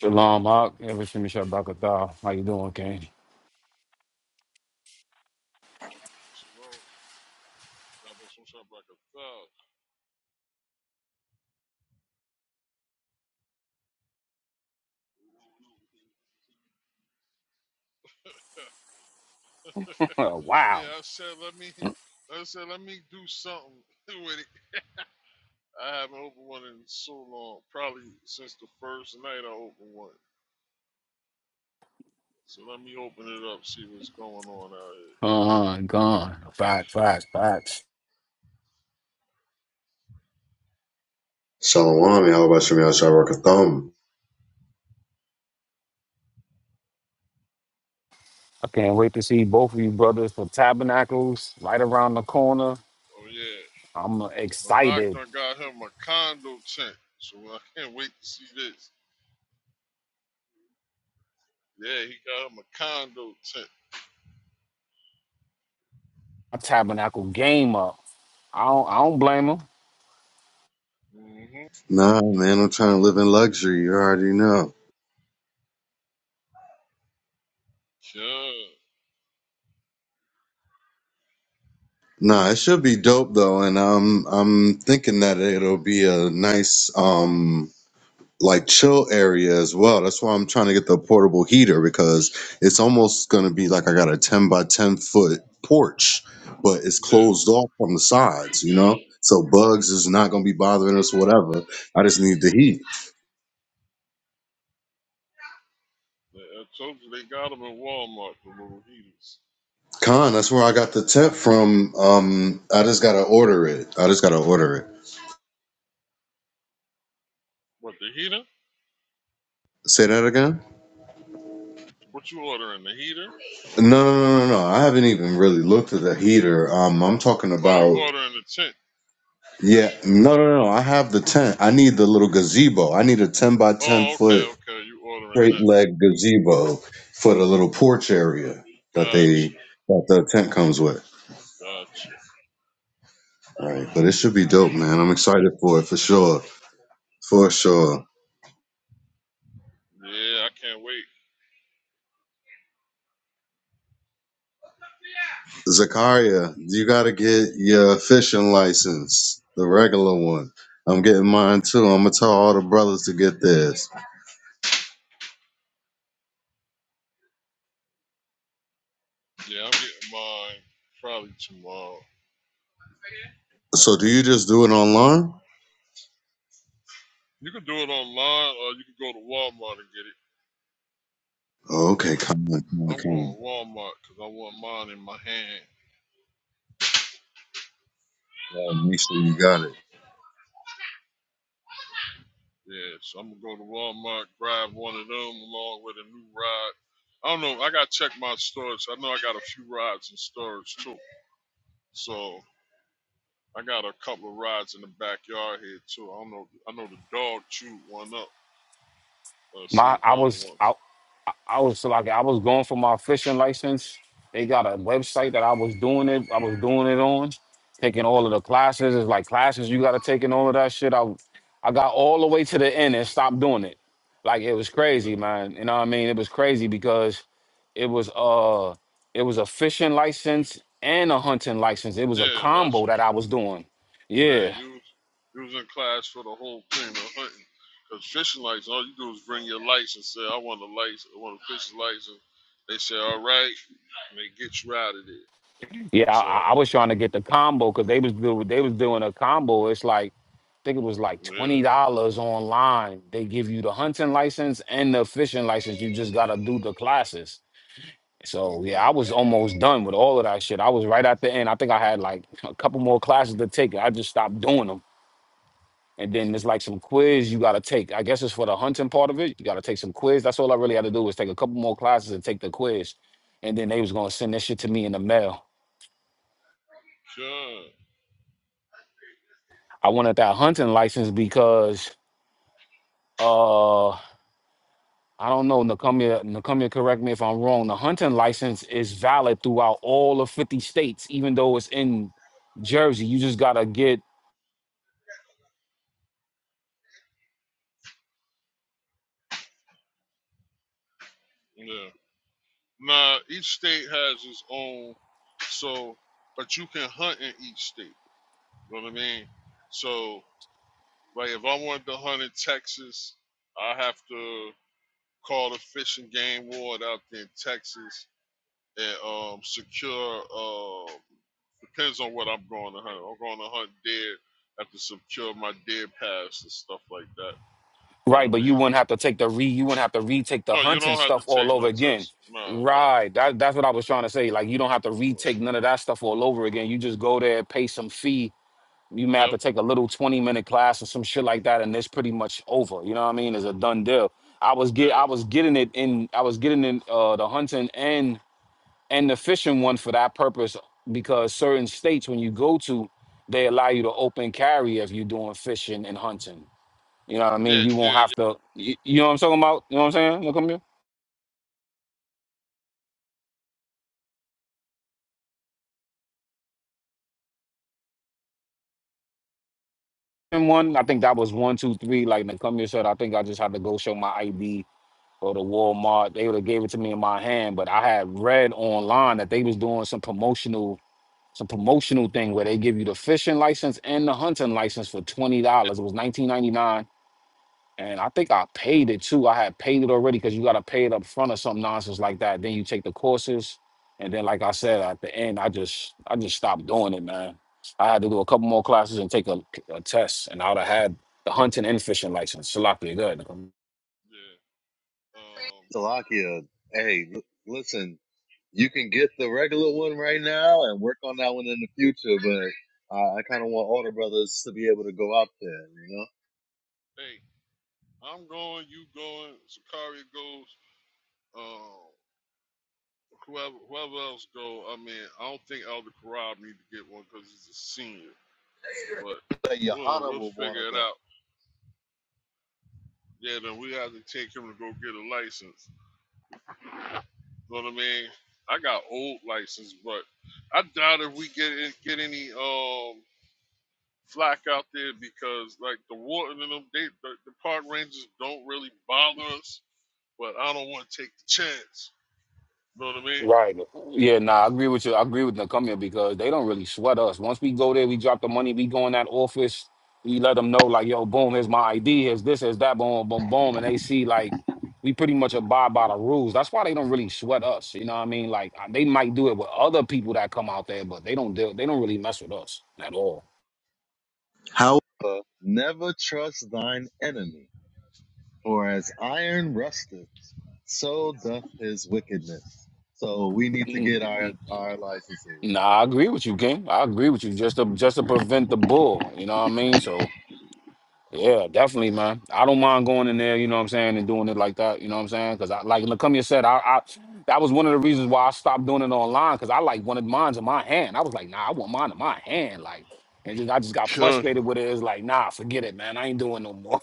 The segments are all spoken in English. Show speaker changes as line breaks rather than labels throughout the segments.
Shalom, Mark. Ever see me shot back at all? How you doing, King?
Shalom. God bless you, shop like Yeah,
wow.
I said let me. I said let me do something with it. I haven't opened one in so long, probably since the first night I opened one. So let me open it up, see what's going on out
Uh-huh, gone. Facts, facts, facts.
Shalom, y'all about Shemel Thumb.
I can't wait to see both of you brothers for Tabernacles right around the corner.
here. Oh yeah,
I'm
Malak
excited.
done got him a condo tent, so I can't wait to see this. Yeah, he got him a condo tent.
My Tabernacle game up. I don't, I don't blame 'em.
hmm
Nah, man, I'm trying to live in luxury. You already know.
Yeah,
Nah, it should be dope though, and I'm I'm thinking that it'll be a nice um like chill area as well. That's why I'm trying to get the portable heater because it's almost gonna be like I got a ten by ten foot porch, but it's
yeah.
closed off from the sides, you know. So bugs is not gonna be bothering us, whatever. I just need the heat.
I told you they got him in Walmart, the little heaters.
Con, that's where I got the tip from. Um, I just gotta order it. I just gotta order it.
What the heater?
Say that again?
What you ordering? The heater?
No, no, no, no, no. I haven't even really looked at the heater. Um, I'm talking
Oh, you
about.
ordering the tent?
Yeah, no, no, no. I have the tent. I need the little gazebo. I need a ten by ten
Oh, okay,
foot
okay. You ordering
straight
that?
leg gazebo for the little porch area that they
Gotcha,
that the tent comes with.
gotcha.
All right, but it should be dope, man. I'm excited for it for sure, for sure.
Yeah, I can't wait.
Zakaria, you got to get your fishing license, the regular one. I'm getting mine too. I'm gonna tell all the brothers to get theirs.
Yeah, I'm getting mine probably tomorrow.
So, do you just do it online?
You can do it online, or you can go to Walmart and get it.
Okay, come on, come on,
I'm
come
going
on.
to Walmart because I want mine in my hand.
All right, make sure you got it.
Yeah, so I'm gonna go to Walmart, grab one of them along with a new rod. I don't know. I gotta check my storage. I know I got a few rods in storage too. So I got a couple of rides in the backyard here too. I don't know. I know the dog chewed one up. Let's see
My
if the
I
other
was I,
ones.
I I was so, like I was going for my fishing license. They got a website that I was doing it. I was doing it on, taking all of the classes. It's like classes you got to take and all of that shit. I I got all the way to the end and stopped doing it. Like it was
Yeah,
crazy, man. You know what I mean? It was crazy because it was uh it was a fishing license and a hunting license. It was a
yeah that's
combo that I
what,
was doing.
yeah.
Yeah.
You was- you was in class for the whole thing of hunting. Cause fishing license, all you do is bring your license. Say I want a license. I want a fishing license. They say all right, and they get you out of there.
Yeah,
So
I, I was trying to get the combo because they was do, they was doing a combo. It's like I think it was like
yeah.
twenty dollars online. They give you the hunting license and the fishing license. You just gotta do the classes. So yeah,
hmm
I was almost done with all of that shit. I was right at the end. I think I had like a couple more classes to take. I just stopped doing them. And then there's like some quiz you gotta take. I guess it's for the hunting part of it. You gotta take some quiz. That's all I really had to do was take a couple more classes and take the quiz. And then they was gonna send that shit to me in the mail.
Sure.
I wanted that hunting license because uh I don't know, Nakumia, Nakumia, correct me if I'm wrong. The hunting license is valid throughout all of 50 states, even though it's in Jersey. You just gotta get
Yeah. Now each state has its own. So, but you can hunt in each state. You know what I mean? So Like if I wanted to hunt in Texas, I have to call the fish and game ward out there in Texas and um, secure. Uh, depends on what I'm going to hunt. I'm going to hunt deer. I have to secure my deer pass and stuff like that. You
right,
know
but
what I
you
mean?
wouldn't have to take the re you wouldn't have to retake the
No, you
hunting
don't have to
stuff all
take
over
no
again.
test. Nah, nah.
Right. That, that's what I was trying to say. Like you don't have to retake none of that stuff all over again. You just go there, pay some fee, you may have
Yep.
to take a little 20 minute class or some shit like that and it's pretty much over you know what i mean it's a done deal i was
Yeah.
get
Yeah.
i was getting it in i was getting in uh the hunting and and the fishing one for that purpose because certain states when you go to they allow you to open carry if you're doing fishing and hunting you know what i mean
Yeah.
you won't
Yeah.
have to you, you know what i'm talking about you know what i'm saying look come here and one i think that was one two three like come here said i think i just had to go show my id or the Walmart. They would have gave it to me in my hand, but I had read online that they was doing some promotional some promotional thing where they give you the fishing license and the hunting license for twenty dollars. It was nineteen ninety nine, and I think I paid it too. I had paid it already because you got to pay it up front or some nonsense like that. Then you take the courses, and then like I
Yeah.
said at the end, I just I just stopped doing it, man. I had to do a couple more classes and take a, a test, and I would have had the hunting and fishing license. Salapia, good.
yeah. Um.
Salakia, hey, l- listen, you can get the regular one right now and work on that one in the future, but uh, I kind of want all the brothers to be able to go out there, you know?
Hey, I'm going. You going? Zakaria goes. Um. Whoever, whoever else go, I mean, I don't think Elder Corral need to get one because he's a senior. But
That
we'll
Johanna
we'll
would want to
figure it
go.
out. Yeah, then we have to take him to go get a license. You know what I mean? I got old license, but I doubt if we get get any um flack out there because like the warden and them, they the, the park rangers don't really bother us. But I don't want to take the chance. You know what I mean?
Right. Yeah, nah, I agree with you. I agree with Nakumia because they don't really sweat us. Once we go there, we drop the money, we go in that office, we let them know, like, yo, boom, here's my ID, here's this, here's that, boom, boom, boom. And they see, like, we pretty much abide by the rules. That's why they don't really sweat us. You know what I mean? Like, uh, they might do it with other people that come out there, but they don't deal, they don't really mess with us at all.
However, never trust thine enemy. For as iron rusteth, so doth his wickedness. So we need to
Mm,
get
mm,
our,
mm.
our licenses.
Nah, I agree with you, King. I agree with you. Just to just to prevent the bull, you know what I mean? So Yeah, definitely, man. I don't mind going in there, you know what I'm saying, and doing it like that, you know what I'm saying? Because, I, like Lacomia said, I, I that was one of the reasons why I stopped doing it online because I like wanted mines in my hand. I was like, nah, I want mine in my hand, like, and just I just got
Sure.
frustrated with it. It's like, nah, forget it, man. I ain't doing no more.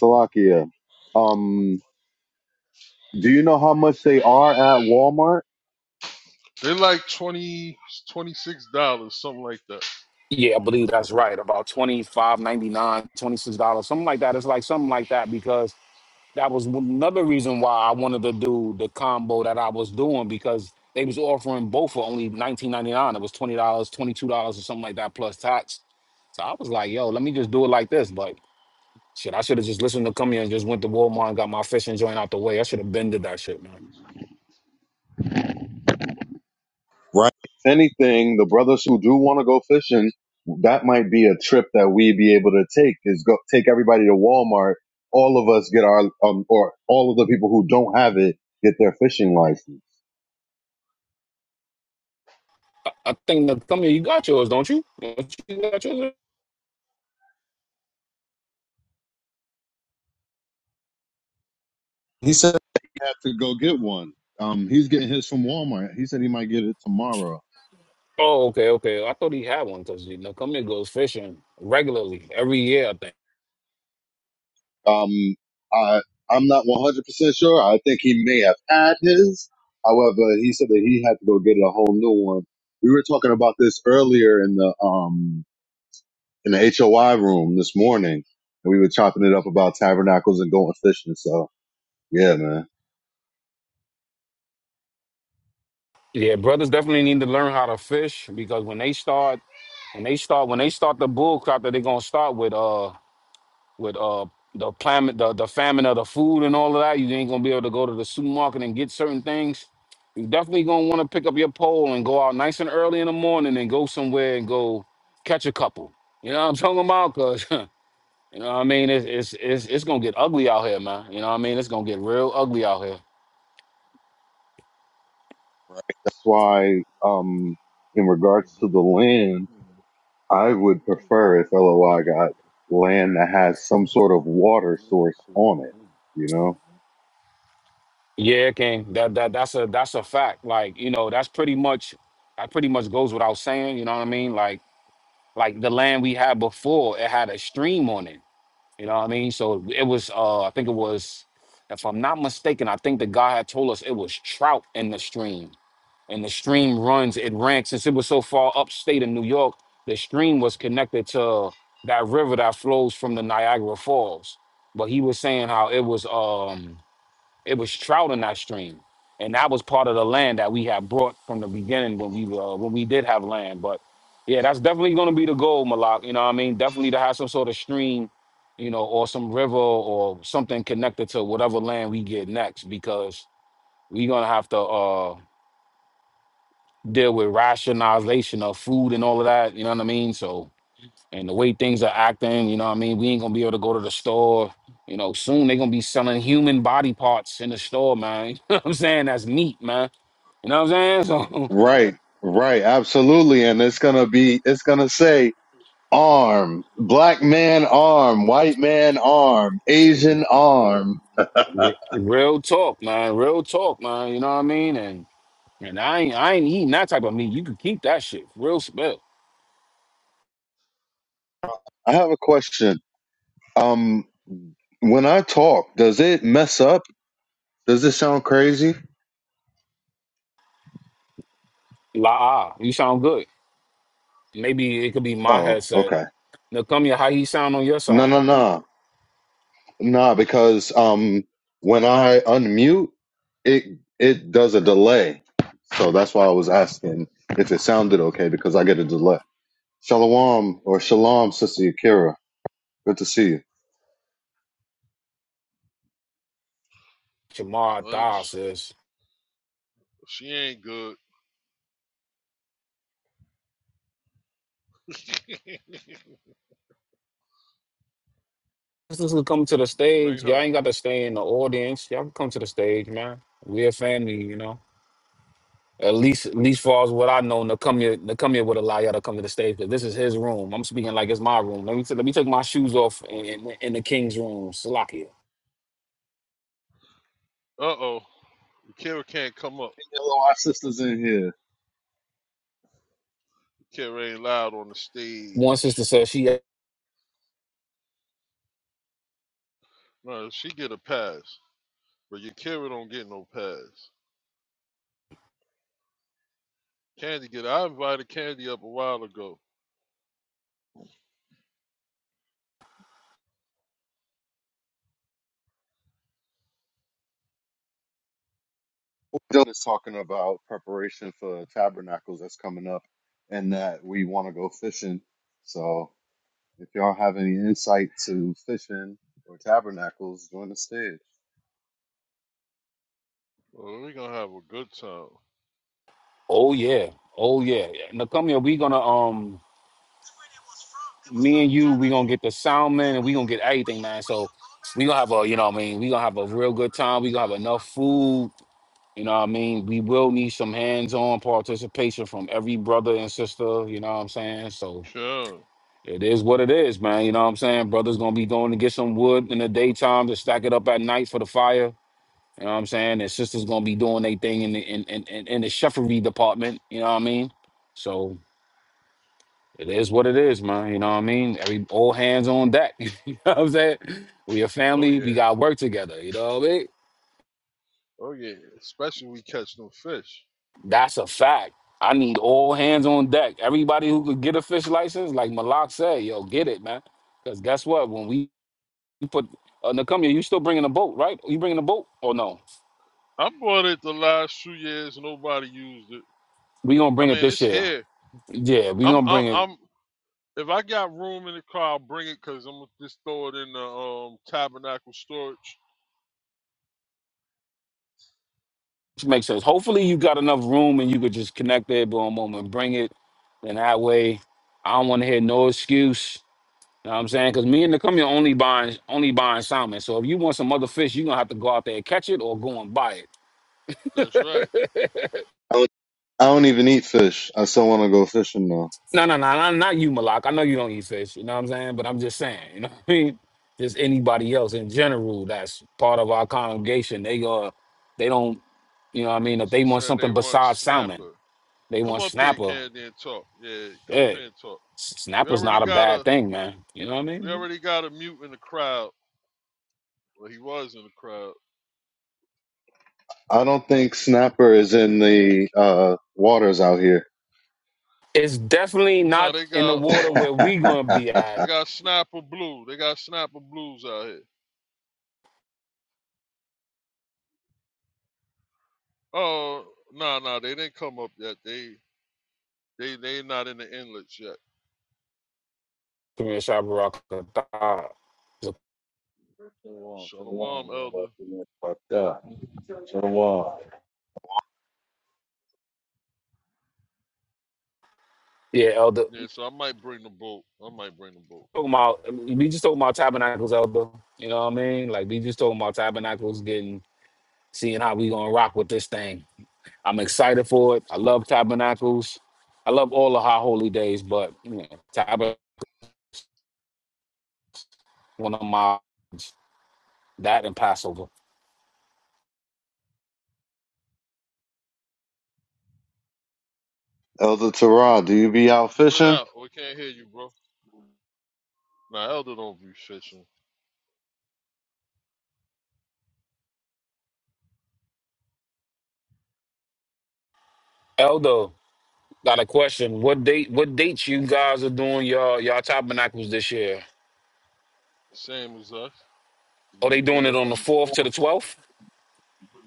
Salakia, um, do you know how much they are at Walmart?
They like twenty twenty six dollars something like that.
yeah, I believe that's right. About twenty five ninety nine, twenty six dollars something like that. It's like something like that because. that was another reason why I wanted to do the combo that I was doing because they was offering both for only nineteen ninety nine. It was twenty dollars, twenty two dollars, or something like that plus tax. So I was like, yo, let me just do it like this. But shit, I should have just listened to come here and just went to Walmart and got my fishing joint out the way. I should have bended that shit, man.
Right. If anything, the brothers who do want to go fishing, that might be a trip that we'd be able to take is go take everybody to Walmart. All of us get our, um, or all of the people who don't have it get their fishing license.
I think the come here, you got yours, don't you? Don't you got yours?
He said he have to go get one. Um, he's getting his from Walmart. He said he might get it tomorrow.
Oh, okay, okay. I thought he had one because you know, come here goes fishing regularly every year. I think.
Um, I, I'm not 100% sure. I think he may have had his. However, he said that he had to go get a whole new one. We were talking about this earlier in the, um, in the HOI room this morning and we were chopping it up about tabernacles and going fishing. So yeah, man,
Yeah, brothers definitely need to learn how to fish because when they start, when they start, when they start the bull crop that they're gonna start with, uh, with uh, the planet, the the famine of the food and all of that, you ain't gonna be able to go to the supermarket and get certain things. You definitely gonna want to pick up your pole and go out nice and early in the morning and go somewhere and go catch a couple. You know what I'm talking about? Cause you know what I mean, it's it's it's it's gonna get ugly out here, man. You know what I mean? It's gonna get real ugly out here.
that's why, um, in regards to the land, I would prefer if LOI got land that has some sort of water source on it, you know?
Yeah, King. That that that's a that's a fact. Like, you know, that's pretty much that pretty much goes without saying, you know what I mean? Like like the land we had before, it had a stream on it. You know what I mean? So it was uh I think it was if I'm not mistaken, I think the guy had told us it was trout in the stream. And the stream runs, it ran since it was so far upstate in New York, the stream was connected to that river that flows from the Niagara Falls. But he was saying how it was um it was trout in that stream, and that was part of the land that we had brought from the beginning when we uh, when we did have land. But yeah, that's definitely going to be the goal, Malak. You know what I mean? Definitely to have some sort of stream, you know, or some river or something connected to whatever land we get next, because we're gonna have to uh, deal with rationalization of food and all of that. You know what I mean? So and the way things are acting, you know what I mean? We ain't gonna be able to go to the store. You know, soon they gonna be selling human body parts in the store, man. You know what I'm saying? That's meat, man. You know what I'm saying?
Right, right, absolutely. And it's gonna be it's gonna say arm, black man arm, white man arm,
So
Asian arm.
re- real talk, man. Real talk, man. You know what I mean? And and I ain't I ain't eating that type of meat. You can keep that shit. Real spell.
I have a question. Um when I talk, does it mess up? Does it sound crazy?
La ah, you sound good. Maybe it could be my
Oh,
headset.
okay.
Now come here, how he sound on your
No
side?
no no. no, because um when I unmute it it does a delay. So that's why I was asking if it sounded okay because I get a delay. Shalom or shalom, sister Akira. Good to see you.
Shamar
Uh,
Thaw says.
She ain't good.
Just to come to the
Bring
stage.
her.
Y'all ain't got to stay in the audience. Y'all can come to the stage, man. We're a family, you know. At least, at least far as what I know, Nakumia, Nakumia would allow y'all to come to the stage because this is his room. I'm speaking like it's my room. Let me t- let me take my shoes off in, in, in the king's room. Salakia.
Uh oh. Kara can't come up.
Hello, our sisters in here.
Kara ain't loud on the
One
stage.
sister said she.
No, she get a pass, but your Kara don't get no pass. Candy get. I invited Candy up a while ago.
Dylan is talking about preparation for tabernacles that's coming up and that we want to go fishing. So if y'all have any insight to fishing or tabernacles, join the stage.
Oh, we gonna have a good time.
Oh yeah, oh yeah. Nakumia, we gonna um, me and you, we gonna get the sound man, and we gonna get everything, man. So we gonna have a, you know, what I mean, we gonna have a real good time. We gonna have enough food You know what I mean? We will need some hands-on participation from every brother and sister, you know what I'm saying? So
Sure.
it is what it is, man. You know what I'm saying? Brother's gonna be going to get some wood in the daytime to stack it up at night for the fire. You know what I'm saying? And sisters gonna be doing their thing in the in, in, in in the cheffery department, you know what I mean? So it is what it is, man. You know what I mean? Every all hands on deck. you know what I'm saying? We a
Oh
family, we
yeah.
got work together, you know what I mean?
Oh yeah. Especially we catch them fish.
That's a fact. I need all hands on deck. Everybody who could get a fish license, like Malak said, yo, get it, man. Because guess what? When we put uh, Nakumia, you still bringing a boat, right? You bringing a boat or no?
I bought it the last two years. Nobody used it.
We gonna
I
bring it
mean,
this
it's
year.
here.
Yeah, we
I'm
gonna
I'm
bring it.
I'm If I got room in the car, I'll bring it because I'm gonna just throw it in the um, tabernacle storage.
Which makes sense. Hopefully, you got enough room and you could just connect there, boom, boom, and bring it. And that way, I don't want to hear no excuse. You know what I'm saying? Because me and Nakumia only buying only buying salmon. So if you want some other fish, you are gonna have to go out there and catch it or go and buy it.
That's right.
I don't, I don't even eat fish. I still want to go fishing though.
No, no, no, no, not you, Malak. I know you don't eat fish. You know what I'm saying? But I'm just saying, you know what I mean? Just anybody else in general that's part of our congregation, they uh, they don't, you know what I mean? If they
She
want
said they
something
want to
besides
snap
salmon, they
Come
want
up here,
snapper.
Candy, and talk. Yeah, come up
Shit,
here and talk.
s-
We
snapper's
already
not a
got
bad
a
thing, man. You know what I
we
mean?
already got a mute in the crowd. Well, he was in the crowd.
I don't think snapper is in the uh, waters out here.
It's definitely
No,
not
they
in the
got
water
uh
where we gonna be at.
they got Snapper Blue. They got Snapper Blues out here. Oh no no, they didn't come up yet. They they they not in the inlets yet.
Come here,
Shalom,
Shalom,
shalom, y'all
Elder.
about to get fucked up. Shalom.
Yeah, Elder.
Yeah, so I might bring the boat. I might bring the boat.
Talking about, we just talking about tabernacles, Elder. You know what I mean? Like we just talking about tabernacles getting seeing how we gonna rock with this thing. I'm excited for it. I love tabernacles. I love all the high holy days, but you know, tabernacle one of my that and Passover.
Elder Terah, do you be out
You went
fishing?
out. We can't hear you, bro. Nah, Elder don't be fishing.
Elder, got a question. What date? What dates you guys are doing y'all y'all tabernacles this year?
Same as us.
Are
Yeah,
they
We
doing
got
it
it
on the
from the
fourth to the
forum.
twelfth?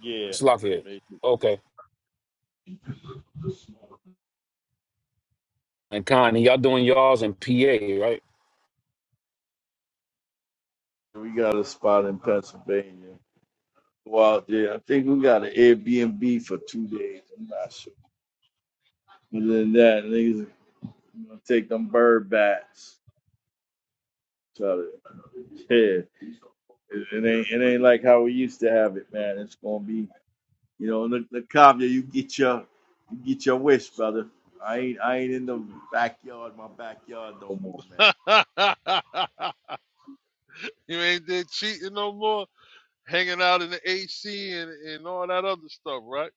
Yeah,
It's
hmm
locked here.
basically.
Okay. And Connie, y'all doing y'all's in PA, right?
We got a spot in Pennsylvania. Go out there. I think we got an Airbnb for two days. I'm not sure. Other than that, niggas gonna take them bird bats. Try to, yeah. It, it ain't it ain't like how we used to have it, man. It's gonna be You know, look, look, Kavya, you get your, you get your wish, brother. I ain't, I ain't in the backyard, my backyard no more, man.
you ain't there cheating no more. Hanging out in the AC and, and all that other stuff, right?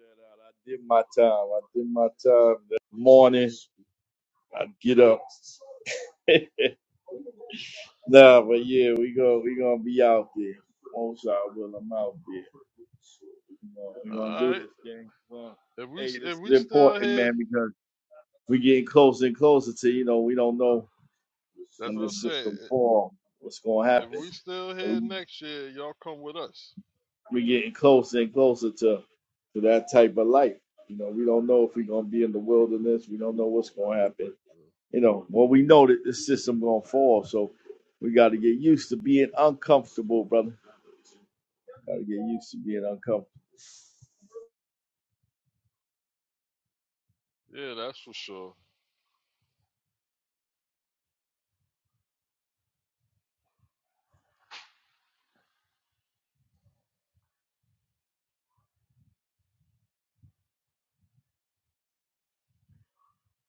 I did my time. I did my time. The morning, I get up. nah, but yeah, we go, we gonna be out there. Most I will. I'm out there. You know, we gonna
All
do
right.
this, gang. Well,
If we
hey, this
if
is
we still
important,
here,
man, because we getting closer and closer to, you know, we don't know
that's
when
what I
this
said.
system fall, what's gonna
If
happen.
we still here next year, y'all come with us.
we're getting closer and closer to to that type of life. You know, we don't know if we're gonna be in the wilderness. We don't know what's gonna happen. You know, well, we know that this system gonna fall, so we got to get used to being uncomfortable, brother. Got to get used to being uncomfortable.
Yeah, that's for sure.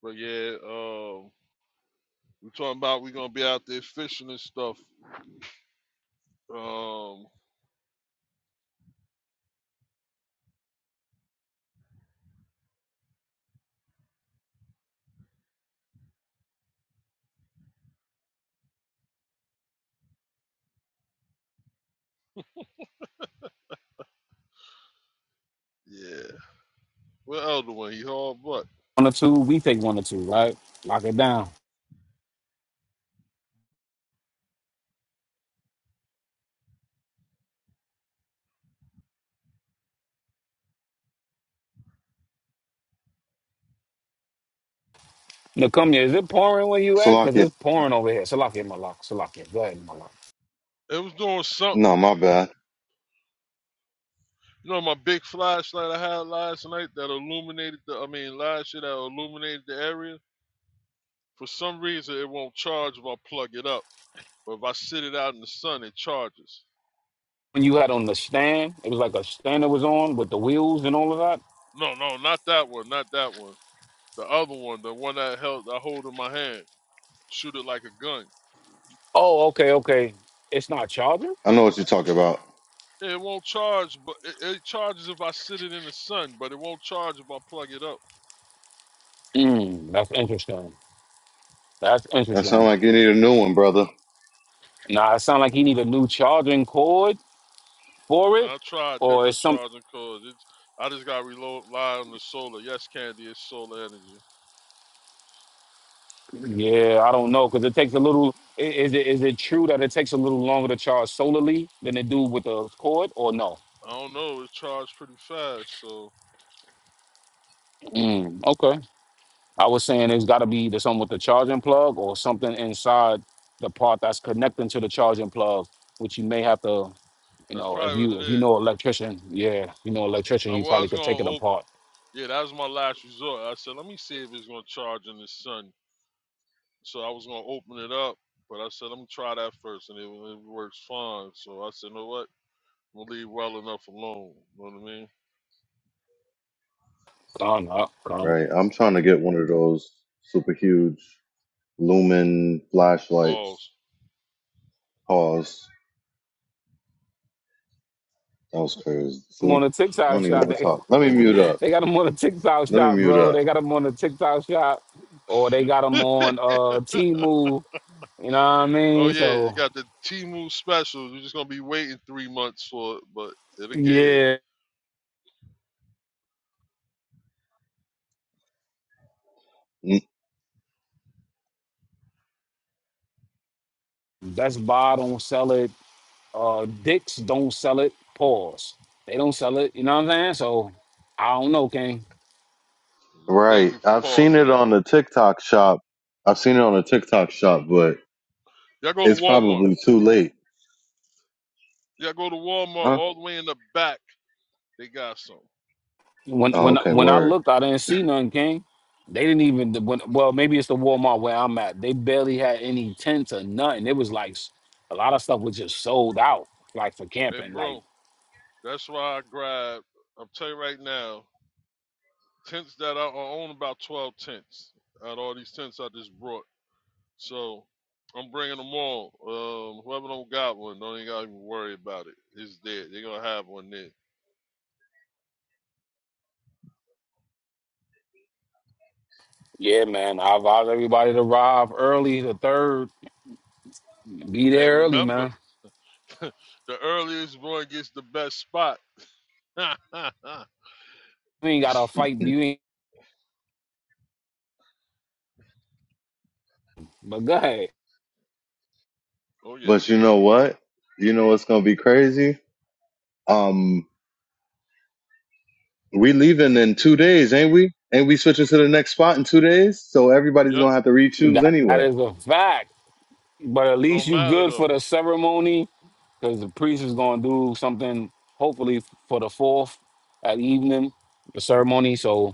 But yeah, um, we talking about we gonna be out there fishing and stuff. Um, yeah. What elder one? He hauled butt.
One or two. We take one or two, right? Lock it down. Now come here. Is it pouring where you at? Cause
Salakia.
it's pouring over here. Salakia, Malak. Salakia. Go ahead, Malak.
It was doing something
No, my bad.
You know my big flashlight I had last night that illuminated the I mean last year that illuminated the area? For some reason it won't charge if I plug it up. But if I sit it out in the sun it charges.
when you had on the stand, it was like a stand that was on with the wheels and all of that.
No, no, not that one, not that one. The other one, the one that held I hold in my hand. Shoot it like a gun.
Oh, okay, okay. It's not charging.
I know what you're talking about.
Yeah, It won't charge, but it, it charges if I sit it in the sun, but it won't charge if I plug it up.
Mm, that's interesting. That's
That sounds
interesting.
like you need a new one, brother.
Nah, it sounds like he need a new charging cord
I
for
mean,
it,
I tried
or it's
different
some.
charging cords. It's I just got to rely on the solar. Yes, Candy, it's solar energy.
Yeah, I don't know because it takes a little. i- Is it is it true that it takes a little longer to charge solarly than it do with the cord, or no?
I don't know. It charged pretty fast, so
Mm, okay, I was saying it's got to be the something with the charging plug or something inside the part that's connecting to the charging plug, which you may have to You
that's
know, if
probably
you
what it
if you
is.
know electrician, yeah, if you know electrician,
I
you probably
was
could
gonna
take it
open.
apart.
Yeah, that was my last resort. I said, let me see if it's gonna charge in the sun. So I was gonna open it up, but I said, let me try that first, and it, it works fine. So I said, you know what? I'm gonna leave well enough alone. You know what I mean?
Gone up, gone.
Right. I'm trying to get one of those super huge lumen flashlights.
Pause.
Pause. That was crazy.
I'm
See?
on a
I
TikTok
don't even
shop.
want to
They
talk. Let me mute up.
they got them on a TikTok
Let me
shop,
mute
bro.
up.
They got them on a TikTok shop, or they got them on uh Temu. You know what I
oh
mean?
yeah, you
So
got the Timu special. You're just gonna be waiting three months for it, but it'll get hit.
yeah,
Mm,
Best Buy don't sell it. Uh, Dick's don't sell it. Pause. They don't sell it. You know what I'm saying? So I don't know, King.
Thank
Right.
you for
I've seen
pausing
it
that.
on the TikTok shop. I've seen it on the TikTok shop, but
Y'all go to
it's
Walmart.
probably too late.
Y'all go to Walmart
Huh?
all the way in the back. They got some.
When
Oh,
when
okay.
when I
Word.
looked, I didn't see none, King. They didn't even when, well, maybe it's the Walmart where I'm at. They barely had any tents or nothing. It was like s- a lot of stuff was just sold out, like for
Hey,
camping. Like,
bro, that's why I grabbed, I'm telling you right now, tents that I I own about 12 tents out of all these tents I just brought. So I'm bringing them all. Um, whoever don't got one, don't even got to worry about it. It's there. They're going to have one there.
yeah, man, I advise everybody to arrive early, the third, be
Hey,
there early,
remember,
man.
the earliest one gets the best spot. oh,
You ain't gotta fight. You ain't. But go ahead.
yeah.
But you know what? You know what's going to be crazy? Um, We leaving in two days, ain't we? Ain't we switching to the next spot in two days? So everybody's
Yep.
gonna have to re-choose
that
anyway.
is a fact. But at least
Don't
you
matter,
good for
though.
the ceremony, because the priest is gonna do something hopefully for the fourth at evening, the ceremony. So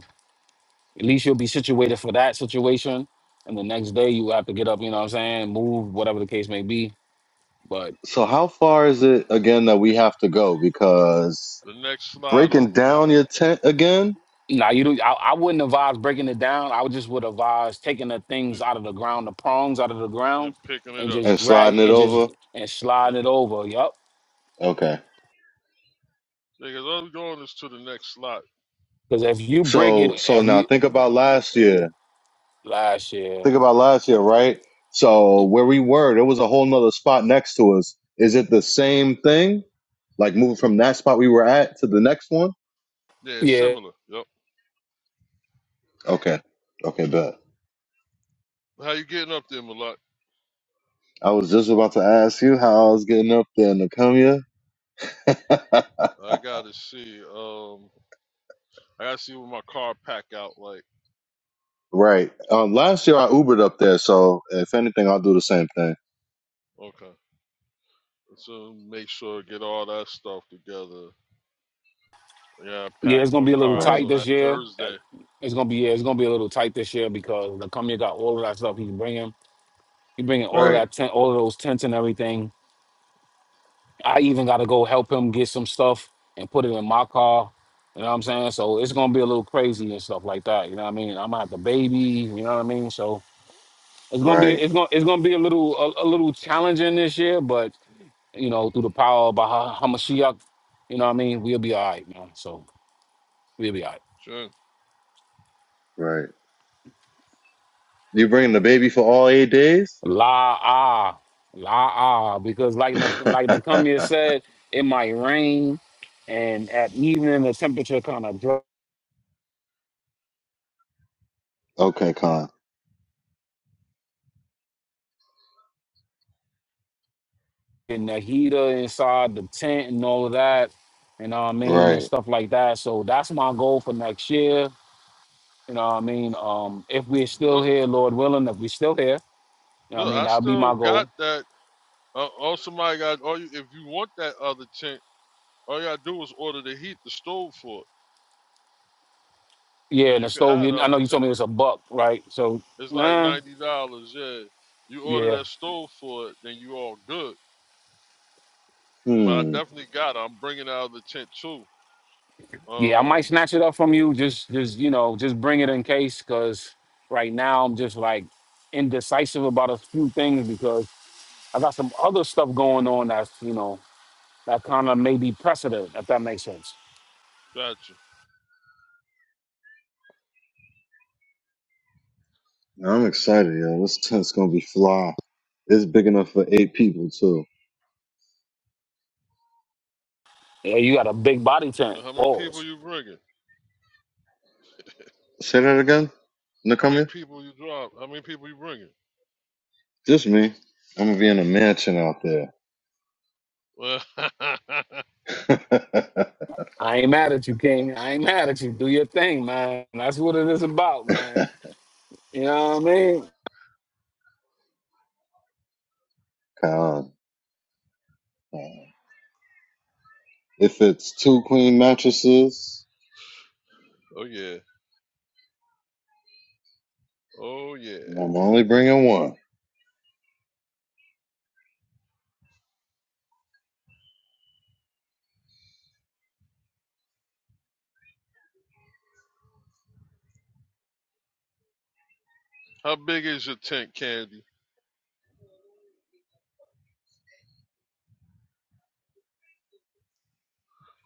At least you'll be situated for that situation. And the next day you have to get up, you know what I'm saying, move, whatever the case may be. But
So how far is it again that we have to go? Because
The next slide
breaking
over
down your tent again
nah, you do I, I wouldn't advise breaking it down. I would just would advise taking the things
just,
out of the ground, the prongs out of the ground,
and picking it
and
up.
just
and
drag
sliding it
and just
over.
and slide
Yep.
it over. Yup.
Okay.
Because all we're going is to the next slide.
Because if you break it,
So so
if
now
you
think about last year.
last year,
Think about last year, right? So where we were, there was a whole nother spot next to us. Is it the same thing? Like moving from that spot we were at to the next one?
Yeah, it's
yeah,
similar. Yep.
Okay. Okay, bet.
How you getting up there, Malak?
I was just about to ask you how I was getting up there in Nakumia.
I gotta see. Um, I gotta see what my car pack out like.
right. Um, last year I Ubered up there, so if anything, I'll do the same thing.
Okay, so make sure to get all that stuff together. Yeah, I
yeah,
pack
it's gonna
my
be a little
car out
Right.
tight
so
this
that
year. Uh,
Thursday.
It's gonna be yeah, it's gonna be a little tight this year because the company got all of that stuff he's bringing. He's bringing all of
Right.
that tent, all of those tents and everything I even got to go help him get some stuff and put it in my car. You know what I'm saying? So it's gonna be a little crazy and stuff like that. You know what I mean? I'm gonna have the baby. You know what I mean? So it's gonna be
Right.
it's gonna it's gonna be a little a, a little challenging this year, but you know through the power of Baha- Hamashiach, you know what I mean? We'll be all right, man. So we'll be all right.
Sure.
Right. You bringing the baby for all eight days?
La ah, la ah, because like the like the said, it might rain, and at evening the temperature kind of drops.
okay, Con.
and the heater inside the tent and all of that, you know what I mean, and
Right.
stuff like that. So that's my goal for next year. You know what I mean? Um, if we're still
Look,
here, Lord willing, if we're still here, you know what I
look,
mean,
I
that'll be my
still got
goal.
that. Uh, oh, somebody got. All you, if you want that other tent, all you gotta do is order the heat, the stove for
Yeah,
it, and
and the
you can
stove,
have the
you- I
other
know you told
tent.
me it was a buck, right? So
It's like
nah,
ninety dollars. Yeah, you order
yeah.
that stove for it, then you all good. But I
Hmm.
definitely got it. I'm bringing out the tent too.
Yeah, I might
Um,
snatch it up from you. Just just, you know, just bring it in case because right now I'm just like indecisive about a few things because I got some other stuff going on that's, you know. That kind of may be precedent, if that makes sense.
gotcha.
I'm excited, yo. This tent's gonna be fly. It's big enough for eight people too.
Yeah, you got a big body tank.
Now, How many people
Pause.
you bringing?
Say that again.
How many
Nakamia?
people you drop? How many people you bringing?
Just me. I'm gonna be in a mansion out there.
I ain't mad at you, King. I ain't mad at you. Do your thing, man. That's what it is about, man. You know what I mean?
Con. If it's two queen mattresses,
oh yeah, oh yeah.
and I'm only bringing one.
How big is your tent, Candy?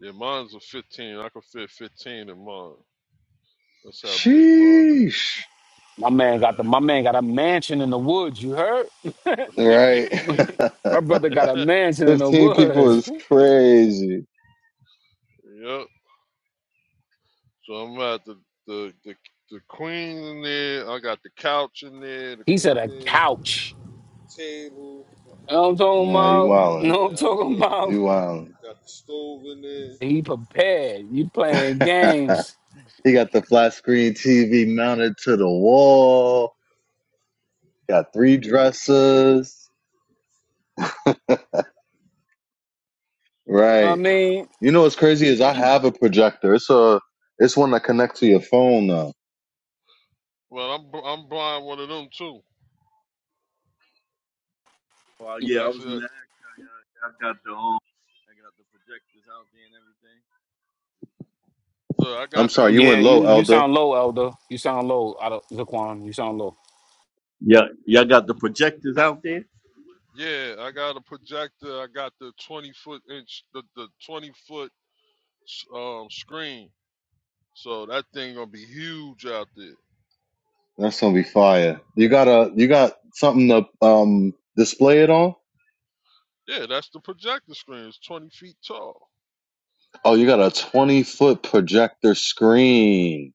Yeah, mine's a 15. I can fit 15 in mine. That's how big mine.
Sheesh.
My man got the
Is.
my man got a mansion in the woods, you heard?
Yeah.
Right?
My brother got a mansion in the
15 people
woods.
is crazy.
yep. So I'm at the the the the queen in there. I got the couch in there. The
He
queen
said a
in there.
couch.
Table.
You know what I'm talking
Nah, you
about? You
wildin'.
know what I'm
Yeah, I'm
talking
good.
about?
You wildin'.
Got the stove in there.
He prepared. You playing games.
he got the flat screen TV mounted to the wall. Got three dressers.
I
Right.
mean,
You know what's crazy is I have a projector. It's a it's one that connects to your phone now.
Well, I'm I'm buying one of them too.
Well, yeah, I was
Actually, uh,
gonna ask y'all. Y'all got the um, I got the projectors out there and
the I
I'm
got the
sorry, you
yeah,
went
you
low,
you
Elder.
sound low, Elder. You sound low, out of Zaquan. You sound low.
everything. Yeah, y'all got the projectors out there.
yeah, I got a projector. I got the twenty foot inch, the the twenty foot s- um screen. So that thing gonna be huge out there.
That's gonna be fire. You got a you got something to um display it on?
Yeah, that's the projector screen. It's twenty feet tall.
Oh, you got a twenty foot projector screen.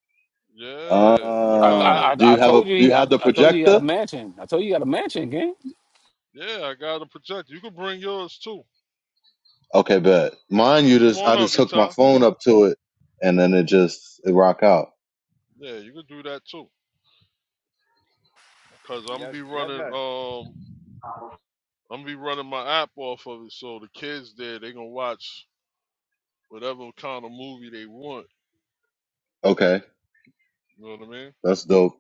Yeah, the
I I,
kind
Oh,
of
I
do
I
you have a
told you
do you
he- I,
have the
I told you you got a
projector?
mansion. I told you you got a mansion, gang.
yeah, I got a projector. You can bring yours too.
Okay, bet. Mine, you
Come
just I
on up,
just hook my
Yata.
phone up to it, and then it just it rock out.
Yeah, you can do that too. Cause I'm gonna
Yeah,
be
y'all y'all
running
got.
um I'm gonna be running my app off of it. So the kids there, they gonna watch whatever kind of movie they want.
Okay,
You know what I mean?
that's dope.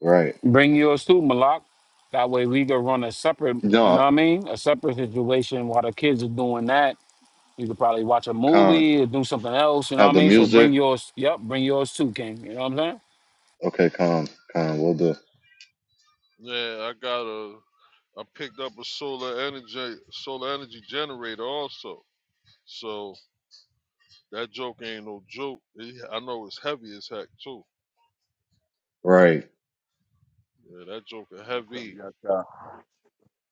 Right?
Bring yours too, Malak. That way we could run a separate, you know
No,
what I mean? A separate situation while the kids are doing that. You could probably watch a
con
movie or do something else, you know what
have
I
the
mean? So
music.
bring yours, yep, bring yours too, King. You know what I'm saying?
Okay, con con we'll do.
Yeah, I got a. I picked up a solar energy solar energy generator also. So that joke ain't no joke. It- I know it's heavy as heck too.
Right.
Yeah, that joke is
Oh,
heavy.
what's up,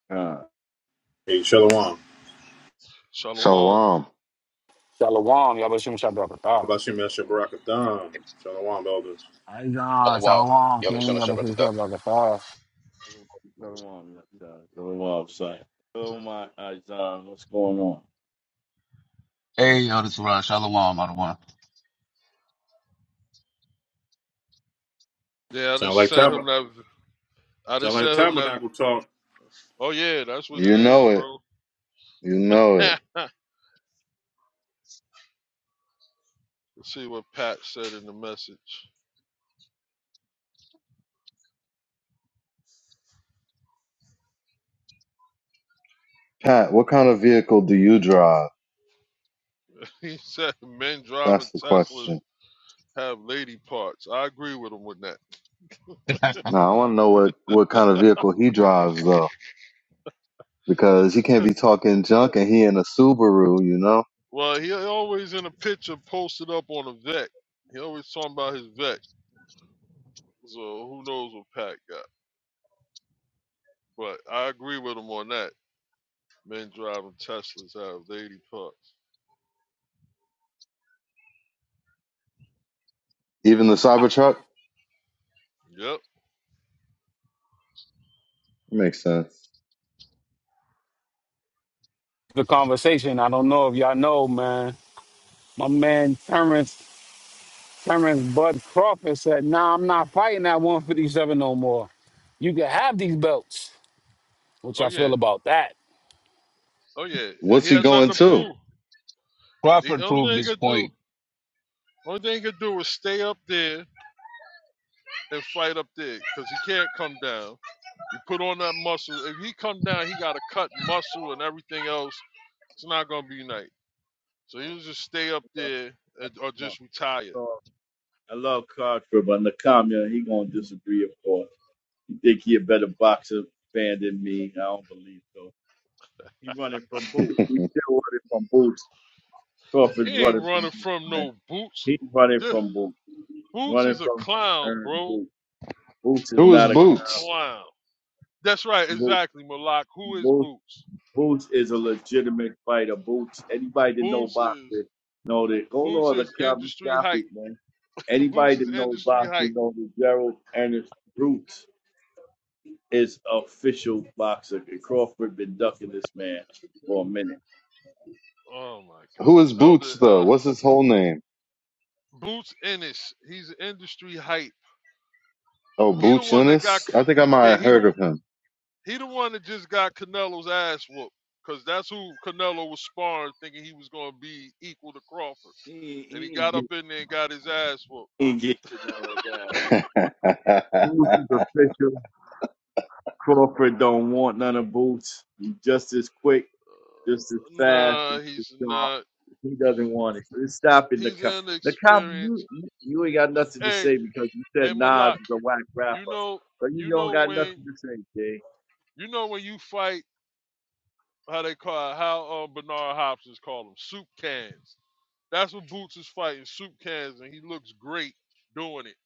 y'all?
Hey, Shalom. How
Shalom.
Shalom.
Shalom, y'all shoot shot
about you, Mr. Barakathon? Shalom, elders.
Aight,
Shalom.
Shalom,
Yahweh Shem
King,
Hashem
y'all shoot
Rakatha.
shot
Go on, Miss, uh, go on, sir. Go on, my Isaiah. What's going on?
Hey, yo, this is Ron. Shalom, Adawan.
Yeah, I
Sound
just
like,
sent him
tab-
that. I
sound
just
like
sent him that.
tabernacle talk.
Oh yeah, that's what it
You
is,
know it.
bro.
You know
Let's
it.
see what Pat said in the message.
Pat, what kind of vehicle do you drive?
He said men driving
That's the
Teslas
question.
have lady parts. I agree with him with that.
Now I want to know what what kind of vehicle he drives though, because he can't be talking junk and he in a Subaru, you know.
Well, he always in a picture posted up on a Vec. He always talking about his Vec. So who knows what Pat got? But I agree with him on that. Men driving Teslas have lady parts.
Even the Cybertruck
Yep.
makes sense.
The conversation, I don't know if y'all know, man. My man Terrence Cameron Bud Crawford said, nah, I'm not fighting at 157 no more. You can have these belts. Which
Oh
I
yeah.
feel about that.
Oh yeah.
What's
He
he
had nothing
going
to
to?
prove. The
Crawford
only
proved
thing he
his
could do,
point.
only thing he could do is stay up there and fight up there, cause he can't come down. You put on that muscle. If he come down, he got to cut muscle and everything else. It's not gonna be nice. So he'll just stay up there and, or just retire.
I love Carter, but Nakamiya, he gonna disagree, of course. He think he a better boxer fan than me. I don't believe so. He running from boots. He still running from boots.
He
Crawford's
ain't
running from
running
boots,
from
man.
no Boots.
He's running
This,
from boots.
Boots
Running
is a
from
clown,
earned
bro.
boots. Boots is
Who
Boots
is
not a
is a
clown.
Boots?
clown. That's right,
Boots.
exactly, Malak. Who is Boots?
Boots is a legitimate fighter. Boots, anybody that know
Boots is
boxing, know that. Go
Boots
Lord, the
is
Calvin
industry
Stafford,
hype.
man.
Boots
Anybody that
is
know
industry
boxing,
hype.
know that Gerald Ernest Boots is official boxer. And Crawford been ducking this man for a minute.
Oh my
Who is
God,
Boots
Elder
though?
uh,
What's his whole name?
Boots Ennis. He's industry hype.
Oh,
He the
Boots
one that got,
Ennis. I think I might
yeah,
have
he
heard
the
of
he the one that just got Canelo's ass whooped. Cause that's who Canelo was sparring, thinking he was gonna be equal to Crawford,
He,
and he
he ain't
got
get,
up in there and got his ass whooped.
he ain't get Canelo down.
him.
Boots is official. Crawford don't want none of Boots. He's just as quick, just as fast, just
Nah,
as
he's
sharp.
not.
He doesn't want it. So It's stopping the
He's
cop. The cop, you,
inexperienced.
you ain't got nothing to
Hey,
say because you
hey,
said Nas
Malak,
is a whack rapper.
you know,
So you
you
don't
know
got
when,
nothing to say, Jay.
you know when you fight, how they call it, how um, Bernard Hopkins call them soup cans. That's what Boots is fighting, soup cans, and he looks great doing it.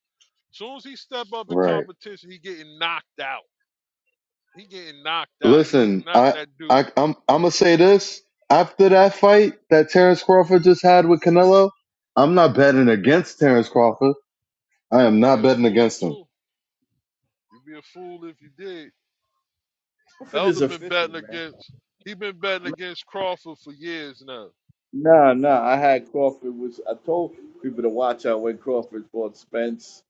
As Soon as he step up in
right.
competition, he getting knocked out. He getting knocked out. He is
Listen,
not
I
that
I
dude.
I'm I'm gonna say this after that fight that Terrence Crawford just had with Canelo. I'm not betting against Terrence Crawford. I am
You'd
not
be a
betting
fool
against him.
too. You'd be a fool if you did.
Crawford is
Elder been
official,
betting
man.
against he been betting against Crawford for years now.
Nah, nah. I had Crawford was. I told people to watch out when Crawford fought Spence,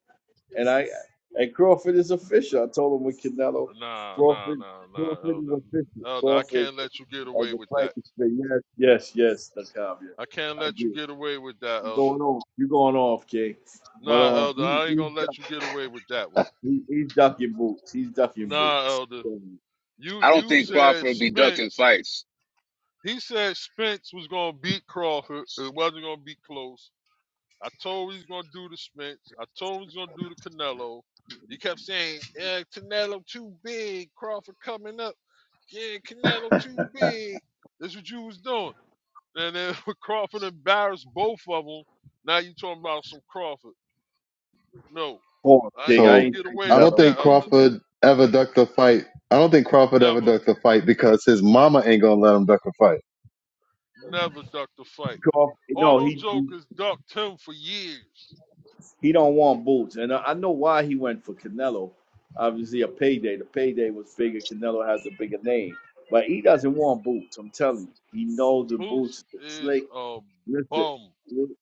and I and Crawford is official. I told him with Canelo,
Nah, nah,
Crawford,
nah, nah,
Crawford is
Elder.
official.
Elder, I
Crawford
can't let you get
as
away
a
with that.
Frankenstein. Yes, yes, yes. The cop. Yes,
I can't
I
let
do.
you get away with that, Elder.
going on, You going off, Jay. But
Nah,
um,
Elder,
he,
I ain't
he's
gonna
duck,
let you get away with that one.
he, he's ducking boots. He's ducking
Nah,
boots.
Elder.
Um,
You
I don't
you
think
said
Crawford be ducking
Spence.
fights.
He said Spence was gonna beat Crawford. It wasn't gonna be close. I told him he's gonna do the Spence. I told him he's gonna do the Canelo. He kept saying, uh, Canelo too big, Crawford coming up. yeah, Canelo too big. That's what you was doing. And then Crawford embarrassed both of them. Now you talking about some Crawford. No,
Cough,
I ain't
King. I
letting you
So
ain't
get
saying
away
I
with
don't
Canelo. was
think
that,
too
Elder.
big.
Crawford ever ducked a fight. I don't think Crawford ever
Never,
ducked a fight because his mama ain't gonna let him duck a
never duck the fight.
Cough.
All
No,
them
he he
jokers ducked him for years.
he don't want boots, and I, I know why he went for Canelo. Obviously, a payday. The payday was bigger. Canelo has a bigger name, but he doesn't want boots. I'm telling you, he knows the boots
Boots
is a
is
slick.
a
Listen,
bum.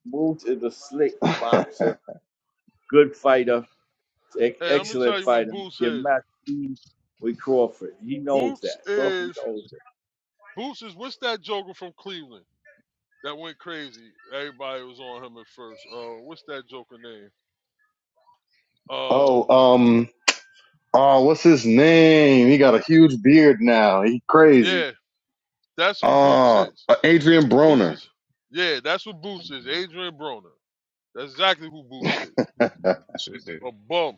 Boots is a slick boxer,
fight.
good fighter Ex-
Hey, let me tell
Excellent
you what
fighter.
Boots
Give
is.
Max speed with Crawford. He knows
Boots
that. Crawford
is
knows that.
Boots is what's that joker from Cleveland that went crazy? Everybody was on him at first. Uh, what's that joker name? Um,
oh, um, oh, what's his name? He got a huge beard now. He crazy.
yeah, That's who Boots
Oh,
is.
Adrian
Boots
Broner.
is, yeah, that's who Boots is. Adrian Broner. That's exactly who Boots is.
So is there-
A bum.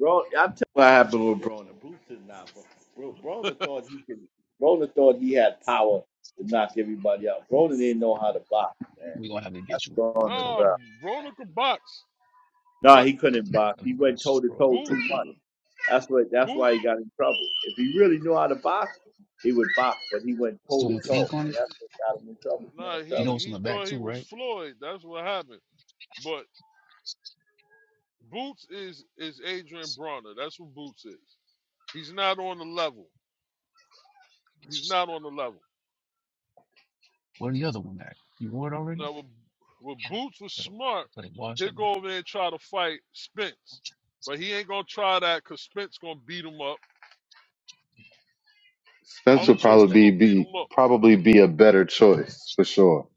Bro, I'm telling you what happened with Broner. Bruce is not. Bro, Bro- Broner thought he could. Broner thought he had power to knock everybody out. Broner didn't know how to box, man.
we gonna have to get you another
Broner,
coat.
Nah,
bro.
Broner could box,
No,
but
he couldn't box.
Another
He
one
went
that's
toe
just
to
broad.
toe too
Boots,
much. That's what. That's why
Boots,
he got in trouble. If he really knew how to box, he would box. But he went
It's the
toe
one
to
with the
toe.
ink on it.
That's what got him in trouble, man. I'm
nah,
You
he
telling
know
you.
it's on
he
the back
thought he
too,
was
right?
Floyd. That's what happened. But Boots is is Adrian
It's
Broner. That's who Boots is. He's not on the level. He's
just,
not on the level.
where the other one at? You wore it already?
Now, when, when
Yeah.
Boots was
I
smart,
thought I washed
he'll
it.
go over there and try to fight Spence. But he ain't going to try that because Spence going to beat him up.
How
All
Spence would
them
much was
jokers
that?
probably be,
going to beat
be
him up.
probably be a better choice for sure.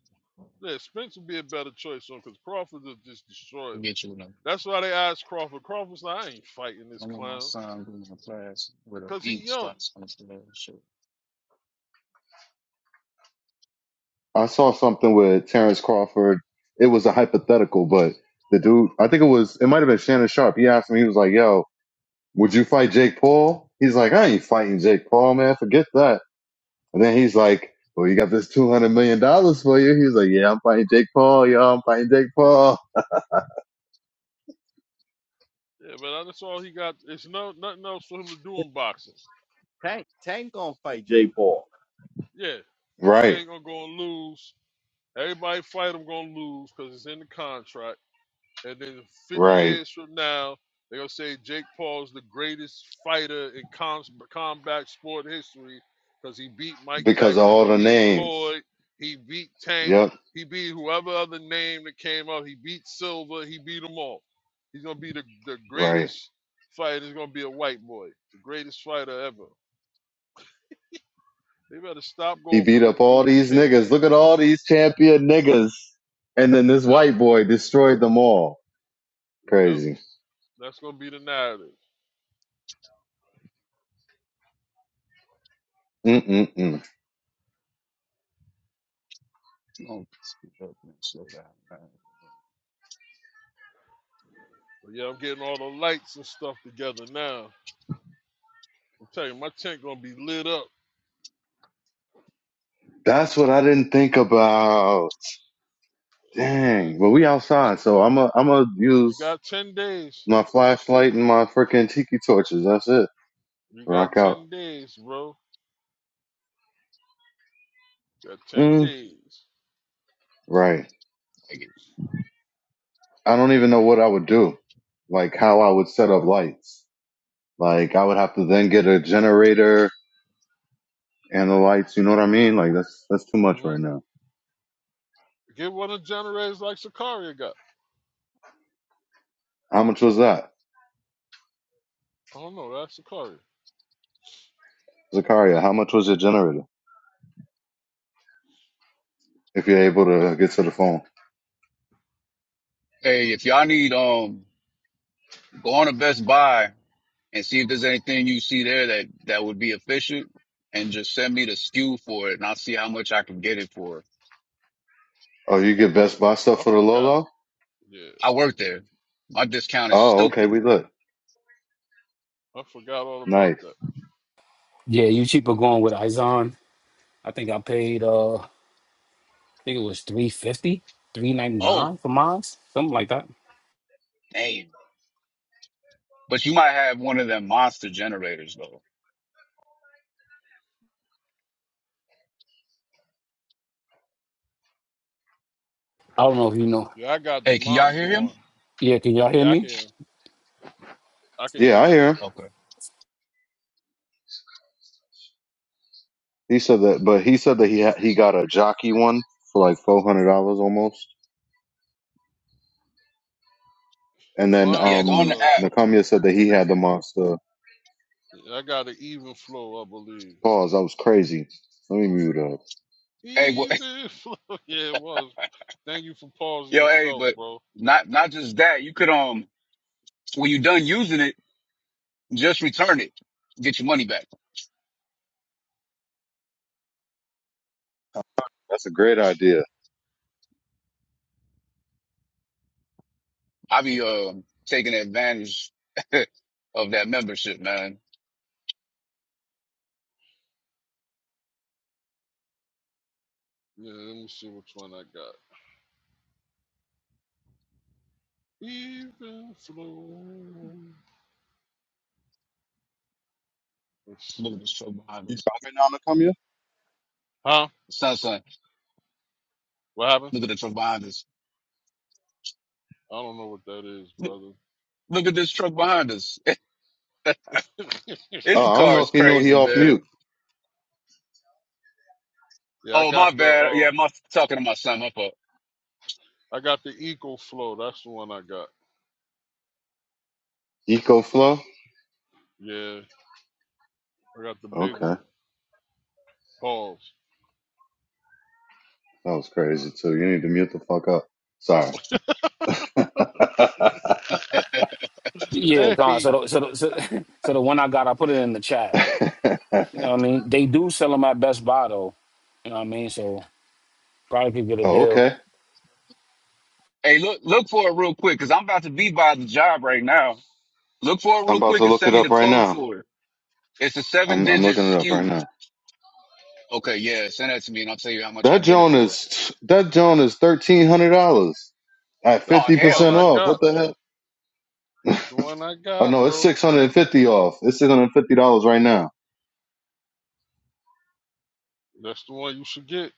Yeah, Spence would be a better choice on because Crawford will just destroy
We'll
him.
get you another
That's why they asked Crawford. Crawford's like, I ain't fighting
one.
this
I want my
clown
son going to class with
because
the
he
ink
young.
spots on his shirt.
I saw something with Terrence Crawford. It was a hypothetical, but the dude, I think it was, it might have been Shannon Sharp. He asked me, he was like, "Yo." Would you fight Jake Paul? He's like, I ain't fighting Jake Paul, man. Forget that. And then he's like, Well, you got this two hundred million dollars for you. He's like, Yeah, I'm fighting Jake Paul, y'all. I'm fighting Jake Paul.
Yeah, but that's all he got. It's no nothing else for him to do in boxing.
Tank, Tank gonna fight Jay Paul.
Yeah,
Right,
Tank going to go and lose. Everybody fight him going to lose because it's in the contract. And then 50
right.
years from now, they're going to say Jake Paul's the greatest fighter in com- combat sport history because he beat Mike
Because of
Tyson, he
all the
beat
names.
Floyd, he beat Tank,
Yep,
he beat whoever other name that came up, he beat Silver, he beat them all. He's going to be the, the
right.
greatest fighter. He's going to be a white boy, the greatest fighter ever. They better stop
He
going for
beat
this
up all
goofy
these niggas.
payday.
Look at all these champion niggas. And then this
Yep,
white boy destroyed them all.
yep,
Crazy.
that's going to be the narrative.
Mm-mm-mm.
Oh, slow down. man.
But yeah, I'm getting all the lights and stuff together now. I'm telling you, my tent gonna be lit up.
That's what I didn't think about.
Uh,
Dang. Well, we outside, so I'm a I'm gonna
you
use.
got ten days.
my flashlight and my freaking tiki torches. That's it.
You got
Rock out.
ten days, bro. You got ten
Mm,
days.
right.
Like,
I don't even know what I would do. Like how I would set up lights. Like I would have to then get a generator and the lights. You know what I mean? Like that's that's too much
hmm
right now.
Get one of the generators like Sicaria got.
How much was that,
I don't know. That's Sicaria.
Zakaria? How much was your generator? If you're able to get to the phone.
Hey, if y'all need, um, go on to Best Buy and see if there's anything you see there that that would be efficient, and just send me the SKU for it, and I'll see how much I can get it for.
Oh, you get Best
Yeah,
Buy stuff
I
for the
forgot.
Lolo?
Yeah,
I work there. My discount is
Oh, okay.
stupid.
We look
I forgot all about
nice.
that.
Yeah, you cheaper going with Izon. I think I paid uh I think it was 350,
Oh,
399 for mine, something like that.
damn. But you might have one of them monster generators though.
I don't know if you know.
Yeah, I got the
Hey, can y'all
monster
hear him?
one.
Yeah, can y'all hear
Yeah, I
me?
can. I can hear
Yeah, I
you.
hear him.
Okay.
He said that, but he said that he ha- he got a jockey one for like four hundred dollars almost. And then
Mine
Yeah,
is
go on the
um
uh,
app.
Nakamiya said that he had the monster.
yeah, I got an even flow, I believe.
Pause. That was crazy. Let me mute up.
Hey, what,
Even flow. Yeah, it was. Thank you for pausing
yo, hey,
yourself,
but
bro.
not not just that. You could um, when you're done using it, just return it, get your money back.
That's a great idea.
I be um taking advantage of that membership, man.
Yeah, let me see which one I got. Even flow. Let's see.
Look at this truck behind
You
us.
dropping now, Nakamiya?
Huh?
Son, son,
What happened?
look at the truck behind us.
I don't know what that is,
Look,
brother.
look at this truck behind us. This
Oh, I don't
car
know
is
if he knew he
crazy,
off
man.
mute.
yeah, I
Oh, my
got the
bad.
uh,
Yeah, my talking to my son. My fault.
I got the Eco Flow. That's the one I got.
Eco flow.
Yeah, I got the big
Okay,
one. Pause.
that was crazy too. You need to mute the fuck up. Sorry.
Yeah, gone.
Hey,
So the, so the, so, so the one I got, I put it in the chat. You know what I mean? They do sell them at Best Buy though. You know what I mean? So probably could get a
oh,
deal.
okay.
Hey, look, look for it real quick, cause I'm about to be by the job right now. Look for it
I'm
real
about
quick
to
and
look it
send me
up
the
right
code
now.
for it. It's a seven
I'm I'm
digit
looking it up right
SKU.
now.
Okay, yeah, send that to me and I'll tell you how much
That
I get it
Joan
for.
is that Joan is thirteen hundred dollars at
Oh,
that's
fifty
the
hell
one
percent
I
no.
off.
got.
What the hell?
That's the one I
Oh
got,
no, it's
bro.
six hundred and fifty off. It's six hundred and fifty dollars right now.
That's the one you should get.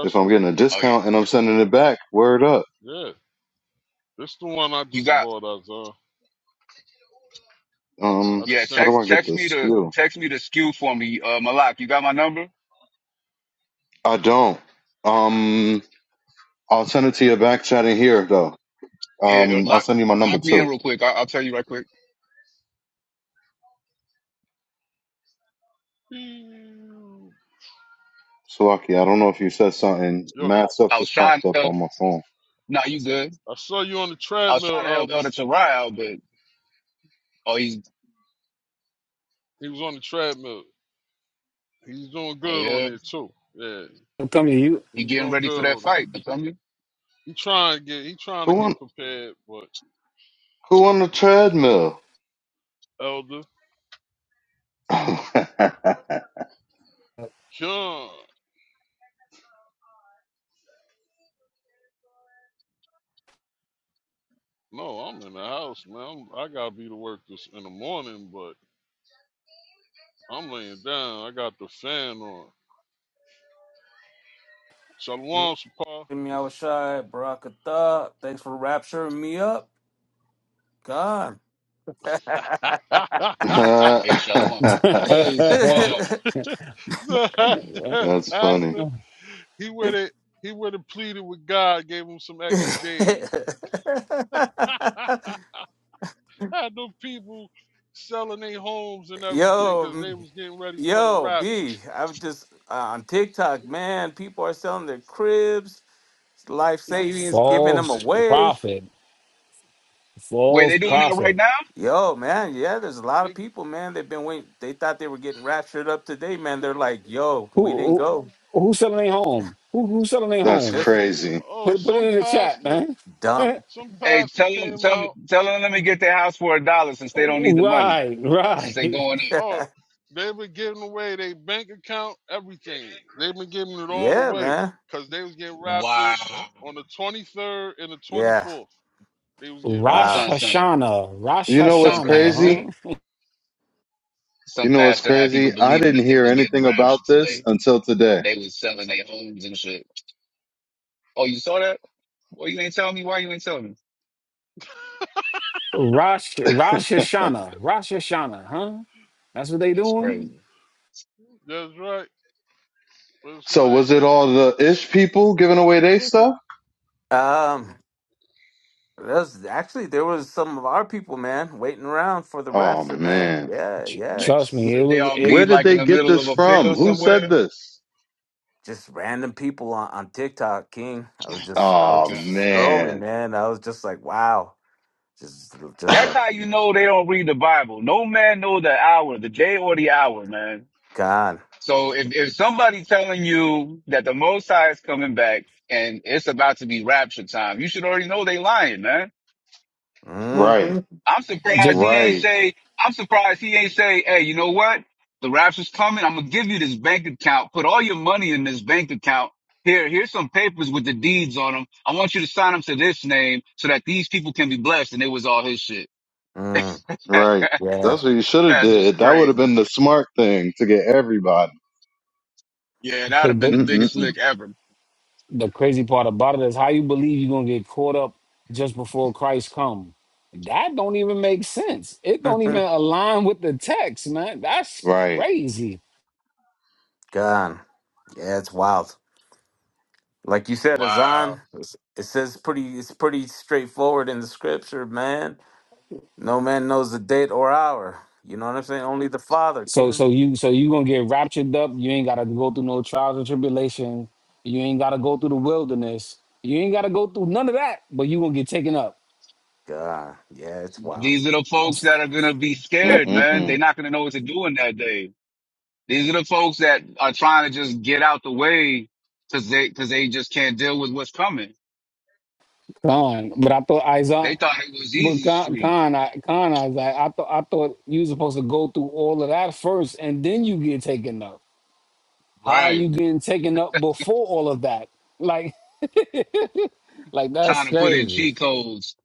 If I'm
me.
getting a
Oh yeah.
discount and I'm sending it back, word up.
Yeah, this the one I
You
just
got
bought. Azar.
Um,
I
Yeah,
just
how
sent
do
it
text
I
to
get
you.
the
text me the
SKU?
text me the SKU for me, uh, Malak. You got my number?
I don't. Um, I'll send it to your back chat in here though.
Here, uh,
Um, I'll
lock
send you my number
lock me in
too.
real quick. I, I'll tell you right quick.
Salaki, I don't know if you said something.
Yo,
Mad stuff
I was
just
trying
popped
to
up
help.
on my phone.
Nah, you good.
I saw you on the
I was trying
treadmill,
to help
Elder.
Elder Tarai out, but oh, he's
He was on the treadmill. He's doing
oh
good on
yeah,
it too. Yeah,
Come here,
he
he's
getting
doing
ready for
good
that
on it.
fight. You feel me?
He trying to get he trying to
Who on
get prepared, but
who on the treadmill?
Elder John, no, I'm in the house, man. I'm, I gotta be to work this in the morning, but I'm laying down. I got the fan on. Shalom, Shapar.
Give me out shy, Barakatha. Thanks for rapturing me up. God.
Hey, Shalom. Hey, Safar.
you.
so that
That's funny.
pastor, he went it. He went and pleaded with God, gave him some extra days. had them people selling their homes and everything
yo,
because they
m-
was getting ready for the
yo,
rapture.
B. I'm just uh, on TikTok, man. People are selling their cribs, life savings, giving them
False
Everything.
away.
prophet.
Wait,
False
they doing
Yep.
that right
prophet.
now?
Yo, man, yeah, there's a lot of
They
people, man. They've been waiting. They thought they were getting raptured up today, man. They're like, yo, we didn't
Who who
go.
who's selling their home? Who who selling their
That's
home?
Just
crazy.
oh
Put put it
some
in the chat,
pastor
man.
dumb.
some
Hey,
pastor
tell them
came
tell them
out.
tell them let me get their house for a dollar since they don't need the money
right,
since they
right.
going
Oh, they been giving away their bank account, everything. They've been giving it all
yeah,
away
man.
because they was getting
in. Wow,
raptured on the 23rd and the
Yeah.
24th. They was getting
Wow.
Rosh
son,
raptured.
son,
Hashanah. Rosh
You know what's
some
crazy?
pastor.
Hashanah, huh?
You
Some
know what's
pastor had people
crazy? I
believing that
didn't
they
hear
was getting
anything about
raptured
this
today.
until today.
They was selling their homes and shit. Oh, you saw that? Boy, you ain't telling me why you ain't telling me.
Rosh Rosh Hashanah. Rosh Hashanah, huh? That's what they
It's
doing?
crazy.
That's right. That's
So
right.
was it all the ish people giving away their stuff?
Um, there's actually there was some of our people, man, waiting around for the
Oh
rapture, man.
man.
Yeah,
Tr-
yeah,
They,
Trust me,
it's
it
Where they
was
all
it
Where
meet
did
like in
they
the
get
middle
this
of a
from?
field
Who said
somewhere.
this?
just random people on, on TikTok, King. I was just, I was
Oh
God.
just scrolling,
man.
man. I was just like, wow, just, just
That's
like
how you know they don't read the Bible. No man know the hour, the day or the hour, man.
gone.
So if, if somebody telling you that the Most High is coming back and it's about to be rapture time, you should already know they lying, man.
right.
Mm-hmm.
I'm surprised
just
he ain't
Right.
say, I'm surprised he ain't say, hey, you know what? The rapture's coming. I'm going to give you this bank account. Put all your money in this bank account. Here, here's some papers with the deeds on them. I want you to sign them to this name so that these people can be blessed. And it was all his shit.
Mm,
Right.
yeah,
That's what you should have
Pastor's
did. That would have
crazy.
been the smart thing to get everybody.
Yeah, that would have been the biggest
Mm-mm-mm.
lick ever.
the crazy part about it is how you believe you're gonna get caught up just before Christ come. That don't even make sense. It don't even align with the text, man. That's
Right.
crazy.
gone. Yeah, it's wild. Like you said,
Wow.
Azan, it's- it says pretty, it's pretty straightforward in the scripture, man. No man knows the date or hour. You know what I'm saying? Only the Father,
So
King.
so you so you gonna get raptured up. You ain't gotta go through no trials and tribulation. You ain't gotta go through the wilderness. You ain't gotta go through none of that. But you gonna get taken up,
God, yeah, it's wild.
These are the folks that are going to be scared, man. They're
Mm-mm-mm.
not going to know what to do in that day. These are the folks that are trying to just get out the way because they, cause they just can't deal with what's coming.
Con. But I thought Isaac.
They thought it was
But
easy
Con,
street,
Con, I, Con, I was like, I thought I thought you was supposed to go through all of that first, and then you get taken up. How are
right?
you getting taken up before all of that? Like, like that's
Trying to put in
crazy.
cheat codes.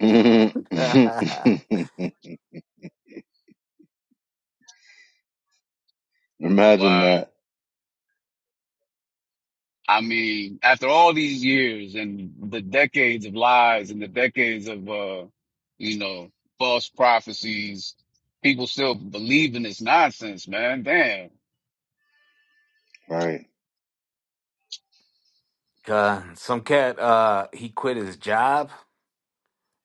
Mm-mm. Imagine
Wow.
that.
I mean, after all these years and the decades of lies and the decades of, uh, you know, false prophecies, people still believe in this nonsense, man. Damn.
Right.
God, some cat, uh, he quit his job,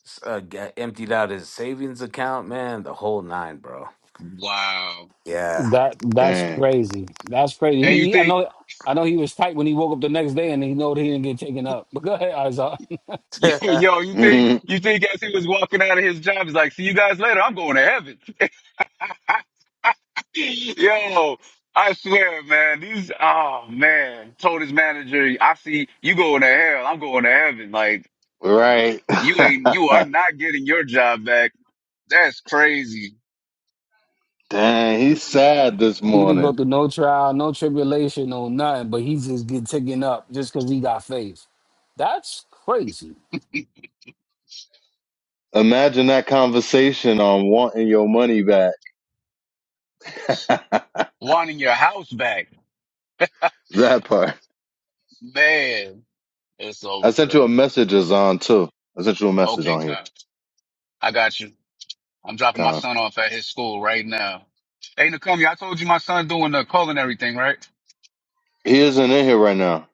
s- uh, g- emptied out his savings account, man, the whole nine, bro.
Wow.
Yeah.
That that's
Dang.
crazy. That's crazy.
And
He,
you
he- I
think,
know. I know he was tight when he woke up the next day, and he know that he didn't get taken up. But go ahead, Isaac.
yo, you think,
Mhm.
you think as he was walking out of his job, he's like, see you guys later. I'm going to heaven. Yo, I swear, man, these oh man, told his manager, I see you going to hell, I'm going to heaven. Like
Right.
you ain't you are not getting your job back. That's crazy.
Dang. He's sad this
He didn't
morning.
go through no trial, no tribulation, no nothing. But he just get taken up just because he got faith. That's crazy.
Imagine that conversation on wanting your money back.
Wanting your house back.
that part.
Man, it's over
I
for
sent you a
them.
message, Azan, too. I sent you a message
Okay,
on here,
Con. I got you. I'm dropping my
Khan.
son off at his school right now. Hey Nakomi, I told you my son doing the culinary thing, right?
He isn't in here right now.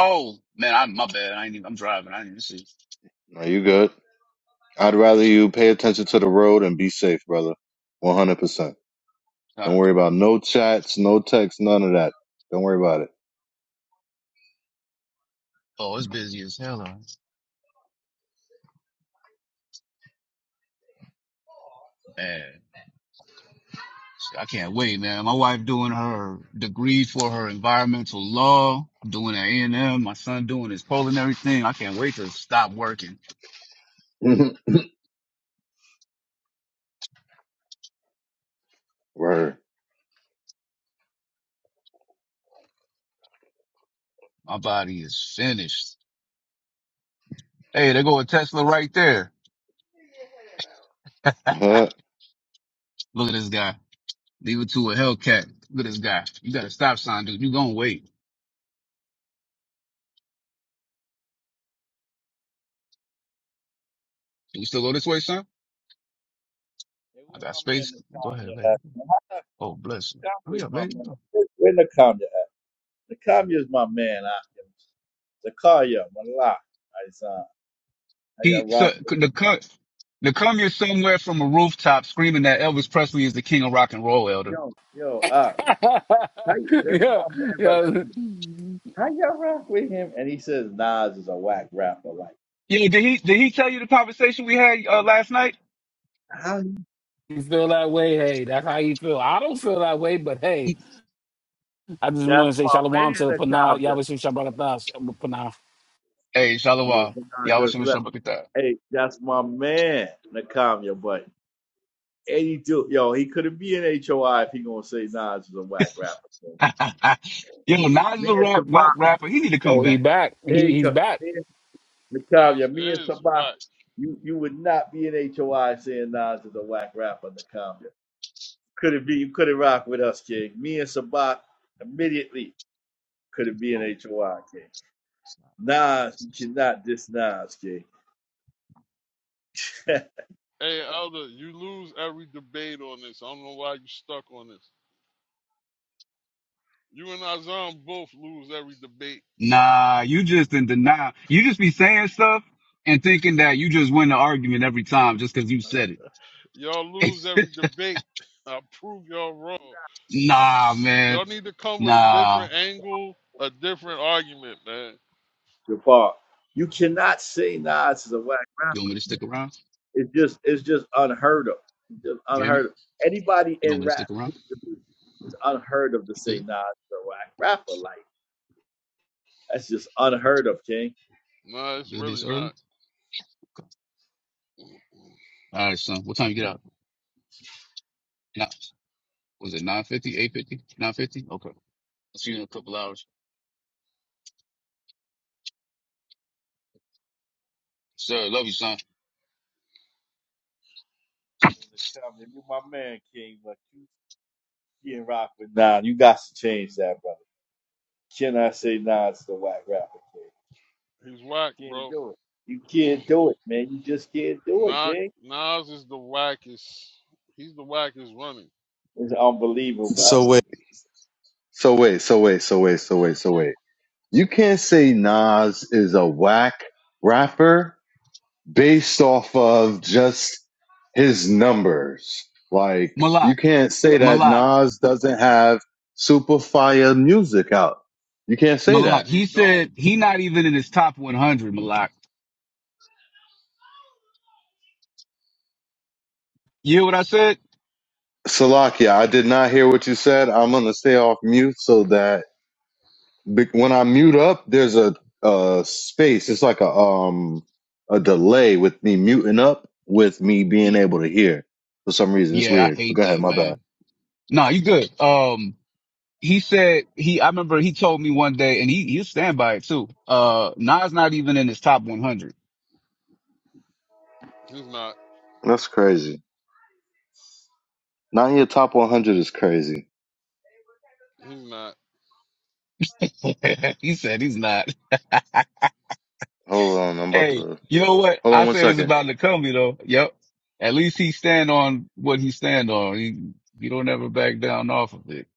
Oh, man, I'm my bad. I ain't even, I'm driving. I didn't even see.
Are you good? I'd rather you pay attention to the road and be safe, brother. 100%. Don't
Con.
worry about no chats, no texts, none of that. Don't worry about
Oh, it's busy as hell. huh? Man. Shit, I can't wait, man. My wife doing her degree for her environmental law, doing at A&M, my son doing his culinary thing. I can't wait to stop working.
it. Word.
My body is finished. Hey, there go a Tesla right there.
Huh?
Look at this guy. Leave it to a Hellcat. Look at this guy. You got a stop sign, dude. You gonna wait. Do we still go this way, son?
Hey,
I
where
got
my man
space.
the
Go ahead,
Nakamiya
lady.
at?
Oh, bless you.
Nakamiya
Hurry
is
up,
my
lady.
man.
Go.
Where Nakamiya at? Nakamiya is my man. I, Zakaya, Malak, Aisan. How y'all
He,
rock
so,
with him?
the cut, the come here somewhere from a rooftop screaming that Elvis Presley is the king of rock and roll, elder.
Yo, yo, uh, how, you- that's
yeah,
my man, but
yeah.
listen, how y'all rock with him? And he says Nas is a whack rapper. Like,
Yeah, did he did he tell you the conversation we had uh, last night?
how? he-
You feel that way? Hey, that's how you feel. I don't feel that way, but hey, I just want
That's
to say
my man,
shalom to the Panah.
Nakamiya.
Yahweh Shem Shabbat
Hey,
Yeah,
Shalawah.
but I
Y'all wish
just
him a
left.
shabbat
Hey, that's my man, Nakamiya, but 82, yo, he couldn't be an HOI if he gonna say Nas is a whack rapper. So,
that. Yo, Nas is
me
a
and
rap whack
Savant.
rapper. He need to come
Oh, he
back.
back.
Hey,
He he's
Ka-
back.
hey,
Uh,
Nakavia, me and
is
Sabah,
whack.
you, you would not be in HOI saying Nas is a whack rapper, Nakavia. Couldn't be, you couldn't rock with us, King. Me and Sabah immediately couldn't be in
Oh,
HOI, King.
it's not-
Nas, you cannot diss Nas, King.
Hey, Elder, you lose every debate on this. I don't know why you stuck on this. You and Azam both lose every debate.
Nah, you just in denial. You just be saying stuff and thinking that you just win the argument every time just because you said
Y'all
it.
lose every debate. I prove y'all wrong.
nah, man.
Y'all need to come with a
Nah.
different angle, a different argument, man.
Jabbar, you cannot say Nas is a whack rapper.
You want me to stick around?
It's just, it's just unheard of. It's just
You hear me?
unheard of. Anybody
You want
in
me to
rap
stick around?
history, it's unheard of to
You
say Nas
good?
is a whack rapper. Like, that's just unheard of, King.
Nah, it's
You good this
really
early?
not.
Okay. All right, son. What time you get out? Nah. Was it 950, 850, 950? Okay. I'll see you in a couple hours. Sir, love you, son.
in the company. You my man, King, but you getting rock with nine. You got to change that, brother. Can I say nine's the whack rapper, King?
He's whack,
Can't
bro.
do it. You can't do it, man. You just can't do it,
Nah,
King.
Nas is the wackest. He's the wackest running.
It's unbelievable,
So wait,
man.
So wait, so wait, so wait, so wait, so wait. You can't say Nas is a whack rapper based off of just his numbers. Like you
Malak,
can't say that
Malak,
Nas doesn't have super fire music out. You can't say that.
Malak.
He
He
don't.
said he not even in his top 100, Malak. You hear what I said?
Salakia, I did not hear what you said. I'm gonna stay off mute so that be- when I mute up, there's a, a space. It's like a um a delay with me muting up with me being
Ye-
able to hear. For some reason, it's
Yeah, I
weird. But
hate
go ahead,
that,
my bad.
man. Nah, you good. Um, he said he, I remember he told me one day and he, he'll stand by it too. Uh, Nas not even in his top 100.
He's not.
That's crazy. Not in your top 100 is crazy.
He's not.
he said he's not.
Hold on, I'm about
Hey,
to
you know what?
Hold
I
on one
said this
second.
about Nakambi though. Yep. At least he stand on what he stand on. He, he don't ever back down off of it.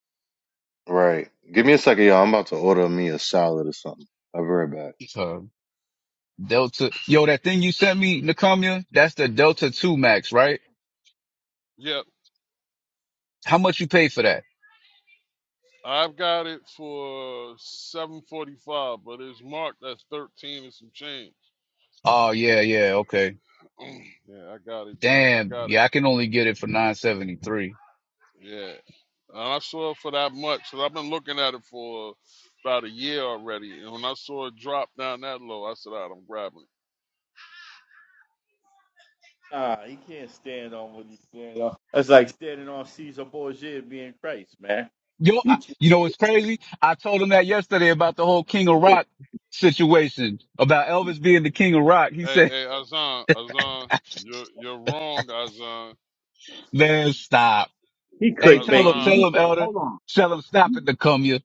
Right. Give me a second, y'all. I'm about to order me a salad or something. I'll be right back.
So Delta, yo, that thing you sent me, Nakamia, that's the Delta 2 Max, right?
Yep.
How much you pay for that?
I've got it for 745, but it's marked as 13 and some change.
Oh, yeah, yeah. Okay.
yeah, I got it done. I
Damn.
got it.
Yeah. I can only get it for 973.
Yeah. And I saw it for that much. So I've been looking at it for about a year already. And when I saw it drop down that low, I said, all right, I'm grabbing it.
Ah, he can't stand on what he's standing on. That's like standing on Caesar Borgia being Christ, man.
Yo,
You
I,
can't.
you know, what's crazy. I told him that yesterday about the whole King of Rock situation about Elvis being the King of Rock. He
Hey,
said,
hey, Azan, Azan, you're, you're wrong, Azan.
man, stop.
He
Hey, tell
clickbaiting.
him,
Azan,
You
tell him, Elder.
hold on.
Tell him stop
He
it, Nakumia. Come here.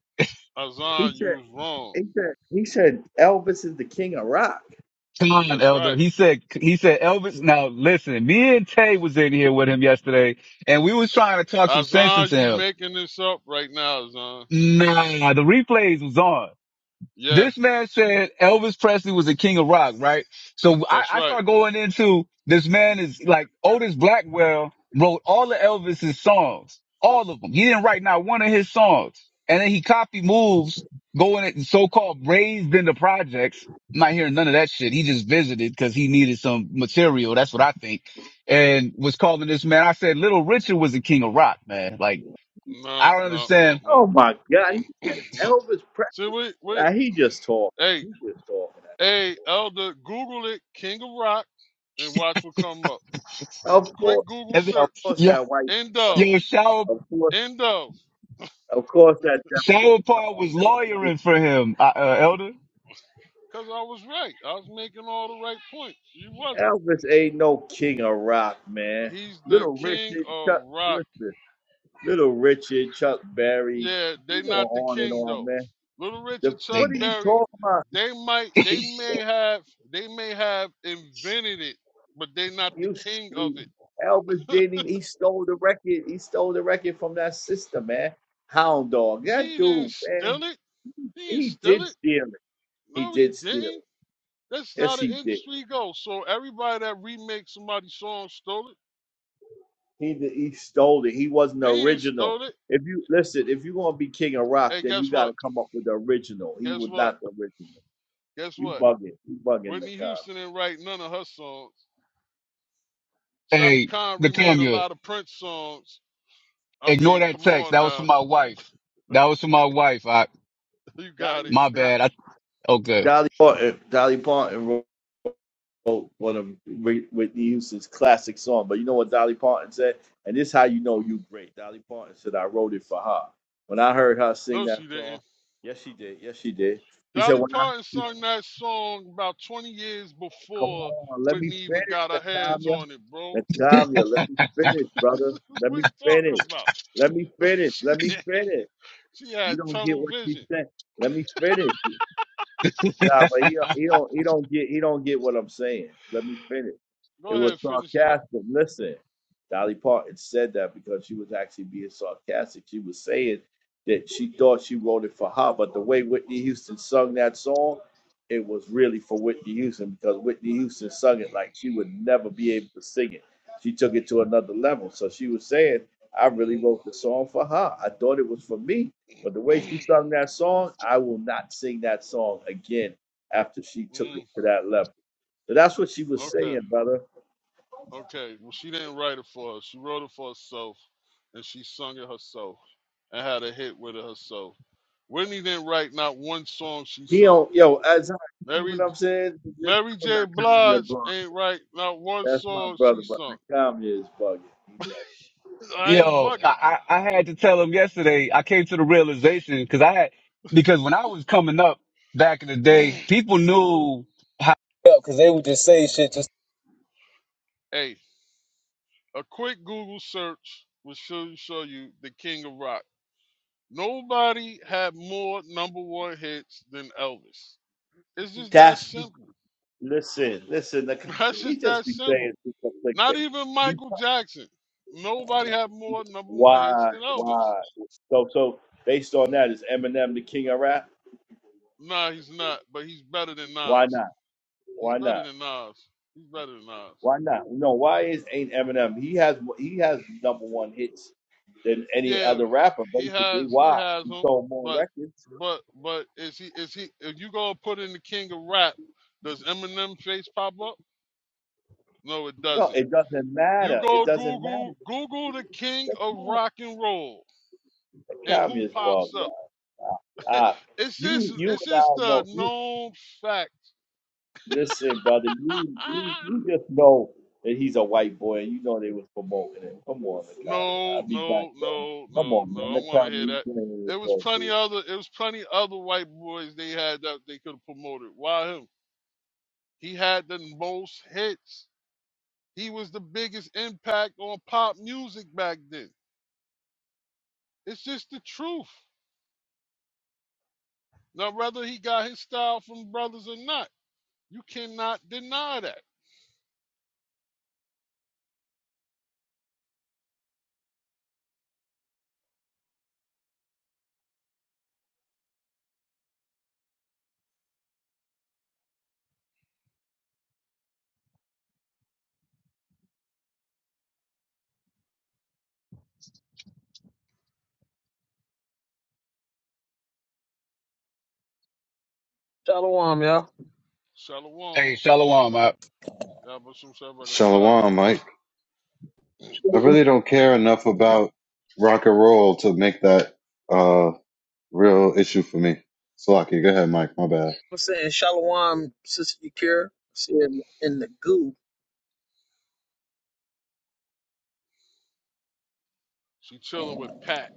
he
Azan, you
said
was wrong.
he said he said Elvis is the king of rock.
Come on,
That's
Elder.
right.
He said, he said, Elvis. Now listen, me and Tay was in here with him yesterday, and we was trying to talk some sense
Azan,
into
you
him.
making this up right now, Azan.
Nah, the replays was on.
Yeah,
This man said Elvis Presley was the king of rock, right? So I,
that's
I
right.
start going into this man is like Otis Blackwell wrote all of Elvis's songs, all of them. He didn't write not one of his songs, and then he copied moves going at so-called raised in the projects. I'm not hearing none of that shit. He just visited because he needed some material. That's what I think, and was calling this man. I said Little Richard was the king of rock, man. Like I
No,
don't
no, no,
understand.
no.
Oh my God! He said
no.
Elvis.
See, wait, wait.
Nah, he just talking.
Hey,
He just talking.
hey, Elder, Google it, King of Rock, and watch what come up. Just a
Of
quick
course,
Google
of
search.
course
Yo,
that white,
End of.
yo, shower
of course,
End of.
of course that devil
Shower
gonna
Paul
come
was
through.
lawyering for him, uh, uh, Elder.
Because I was right. I was making all the right points. You wasn't.
Elvis ain't no king of rock, man.
He's the
Little
king
Richard,
of
Chuck,
rock.
listen, Little Richard, Chuck Berry,
Yeah, they
you go
not the
on and
king
on,
though.
man.
Little
The,
Richard, Chuck
what
They
are you
Berry,
talking about?
they might, they
He,
may have, they may have invented it, but they not the
you
king of
sleep.
it.
Elvis didn't even, he stole the record. He stole the record from that sister, man. Hound dog. That
He didn't
dude, man,
steal it. He didn't
he
steal
did
it.
steal it. He
No, he
did steal it.
didn't. That's how
Yes, he
the
did.
industry goes. So everybody that remakes somebody's song stole it.
He did, he stole it. He wasn't the
They ain't
original.
stole it.
If you listen, if you're gonna be king of rock,
Hey,
then you
guess
got to
what?
come up with the original. He
Guess
was
what?
not the original.
Guess
You
what?
bugging. You bugging the
Whitney
cop.
Houston didn't write none of her songs. Shaka
Hey,
Khan
the
remade a
camera.
lot of Prince songs. I
Ignore
mean,
that
come
text.
on
That was for
now.
my wife. That was for my wife. I,
You got it.
my
Dolly,
bad. I, okay.
Dolly Parton. Dolly Parton wrote wrote one of Whit- Whitney Houston's classic song. But you know what Dolly Parton said? And this is how you know you great. Dolly Parton said, "I wrote it for her." When I heard her sing
No,
that
she
song,
didn't.
yes, she did. Yes, she did. She said,
Dolly
"When I."
Parton sung that song about 20 years
Come
before
on, let me
Whitney even
finish,
got her hands
Latanya.
on it, bro.
Latanya, let me finish, brother. Let
What
me
are you talking
finish.
about?
Let me finish.
she,
Let me finish.
she
You
had
don't get
tunnel
what she
vision.
said. Let me finish. Nah, but he don't- he don't he don't get he don't get what I'm saying. Let me finish.
Go
It was
ahead, finish it up.
sarcastic. Listen, Dolly Parton said that because she was actually being sarcastic. She was saying that she thought she wrote it for her, but the way Whitney Houston sung that song, it was really for Whitney Houston because Whitney Houston sung it like she would never be able to sing it. She took it to another level. So she was saying, I really
Mm,
wrote the song for her. I thought it was for me, but the way she
mm,
sung that song, I will not sing that song again after she took it
mm.
to that level. So that's what she was
Okay.
saying, brother.
Okay, well, she didn't write it for us. She wrote it for herself, and she sung it herself and had a hit with it herself. Whitney didn't write not one song she
He
sung.
don't, yo, as I see what
Mary
I'm saying, this
Mary
is
J.
not Kanye
Blige
Blunt.
ain't write not one
That's my
song
brother,
she
but
sung.
the Kanye is bugging. He
I ain't
Yo,
bugging.
I, I I had to tell him yesterday. I came to the realization because I had, because when I was coming up back in the day,
hey,
people knew how, because they would just say shit just,
a quick Google search will show, show you the King of Rock. Nobody had more number one hits than Elvis. It's
like,
just that
That's be,
simple.
listen, listen. The,
That's
he
just
just
that
be saying
simple.
shit for
Not
clickbait.
even
Be
Michael Jackson. Nobody had more number one hits
why,
than Elvis.
why? So, so based on that, is Eminem the king of rap?
Nah, he's not, but he's better than
Why
Nas.
not?
He's
Why
better
not?
than Nas. He's better than Nas.
Why not? No, why is ain't Eminem? He has he has number one hits than any
Yeah,
other rapper,
he
basically.
has he
Why?
has
He
them,
sold more
but
records.
but but is he is he if you go put in the king of rap, does Eminem face pop up? No, it
No,
doesn't.
it doesn't
You
matter. It
go
doesn't
Google
matter.
Google the king
That's
of
not
rock and roll
the
and who
communist ball
pops up.
guy. Uh,
It's
you
just
you
it's
and
just
I
a
know you,
known fact.
listen, brother, you, you
Ah,
you just know that he's a white boy and you know they was promoting him. Come on, the communist. I'll
No,
be back
no,
though.
no,
Come
no,
on,
no.
man.
I
The
want to hear
communist
that.
you playing with
There was
yourself,
plenty
dude.
other. It was plenty other white boys they had that they could have promoted. Why him? He had the most hits. He was the biggest impact on pop music back then. It's just the truth. Now, whether he got his style from brothers or not, you cannot deny that.
Shalom, y'all.
hey,
Shalom.
Shalom. I,
Y'all but some stuff like a thug.
Shalom, Mike. I really
I'm
don't care enough about rock and roll to make that uh real issue for me. Salaki, go ahead, Mike. My bad.
saying shalom, Sister Yakira. See in, in the goo.
She chilling with Pat.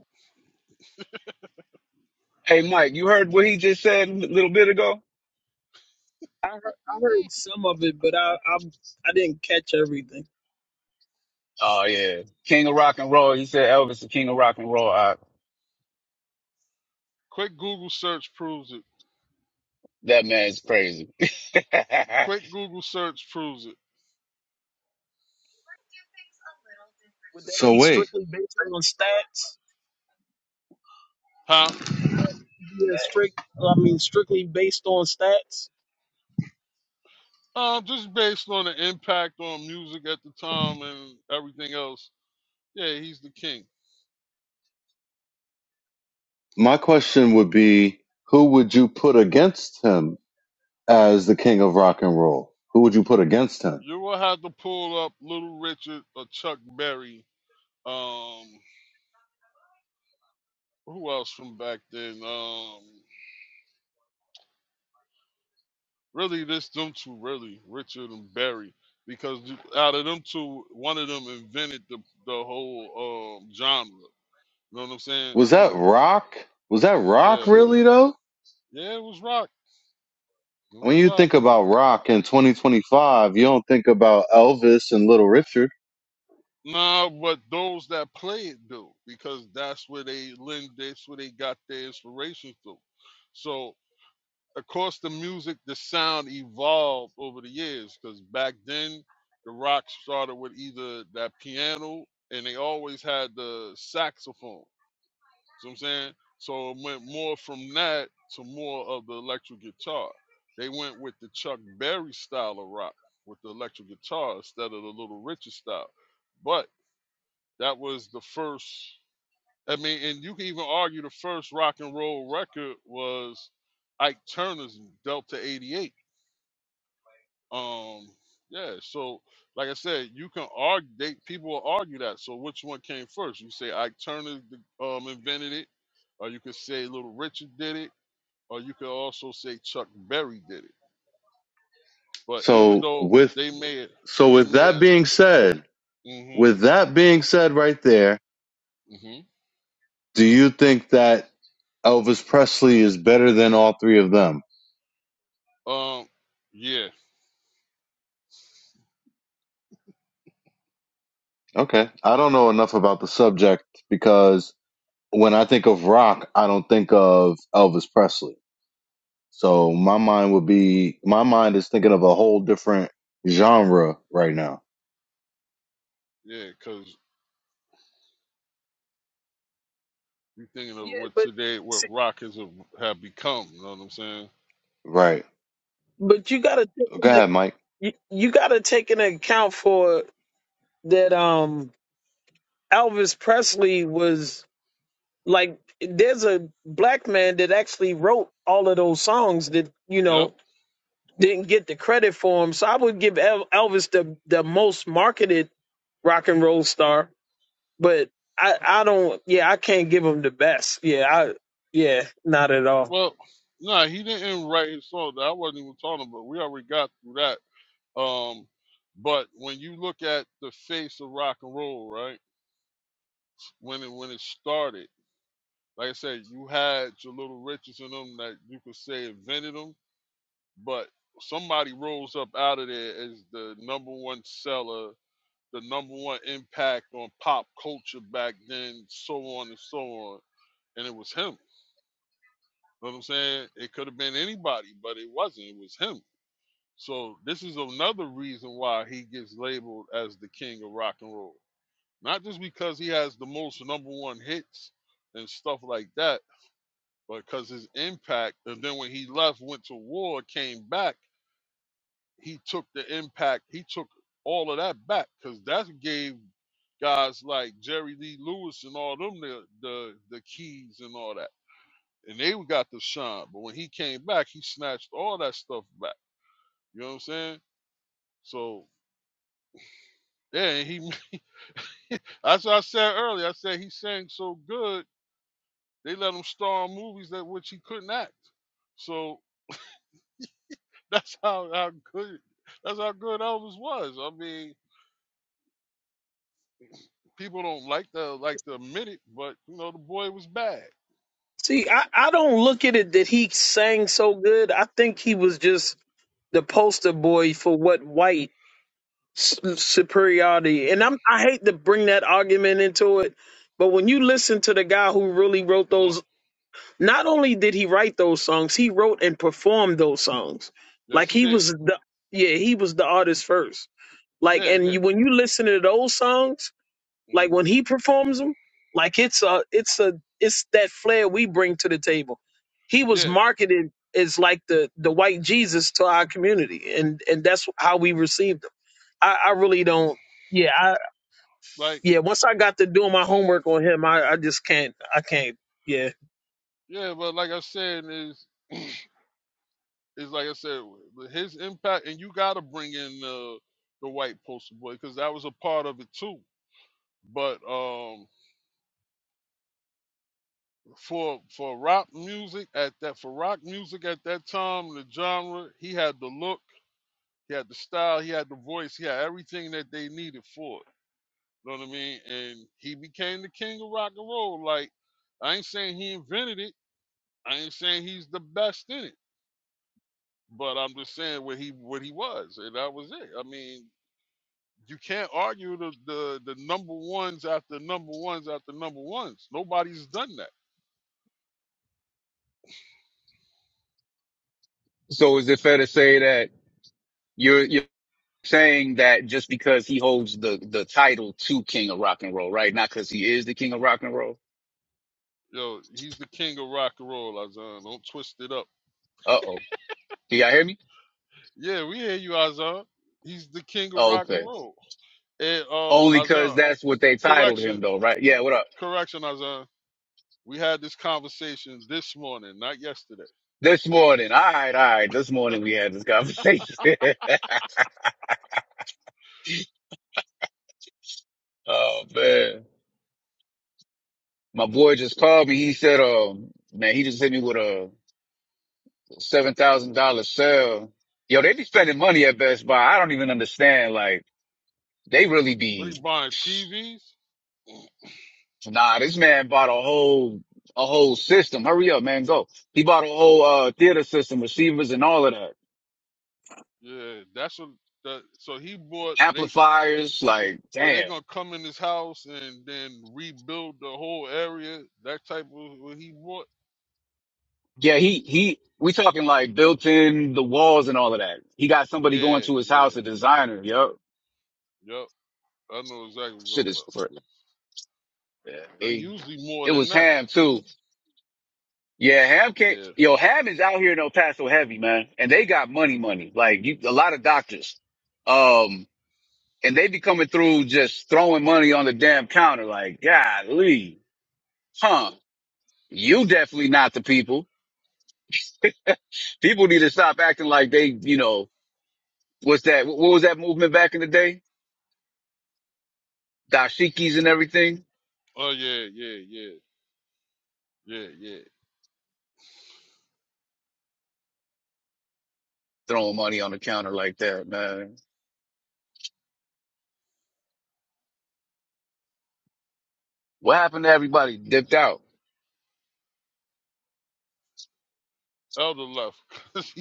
hey, Mike, you heard what he just said a little bit ago?
I heard, I
Mm.
heard some of it, but I, I I didn't catch everything.
Oh yeah, King of Rock and Roll. He said Elvis, the King of Rock and Roll. I,
Quick Google search proves it.
that man's crazy.
Quick Google search proves it.
Would that
So
be
wait,
strictly based on stats?
Huh?
That be a strict, I mean, strictly based on stats.
Um, just based on the impact on music at the time and everything else, yeah, he's the king.
my question would be, who would you put against him as the king of rock and roll? Who would you put against him?
You will have to pull up Little Richard or Chuck Berry. Um, who else from back then? Um, really, this them two, really, Richard and Berry, because th- out of them two, one of them invented the the whole um genre. You know what I'm saying?
Was that rock? Was that rock
Yeah,
really though?
yeah, it was rock. It
When
was
you
rock.
think about rock in 2025, you don't think about Elvis and Little Richard.
Nah, but those that play it do because that's where they lend. That's where they got their inspiration through. So of course the music, the sound evolved over the years because back then the rock started with either that piano and they always had the saxophone. So I'm saying so it went more from that to more of the electric guitar. They went with the Chuck Berry style of rock with the electric guitar instead of the Little Richard style, but that was the first. I mean, and you can even argue the first rock and roll record was Ike Turner's Delta '88. Um, yeah. So, like I said, you can argue. They, people will argue that. So, which one came first? You say Ike Turner um, invented it, or you could say Little Richard did it, or you could also say Chuck Berry did it. But even
So
though
with
they may,
so
they
with
may.
that being said,
Mm-hmm.
with that being said right there,
Mm-hmm.
do you think that Elvis Presley is better than all three of them?
Um. Yeah.
Okay. I don't know enough about the subject because when I think of rock, I don't think of Elvis Presley. So my mind would be my mind is thinking of a whole different genre right now.
Yeah. Because You're thinking of
Yeah,
what
but
today, what
see,
rock has have become. You know what I'm saying?
Right.
but you gotta take
Go
in,
ahead, Mike.
you, you gotta take into account for that. Um, Elvis Presley was Like there's a black man that actually wrote all of those songs that you
Yep.
know didn't get the credit for him. So I would give El- Elvis the the most marketed rock and roll star, but I I don't yeah I can't give him the best. Yeah I yeah not at all.
Well, nah, he didn't write his song. I wasn't even talking about. We already got through that. Um, but when you look at the face of rock and roll, right? When it when it started, like I said, you had your little riches in them that you could say invented them, but somebody rolls up out of there as the number one seller, the number one impact on pop culture back then, so on and so on and it was him. You know what I'm saying? It could have been anybody, but it wasn't. It was him. So this is another reason why he gets labeled as the king of rock and roll. Not just because he has the most number one hits and stuff like that, but because his impact. And then when he left, went to war, came back, he took the impact. He took all of that back because that gave guys like Jerry Lee Lewis and all them the the, the keys and all that. and they got the shine. But when he came back, he snatched all that stuff back. You know what I'm saying? So yeah, he that's what I said earlier. I said he sang so good they let him star in movies that which he couldn't act. So that's how, how good that's how good Elvis was. I mean, people don't like the like to admit it, but you know the boy was bad.
See I I don't look at it that he sang so good. I think he was just the poster boy for what white s- superiority. And I'm I hate to bring that argument into it, but when you listen to the guy who really wrote
No,
those, not only did he write those songs, he wrote and performed those songs.
yes
Like
he
he
did.
was the yeah, he was the artist first. Like
Yeah,
and
yeah,
you, when you listen to those songs, like
hmm
when he performs them, like it's a it's a it's that flair we bring to the table. He was
yeah.
marketed as like the the white Jesus to our community, and and that's how we received him. I, I really don't. Yeah, I
Like
yeah. Once I got to doing my homework on him, I, I just can't. I can't. Yeah.
yeah, but like I said, is It's like I said, his impact, and you got to bring in the the white poster boy because that was a part of it too. But um, for for rock music at that for rock music at that time, the genre, he had the look, he had the style, he had the voice, he had everything that they needed for it. You know what I mean? And he became the king of rock and roll. Like I ain't saying he invented it. I ain't saying he's the best in it. But I'm just saying what he what he was, and that was it. I mean, You can't argue the, the the number ones after number ones after number ones. Nobody's done that.
so is it fair to say that you're you're saying that just because he holds the the title to King of Rock and Roll, right? Not because he is the King of Rock and Roll.
Yo, he's the king of rock and roll, Azan. Don't twist it up.
Uh oh, do y'all hear me?
Yeah, we hear you, Azan. He's the king of
Oh,
rock and
okay,
roll. And um,
only because
Azan,
that's what they titled
correction,
him, though, right? Yeah. What up?
correction, Azan. We had this conversation this morning, not yesterday.
This morning, all right, all right. This morning we had this conversation. oh man, my boy just called me. He said, "Um, man, he just hit me with a." seven thousand dollar sale. Yo, they be spending money at Best Buy. I don't even understand. Like they really
What he
be.
buying TVs?
Nah, this man bought a whole a whole system. Hurry up, man, go. He bought a whole uh theater system, receivers and all of that,
Yeah, that's what. That, so he bought. They
amplifiers. Like,
where they
damn.
gonna come in his house and then rebuild the whole area, that type of what he bought.
Yeah, he he. We talking like built in the walls and all of that. He got somebody going
Yeah,
to his
yeah,
house, a designer. Yup,
yep. I know exactly what you're
shit
talking
is
about.
crazy. Yeah,
Now,
he,
usually more
it
than
was
that.
ham too. Yeah, Ham can't.
Yeah.
Yo, Ham is out here in El Paso heavy, man, and they got money, money. Like you, a lot of doctors, um, and they be coming through just throwing money on the damn counter. Like, golly, huh? You definitely not the people. People need to stop acting like they, you know, what's that? What was that movement back in the day? Dashikis and everything,
Oh yeah, yeah, yeah, yeah, yeah.
throwing money on the counter like that, man. What happened to everybody? Dipped out.
Elder left.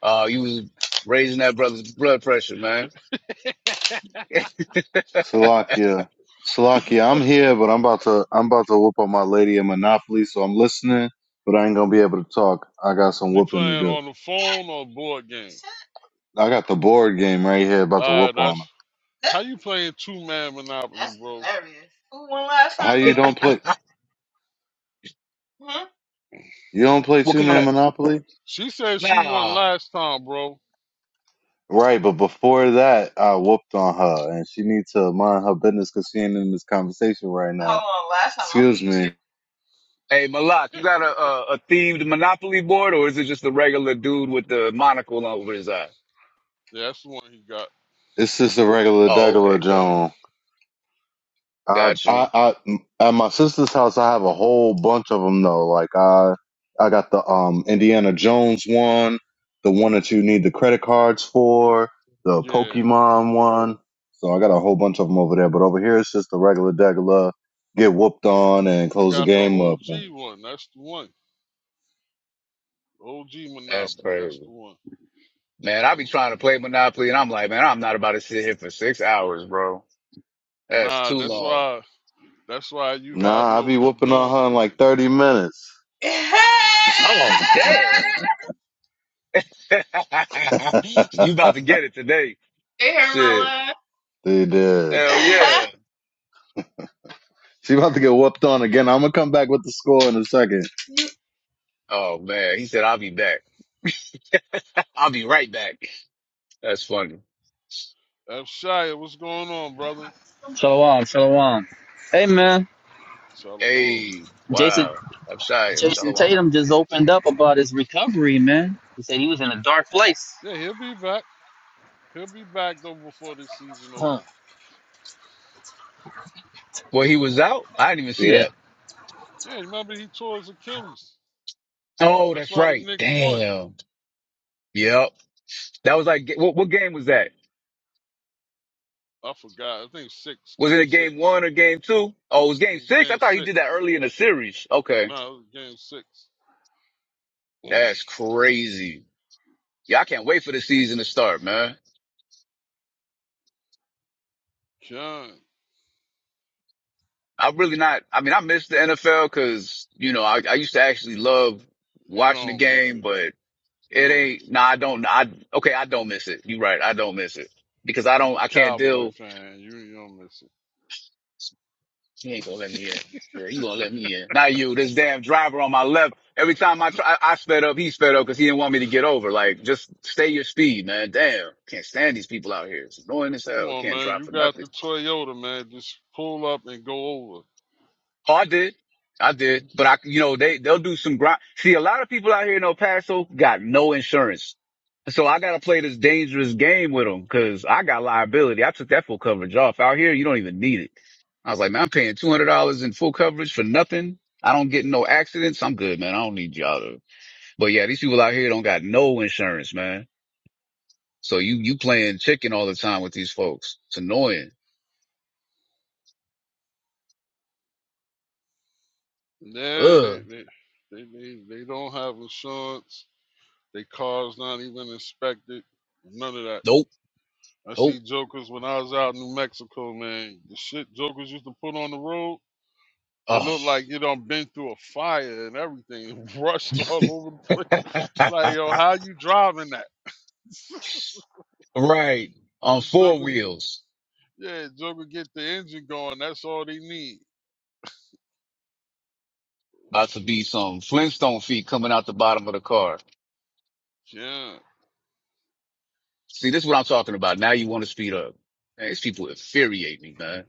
Uh, you was raising that brother's blood pressure, man.
Salakia. Salakia, I'm here, but I'm about to I'm about to whoop on my lady in Monopoly, so I'm listening, but I ain't gonna be able to talk. I got some
you
whooping to
playing
do.
on the phone or board game?
I got the board game right here, about to whoop
Uh,
on her.
that's how
That,
you playing two man Monopoly,
That's
bro.
hilarious. Who won last How time, you don't play? bro? Hmm? You don't play
What
two
kind
man
of
Monopoly?
She said she won
nah?
last time, bro.
Right, but before that, I whooped on her, and she needs to mind her business because she ain't in this conversation right now. Hold on, last time I Excuse beat you. me.
Hey Malak, you got a, a a themed Monopoly board, or is it just a regular dude with the monocle over his eye?
Yeah, that's the one he got.
This is a regular
Oh,
degular
okay, cool.
Joan. I,
got you.
I, I, at my sister's house, I have a whole bunch of them though. Like I, I got the um Indiana Jones one, the one that you need the credit cards for, the
Yeah,
Pokemon one. So I got a whole bunch of them over there. But over here, it's just the regular degular, get whooped on and
we
close the
got the
game up.
OG one. That's the one. OG
That's
Monopoly, that's
crazy,
the one.
man. I be trying to play Monopoly, and I'm like, man, I'm not about to sit here for six hours, bro. That's
Nah,
too
that's
long.
why that's why you gotta
Nah, I
know
be
what you're
whooping on
doing
her in
on
like
there.
thirty minutes. they
Oh, damn.
heard
you about to get it today?
my
Shit.
laugh. they did.
Hell yeah.
She about to get whooped on again. I'm gonna come back with the score in a second.
Oh man, he said I'll be back. I'll be right back. That's funny.
F Shia, what's going on, brother?
Shalom, shalom. Hey man,
Shalom.
Hey,
Jason
wow. I'm shy.
Jason
Shalom.
Tatum just opened up about his recovery, man. He said he was in a dark place.
Yeah, he'll be back. He'll be back though before this season
Huh.
over.
Well, he was out. I didn't even see
Yeah.
that.
Yeah, remember he tore his Achilles.
Oh,
That's
that's
why the
right.
Knicks won.
Damn. Yep. That was like, what, what game was that?
I forgot. I think six,
Was it
game
a
six.
game one or game two? Oh, it was
It
game
was
six. I
game
thought he
six.
did that early in the series. Okay.
No, it was game six.
That's crazy. Yeah, I can't wait for the season to start, man.
John,
I'm really not, I mean, I miss the NFL cause, you know, I, I used to actually love
you
watching the
don't miss
game,
it.
but
You
it
don't miss
ain't,
it.
nah, I don't, I, okay, I don't miss it. You're right. I don't miss it because I don't,
You're a
I can't
cowboy
deal.
fan. You you don't miss it.
He ain't gonna let me in. Yeah, he gonna let me in. Not you, this damn driver on my left. Every time I try, I, I sped up, he sped up because he didn't want me to get over. Like, just stay your speed, man. Damn, can't stand these people out here. It's annoying as
Come
hell.
on,
Can't
man.
drive
You
for
got
nothing.
the Toyota, man. Just pull up and go over.
Oh, I did. I did. But I, you know, they, they'll do some grind. See, a lot of people out here in El Paso got no insurance. So I got to play this dangerous game with them because I got liability. I took that full coverage off out here. You don't even need it. I was like, man, I'm paying $200 in full coverage for nothing. I don't get in no accidents. I'm good, man. I don't need y'all to, but yeah, these people out here don't got no insurance, man. So you, you playing chicken all the time with these folks. It's annoying.
Yeah, they
Ugh.
they they they, they don't have insurance. They car's not even inspected. None of that.
Nope.
I
Nope.
see jokers when I was out in New Mexico, man. The shit jokers used to put on the road, it
Oh.
looked like you done been through a fire and everything, rushed all over the place. Like, yo, how you driving that?
Right. On
The
four
jokers,
wheels.
yeah, joker get the engine going. That's all they need.
About to be
Shoot.
some Flintstone feet coming out the bottom of the car.
Yeah.
See, this is what I'm talking about. Now you want to speed up. Man, these people infuriate me, man.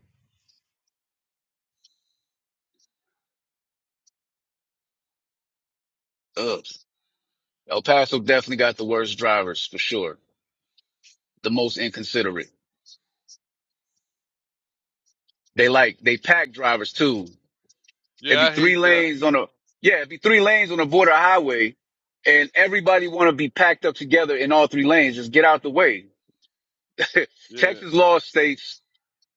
Ugh. El Paso definitely got the worst drivers for sure. The most inconsiderate. They like, they pack drivers too. It'd
Yeah,
be
I
three
hate that.
lanes on a, yeah, it'd be three lanes on a border highway and everybody want to be packed up together in all three lanes. Just get out the way.
Yeah.
Texas law states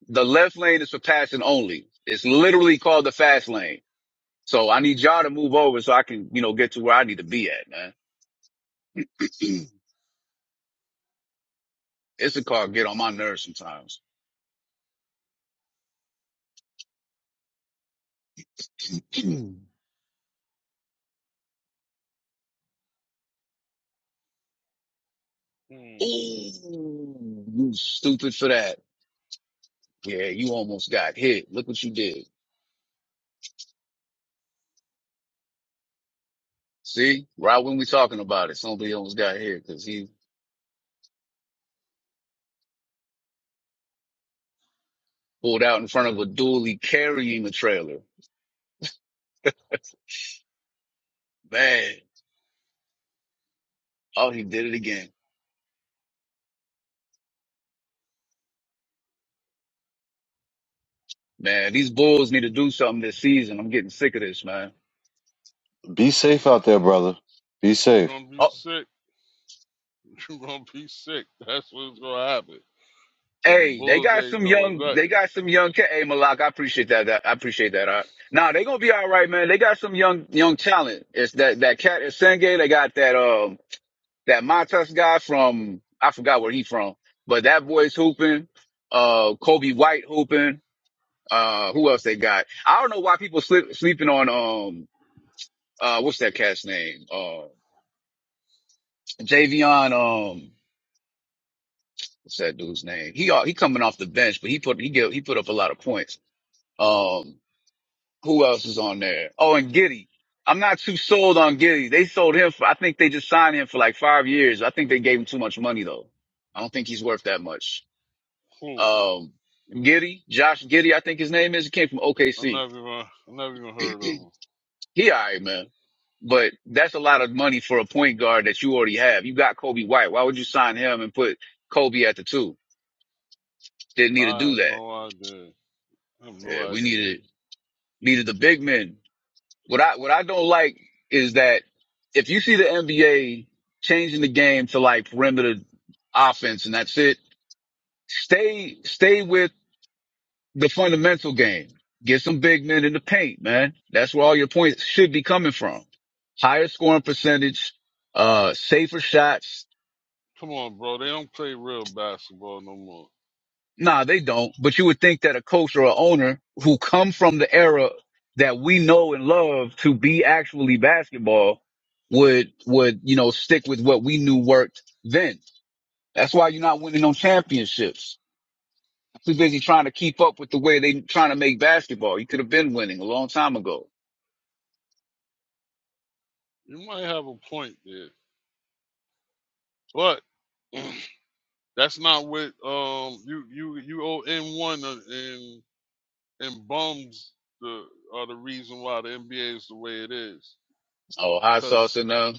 The left lane is for passing only. It's literally called the fast lane. So I need y'all to move over so I can, you know, get to where I need to be at, man. It's a car get on my nerves sometimes. Ooh,
Hmm.
you stupid for that. Yeah, you almost got hit. Look what you did. See, right when we talking about it, somebody almost got hit because he pulled out in front of a dually carrying a trailer. Man, oh, he did it again. Man, these Bulls need to do something this season. I'm getting sick of this, man.
Be safe out there, brother. Be
You're
safe.
gonna be
Oh.
sick. You're gonna be sick. That's what's gonna happen. Cause the
Hey, they
Bulls
got
ain't
some
doing
young. They
nothing.
got some young. Ca- hey, Malak, I appreciate that. that I appreciate that. All right. Nah, they gonna be all right, man. They got some young, young talent. It's that that cat is Senge. They got that um that Montas guy from I forgot where he from, but that boy's hooping. Uh, Kobe White hooping. Uh, who else they got? I don't know why people sleep, sleeping on um uh what's that cat's name? Uh, Javion. Um, what's that dude's name? He uh, he coming off the bench, but he put he get, he put up a lot of points. Um. Who else is on there? Oh, and Giddy. I'm not too sold on Giddy. They sold him for, I think they just signed him for like five years. I think they gave him too much money though. I don't think he's worth that much.
Who?
Um, Giddy, Josh Giddy, I think his name is. He came from
I
OKC.
never even, I never even heard of them.
He alright, man. But that's a lot of money for a point guard that you already have. You got Kobe White. Why would you sign him and put Kobe at the two? Didn't need to
I
do
have
that.
no idea. I have no
Yeah, we
idea.
needed, needed the big men. What I what I don't like is that if you see the NBA changing the game to like perimeter offense and that's it, stay stay with the fundamental game. Get some big men in the paint, man. That's where all your points should be coming from. Higher scoring percentage, uh, safer shots,
Come on, bro. They don't play real basketball no more.
Nah, they don't. But you would think that a coach or a owner who come from the era that we know and love to be actually basketball would would you know stick with what we knew worked then. That's why you're not winning no championships. Too busy trying to keep up with the way they trying to make basketball. You could have been winning a long time ago.
You might have a point there, but that's not what um you you you owe N one and and bums the are the reason why the NBA is the way it is. is.
Oh, hot
Cause
sauce and uh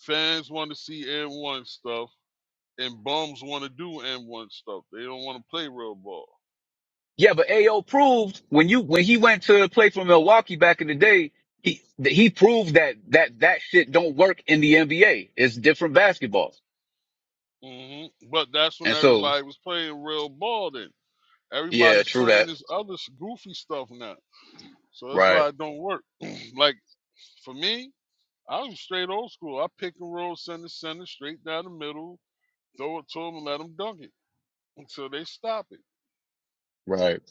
Fans want to see M1 stuff, and bums want to do M1 stuff. They don't want to play real ball.
Yeah, but AO proved when you when he went to play for Milwaukee back in the day, he th- he proved that that that shit don't work in the NBA. It's different basketball.
hmm But that's when
And so,
everybody was playing real ball. Then
yeah,
everybody's
true
playing
that.
this other goofy stuff now. So that's
Right,
why it don't work. like for me, I was straight old school. I pick and roll, center, center, straight down the middle, throw it to them and let them dunk it. And so they stop it.
right.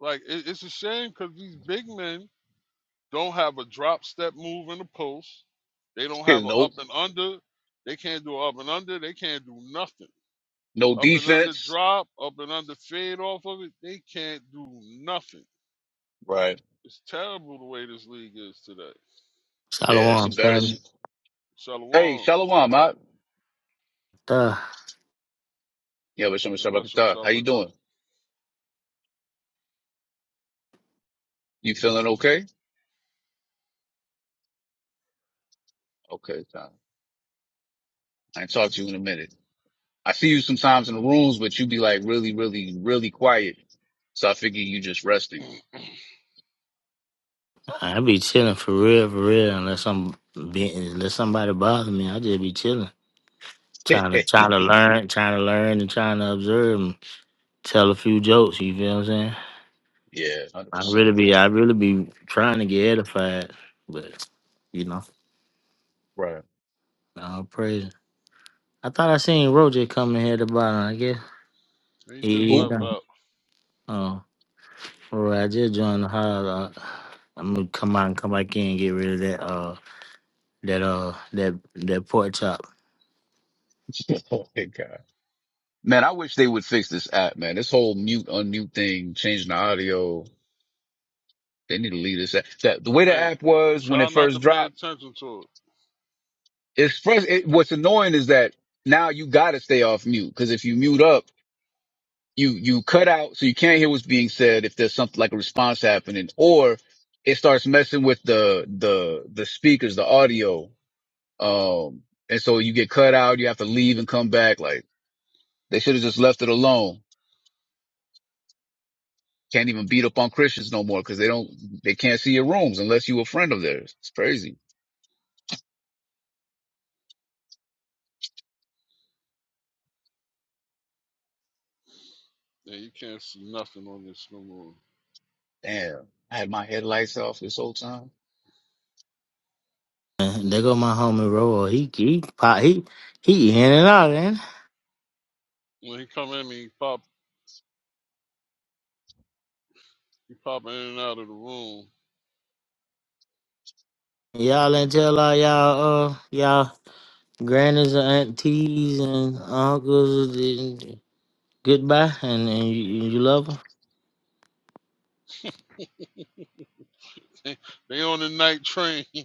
Like it, it's a shame because these big men don't have a drop step move in the post. They don't
Hey,
have a
No,
up and under. They can't do a up and under. They can't do nothing.
no
Up and under
defense.
drop, up and under fade off of it. They can't do nothing.
Right.
It's terrible the way this league is today.
I
Yeah,
don't
it's embarrassing. Hey,
Shalom.
Shalom, I,
Uh,
yeah, but Shalom
And
Shabbat Katar. How you doing? You feeling okay? Okay, time. I ain't talk to you in a minute. I see you sometimes in the rooms, but you be like really, really, really quiet. So I figure you just resting.
I be chilling for real, for real. Unless I'm being, unless somebody bother me, I just be chilling, trying to trying to learn, trying to learn, and trying to observe and tell a few jokes. You feel what I'm saying?
Yeah, hundred
I
percent.
really be, I really be trying to get edified, but you know,
Right.
all praise. I thought I seen Roger coming here at the bottom. I guess
He just
he he
Who?
left
done.
out.
Oh, all right. I just joined the house. Uh, I'm gonna come out and come back in and get rid of that. Uh, that uh, that that pork chop.
Oh my god, man! I wish they would fix this app, man. This whole mute unmute thing, changing the audio. They need to leave this app. That the way the
Hey,
app was when
try
it
not to
first
pay
dropped.
attention to it.
It's first. It, what's annoying is that now you got to stay off mute because if you mute up, you you cut out, so you can't hear what's being said if there's something like a response happening, or it starts messing with the the the speakers, the audio. Um, and so you get cut out. You have to leave and come back. Like they should have just left it alone. Can't even beat up on Christians no more because they don't, they can't see your rooms unless you a friend of theirs. It's crazy.
Yeah, you can't see nothing on this no more.
Damn. I had my headlights off this whole time.
There go my homie Roy. He he pop he he in and out, man.
When he come in, he pop, he pop in and out of the room.
Y'all and tell all y'all uh y'all grannies and aunties and uncles uh, goodbye and, and you, you love them.
they on the night train.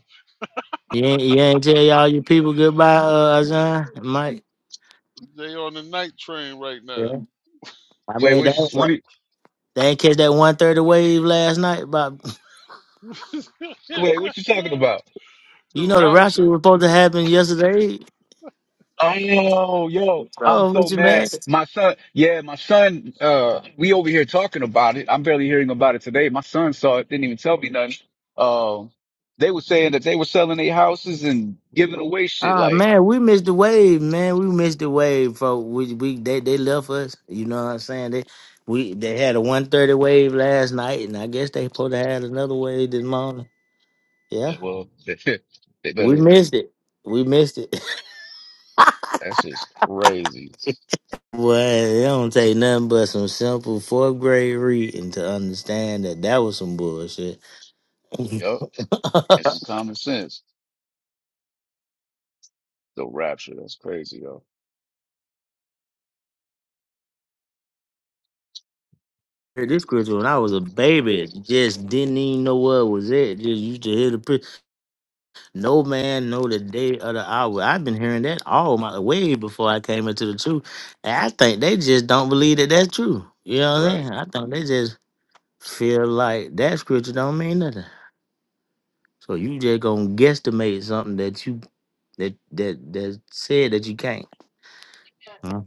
You ain't, you ain't tell y'all your people goodbye, uh, Azan, Mike.
They on the night train right now.
Yeah, I
Wait,
mean
what
that.
you, what
that-
you,
They ain't catch that one thirty wave last night, but
wait, what you talking about?
the
you know the rapture
rapture.
was supposed to happen yesterday.
Oh, yo, I'm
bro. What
so
you,
mad.
mad?
My son, yeah, my son, uh, we over here talking about it. I'm barely hearing about it today. My son saw it, didn't even tell me nothing. Um, they were saying that they were selling their houses and giving away shit.
Ah
Like,
man, we missed the wave, man. We missed the wave, folks. We we they they left us. You know what I'm saying? They we they had a 130 wave last night, and I guess they supposed to have another wave this morning. Yeah,
well, they
we
better,
missed it. We missed it.
that's just crazy.
Well, it don't take nothing but some simple fourth grade reading to understand that that was some bullshit.
Yup. and some common sense. The rapture, that's crazy, yo.
Hey, this Christmas when I was a baby, just didn't even know what was it. Just used to hear the. No man know the day or the hour. I've been hearing that all my way before I came into the truth. And I think they just don't believe that that's true. You know what I'm
Right.
saying? I think they just feel like that scripture don't mean nothing. So you just gonna guesstimate something that you that that that said that you can't. Huh?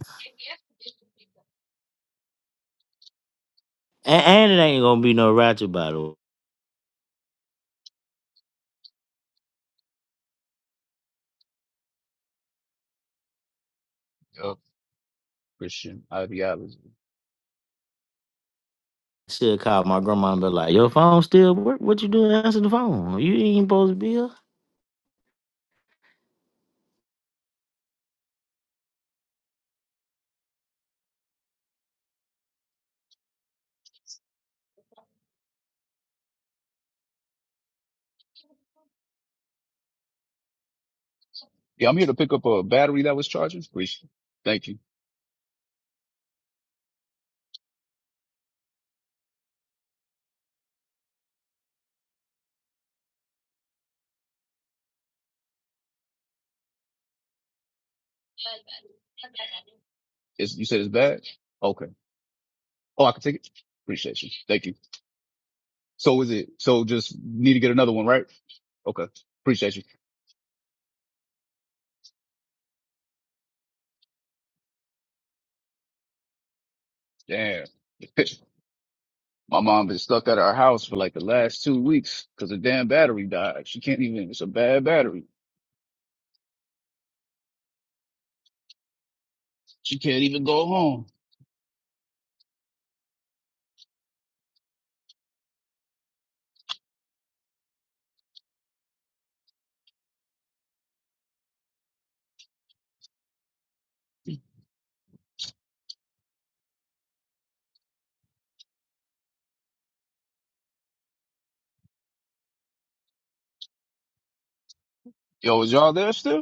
And, and it ain't gonna be no ratchet battle.
Yep. Christian ideology.
Should call my grandma and be like, "Your phone still work? What you doing answering the phone? You ain't supposed to be here."
Yeah, I'm here to pick up a battery that was charging. Christian. Thank you. It's, you said it's bad? Okay. Oh, I can take it? Appreciate you. Thank you. So is it, so just need to get another one, right? Okay. Appreciate you. Damn. My mom been stuck at our house for like the last two weeks because the damn battery died. She can't even, it's a bad battery. She can't even go home. Yo, is y'all there still?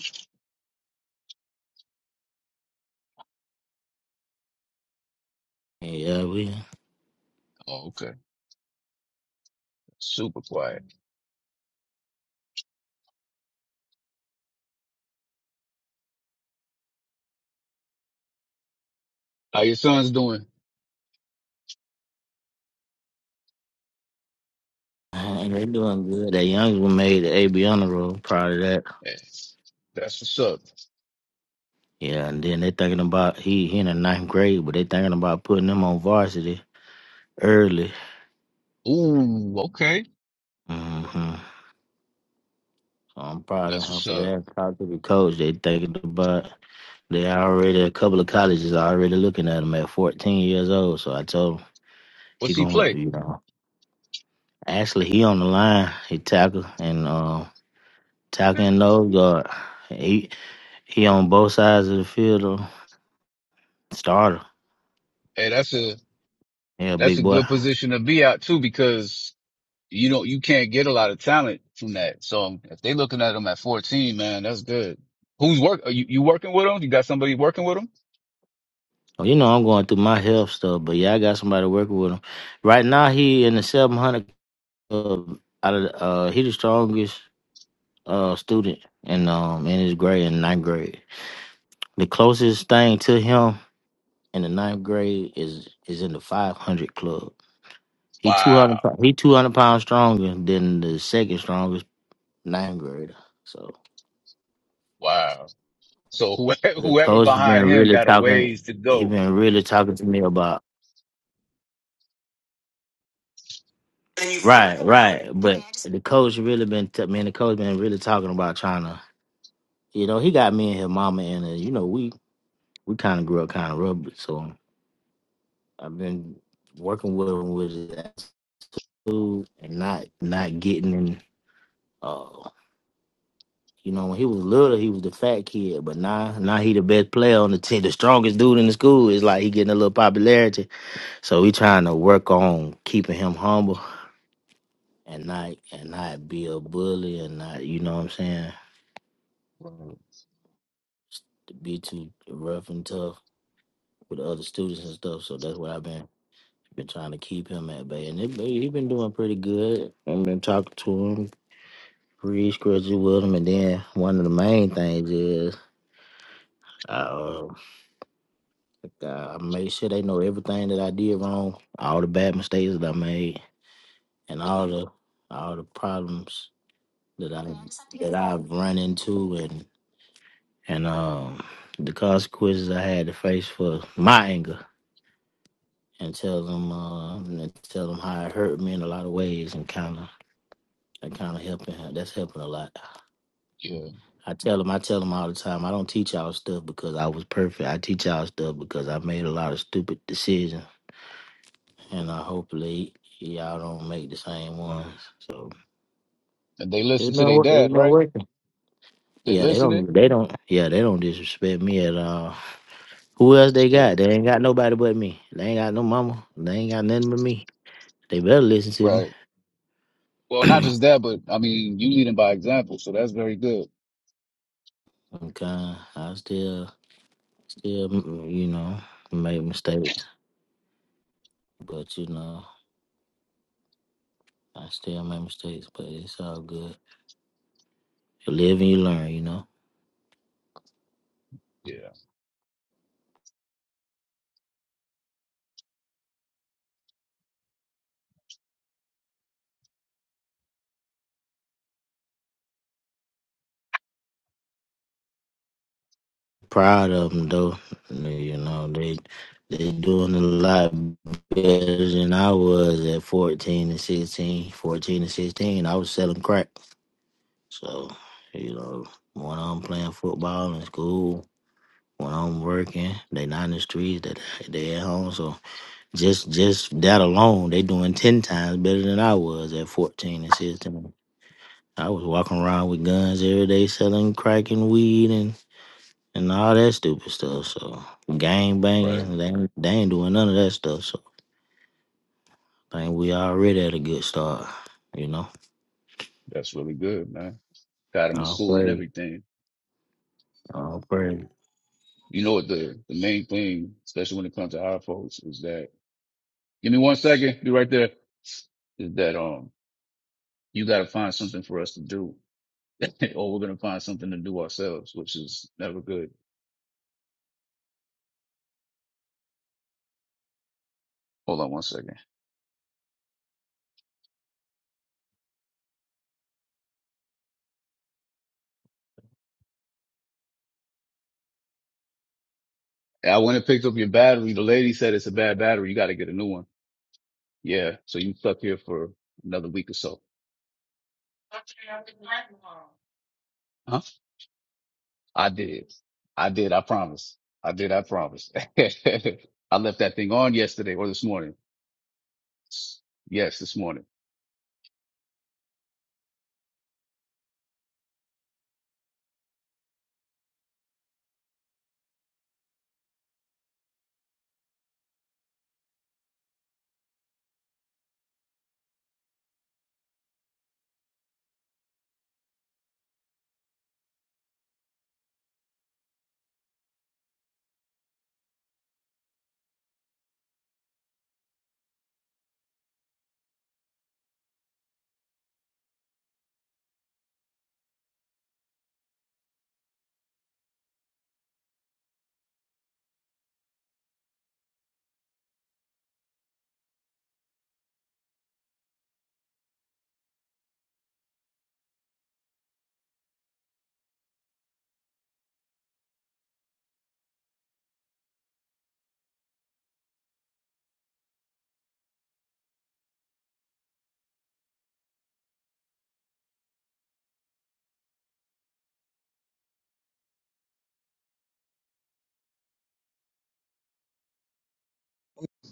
Yeah, we
Oh, okay. Super quiet. How your son's doing?
Man, they doing good. That young one made the AB honor roll. Proud of that.
Yeah, That's what's up.
Yeah, and then they thinking about he he in the ninth grade, but they thinking about putting him on varsity early.
Ooh, okay.
hmm So I'm proud of
That's
him
what's
for
up.
that. Proud to the coach. They thinking about they already a couple of colleges are already looking at him at 14 years old. So I told him he
What's he
gonna
play?
you know actually he on the line. He tackle and uh,
Okay.
tackle and nose guard. He he on both sides of the field. Though. Starter.
Hey, that's a
Yeah,
that's
big
a
boy.
good position to be out too because you don't you can't get a lot of talent from that. So um, if they looking at him at fourteen, man, that's good. Who's work? Are you, you working with him? You got somebody working with him?
Well, you know, I'm going through my health stuff, but yeah, I got somebody working with him. Right now, he in the 700 club. Out of uh, he the strongest uh student in um in his grade in ninth grade. The closest thing to him in the ninth grade is is in the 500 club. He 200
Wow,
he 200 pounds stronger than the second strongest ninth grader. So
wow. So whoever,
the
whoever
coach
behind
been
him
really
got a
talking.
ways to
He
go.
been really talking to me about Right, right. But the coach really been t- me the coach been really talking about trying to you know, he got me and his mama in a you know, we we kinda grew up kinda rubber, so I've been working with him with his attitude and not not getting in uh you know, when he was little he was the fat kid, but now now he the best player on the team, the strongest dude in the school. It's like he getting a little popularity. So we trying to work on keeping him humble and not and not be a bully and not you know what I'm saying
Right.
to be too rough and tough with the other students and stuff. So that's what I've been been trying to keep him at bay, and it, he's been doing pretty good. I've been talking to him, pretty scratchy with him, and then one of the main things is. I, uh, I make sure they know everything that I did wrong, all the bad mistakes that I made, and all the all the problems that I that I've run into, and and um the consequences I had to face for my anger and tell them uh, and tell them how it hurt me in a lot of ways and kind of and kind of helping that's helping a lot.
Yeah,
I tell them I tell them all the time I don't teach y'all stuff because I was perfect. I teach y'all stuff because I made a lot of stupid decisions and I hopefully y'all don't make the same ones. So
and they listen
it's
to
been
their
wor- it's
dad,
been
right?
working.
They
Yeah, they
listening.
don't they don't yeah they don't disrespect me at all. Who else
That's
they
good.
got? They ain't got nobody but me. They ain't got no mama. They ain't got nothing but me. They better listen
Right. Well,
to
not
me.
just that, but I mean, you leading by example, so that's very good.
Okay, I still Still, m- you know, make mistakes, but you know, I still make mistakes, but it's all good. You live and you learn, you know.
Yeah.
Proud of them though, you know they they doing a lot better than I was at fourteen and 16. 14 and sixteen, I was selling crack. So you know, when I'm playing football in school, when I'm working, they not in the streets, they they at home, so Just just that alone, they doing ten times better than I was at fourteen and sixteen. I was walking around with guns every day, selling crack and weed and and all that stupid stuff. So gang
Right.
banging, they ain't, they ain't doing none of that stuff. So I think we already at a good start. You know,
That's really good, man. Got them in
all
school and
praise,
everything.
all praise.
You know what the, the main thing, especially when it comes to our folks, is that give me one second, be right there. Is that um you gotta find something for us to do. or we're gonna find something to do ourselves, which is never good. Hold on one second. I went and picked up your battery. The lady said it's a bad battery, you gotta get a new one. Yeah. So you stuck here for another week or so. I did. I did. I promise. I did. I promise. I left that thing on yesterday or this morning. Yes, this morning.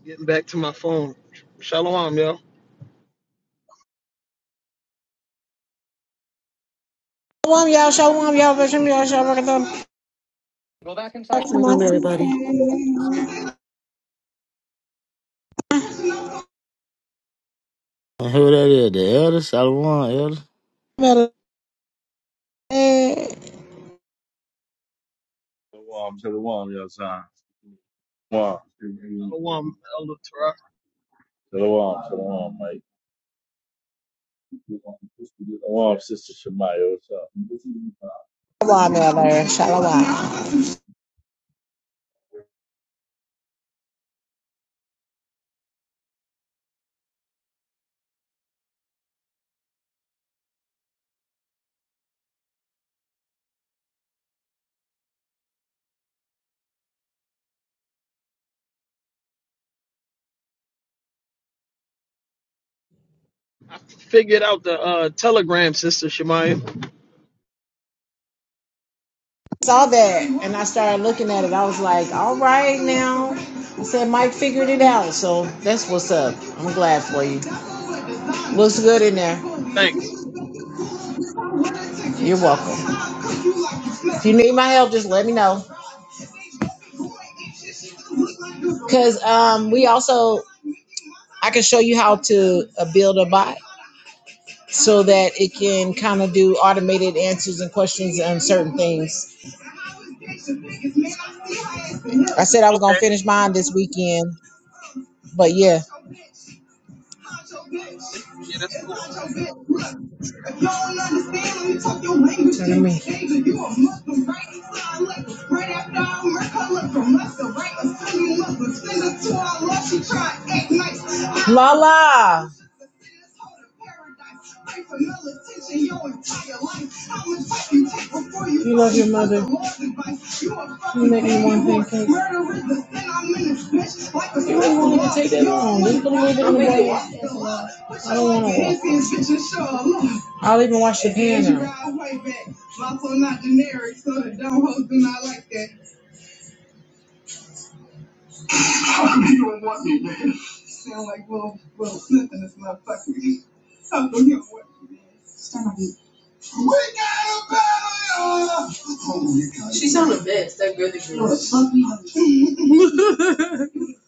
Getting back to my phone. Shalom, yo.
Shalom, y'all. Shalom, y'all. Shalom, y'all. Shalom, y'all. To my
Shalom, everybody.
sister.
And who that is? The elder Solomon, elder.
Miller.
Shalom, shalom, your son. Wow.
Shalom, Elder Torah.
Shalom, shalom, Mike. Shalom, Sister Shemaya. What's
Shalom, Miller.
up?
Shalom.
I figured out the uh, Telegram, Sister Shemaya.
Saw that and I started looking at it. I was like, all right, now. I said, Mike figured it out. So that's what's up. I'm glad for you. Looks good in there.
Thanks.
You're welcome. If you need my help, just let me know. Because um, we also, I can show you how to uh, build a bot so that it can kind of do automated answers and questions on certain things I said I was gonna
Okay.
finish mine this weekend, but yeah.
Yeah, that's cool.
Turn to me. Lala. You love your mother. You make me want pancakes. You don't want it to take that long. Just put a little bit in the bowl. I don't want to watch. I'll even wash your pan now. My phone not generic, so the dumb hoes do not like that. you don't want me, man. Sound like little, little Smith in this motherfucker. I know you don't want me, man. Stand up. We got a battle, y'all! You're a fucking hunch.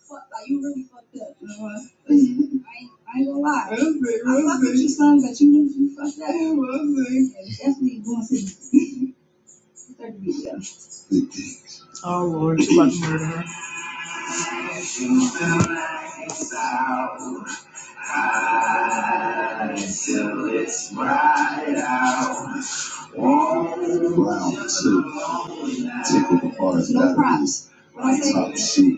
Fuck, like, you really fucked up, you know what? I ain't, I ain't gonna lie. That's it, that's I fuck with you some, but you really you fucked up. Yeah, that's it. And definitely going to the third video. Round two, take it apart. No problem. What I say? Top shit.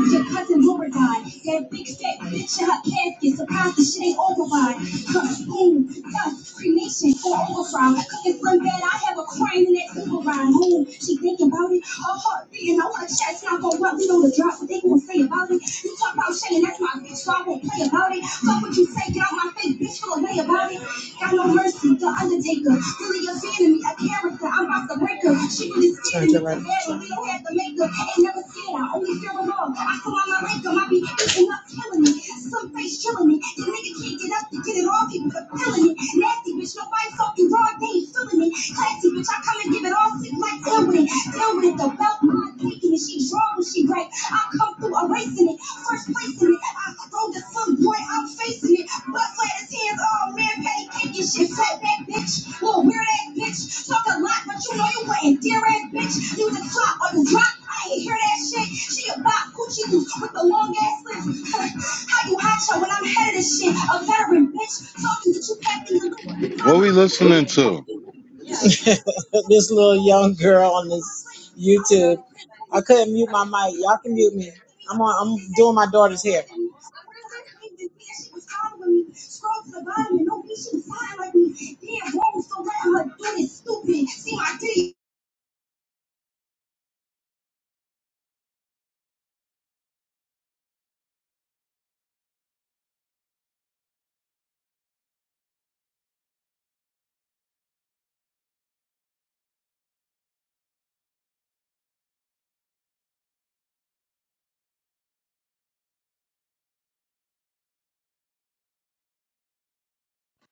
It's Your cousin Laura died. That big fat bitch in her casket. Surprised the shit ain't over by. Huh, boom, dust, cremation, or overfry. Cooking from bed, I have a crane in that Uber ride. Moon, she thinking about it. Her heart beating, I want to chat. it's Not gonna rub know the drop. What they gonna say about it? You talk about Shay, and that's my bitch, so I won't play about it. Fuck what you say, get out my face, bitch. Feel a way about it. Got no mercy, the undertaker. Really a fan me, a character. I'm about to break her. She really scared me. Right. Barely, we don't have the makeup. Ain't never scared. I only fear of all. I come on my makeup. I be eating up, killing me. Some face chilling me. The nigga can't get up to get it all. People are feeling it. Nasty bitch, nobody fucking raw. They feeling it. Classy bitch, I come and give it all. Sick like deal with it. Deal with it. The belt, my thinking. it. She draw when she right. I come through erasing it placing it, first placing it. I wrote at some point, I'm facing it. But flat as hands, all man, patty cake and shit. Fat back bitch, little weird ass bitch. Talk a lot, but you know you wasn't dear ass bitch. You the flop or you rock. I ain't hear that shit. She a bop, coochie loose with the long ass lips. How you hot show when I'm head of this shit? A veteran bitch talking that you packed in your little you
What we
probably-
listening to?
this little young girl on this YouTube. I couldn't mute my mic. Y'all can mute me. I'm on, I'm doing my daughter's hair.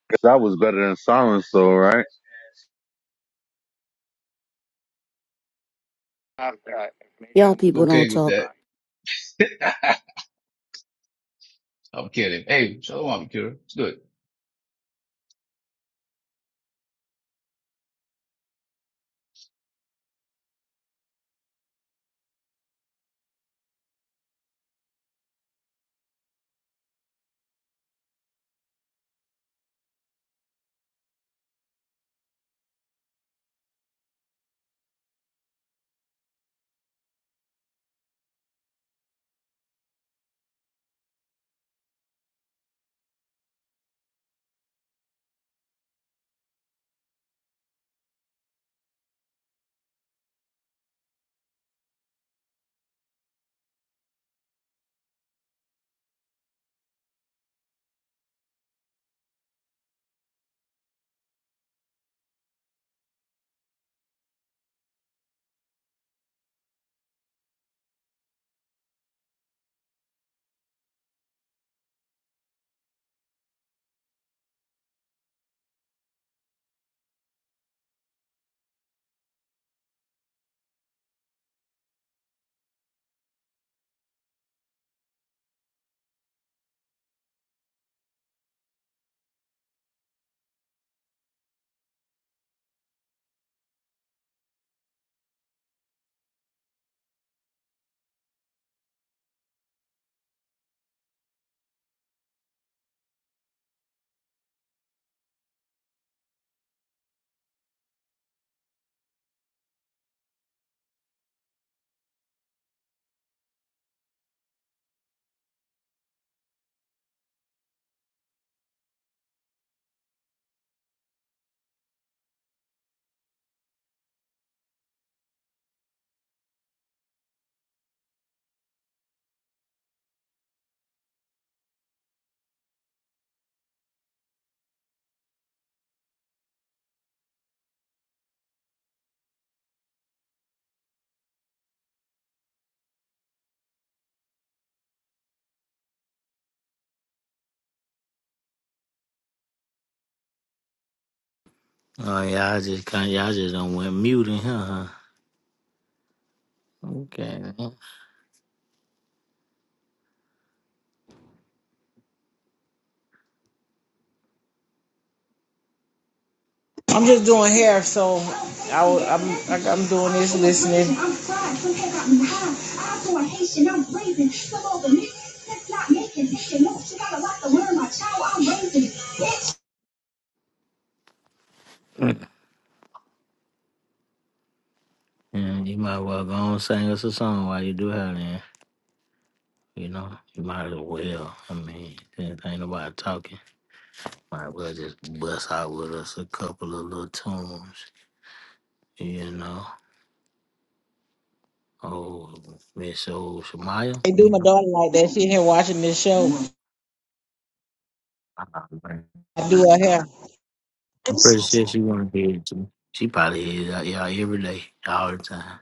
'Cause That was better than silence, though, right?
Y'all
I was
people don't
okay with
talk.
that. I'm kidding. Hey, shalom, Kira. It's good.
Oh yeah, I just kind, y'all just done went mute in here, huh? Okay.
I'm just doing hair, so I, w- I'm I- I'm doing this listening.
Yeah, you might well go on and sing us a song while you do that then. You know, you might as well. I mean, since ain't nobody talking, might as well just bust out with us a couple of little tunes. You know, oh Miss Old Shamaya.
They do
You
my
know,
daughter like that. She here watching this show.
Ah, man.
I do her hair.
I'm pretty sure she wanna hear it too. She probably hears out y'all every day, all the time.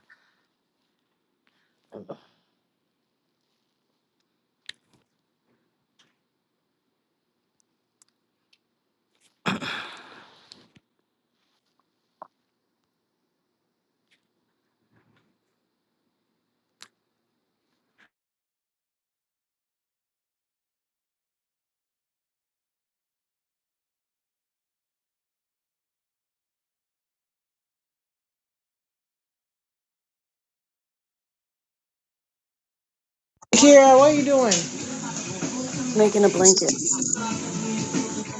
Kira, what are you doing?
Making a blanket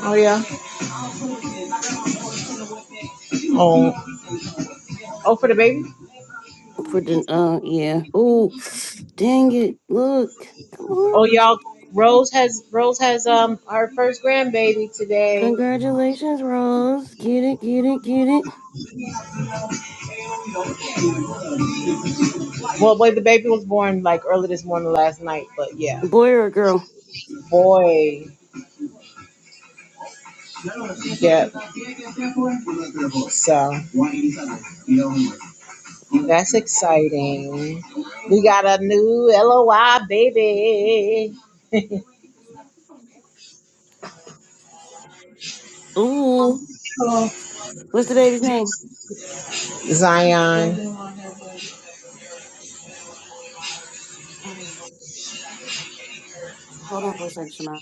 Oh yeah. Oh. Oh for the baby?
for the uh yeah. Oh, dang it! Look, come on.
Oh y'all Rose has Rose has um her first grandbaby today.
Congratulations, Rose. Get it, get it, get it.
Well boy the baby went like early this morning last night, but yeah.
Boy or girl?
Boy. Yep. So that's exciting. We got a new LOI baby.
Ooh, what's the baby's name?
Zion.
Uh, hold on for a second, Shema.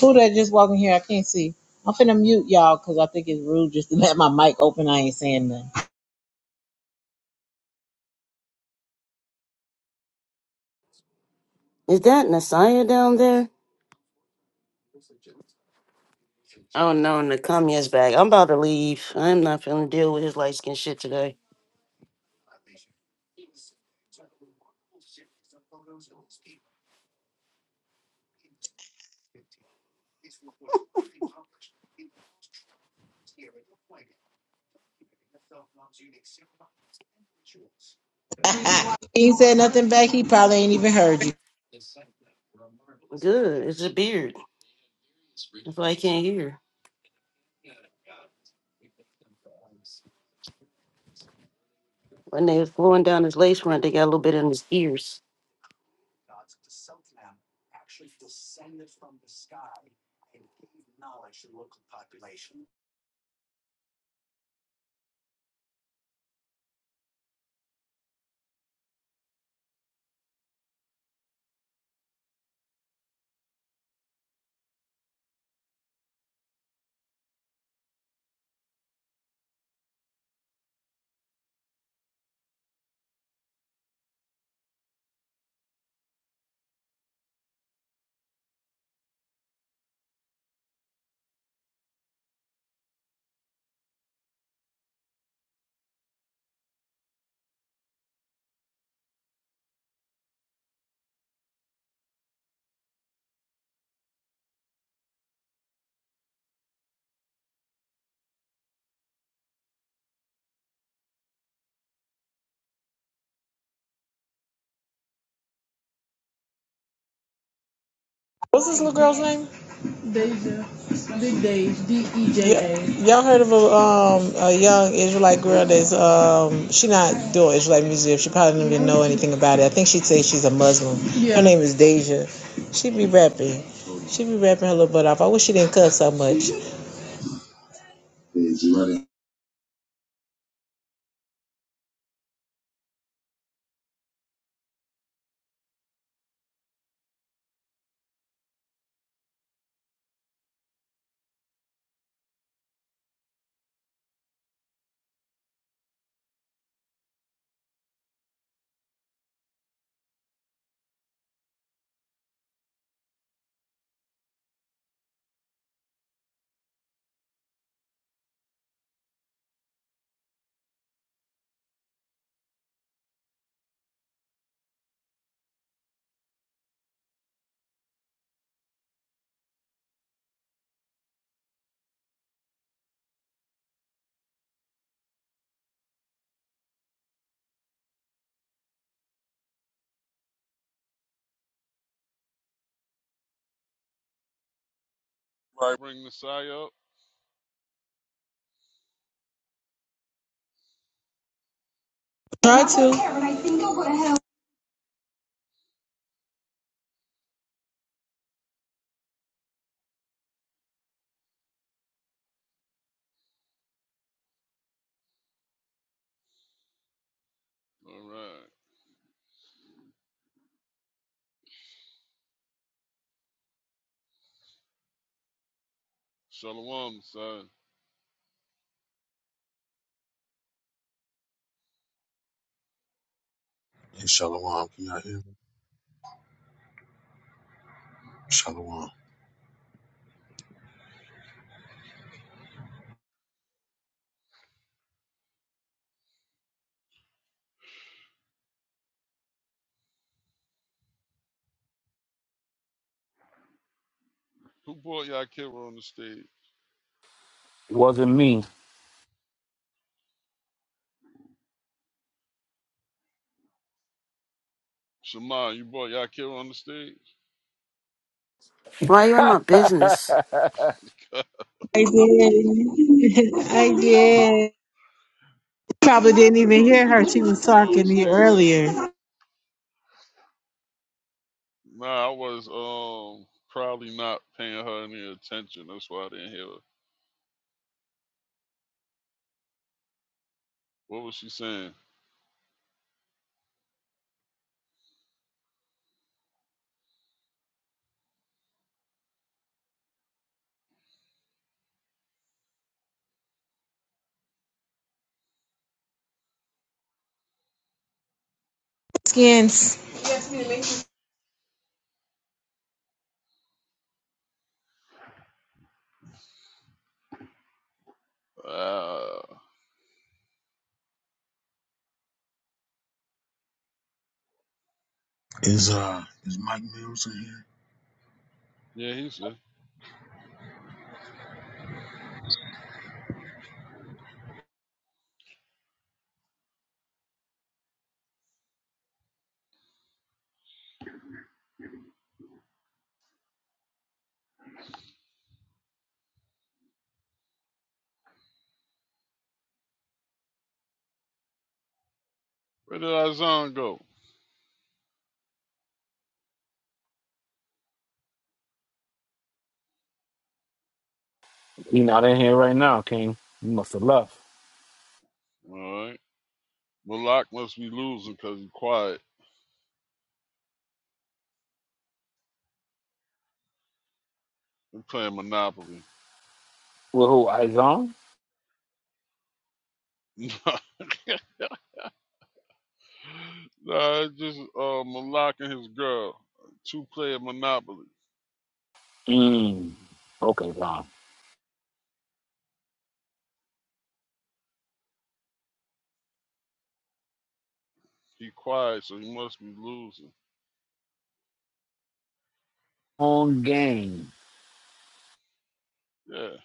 Who that just walking here? I can't see. I'm finna mute y'all because I think it's rude just to let my mic open. I ain't saying nothing.
Is that Nasiah down there? Oh no, Nakamiya's back. I'm about to leave. I'm not feeling deal with his light skin shit today.
he ain't said nothing back. He probably ain't even heard you.
Good. It's a beard. That's why I can't hear. When they was blowing down his lace front, they got a little bit in his ears.
What's this little girl's name? Big Deja. D E J A. Y'all heard of a um a young Israelite girl that's um she not doing Israelite music. She probably did not even know anything about it. I think she'd say she's a Muslim. Yeah. Her Yeah. name is Deja. She be rapping. She be rapping her little butt off. I wish she didn't cuss so much.
Right. Bring the Messiah up.
Try to.
All right. Shalom, son.
Hey, Shalom, can y'all hear me? Shalom.
Who brought Yakira on the stage?
Wasn't me.
Shema, you brought Yakira on the stage?
Why you in my business?
I did. I did. Probably didn't
Because you
even
know
hear
you ain't
her. She
supposed to
was
be on the
talking to you
stage.
earlier.
Nah, I was um probably not paying her any attention. That's why I didn't hear her. What was she saying?
Skins.
Uh,
Is uh is Mike Mills in here?
yeah, he said, Where did Azan go?
he not in here right now, King. He must have left.
All right. Malak must be losing because he's quiet. I'm playing Monopoly.
With who? Izon?
nah, it's just uh, Malak and his girl. Two player Monopoly.
Mm. Okay, Zon.
He quiet, so he must be losing.
Long game.
Yeah,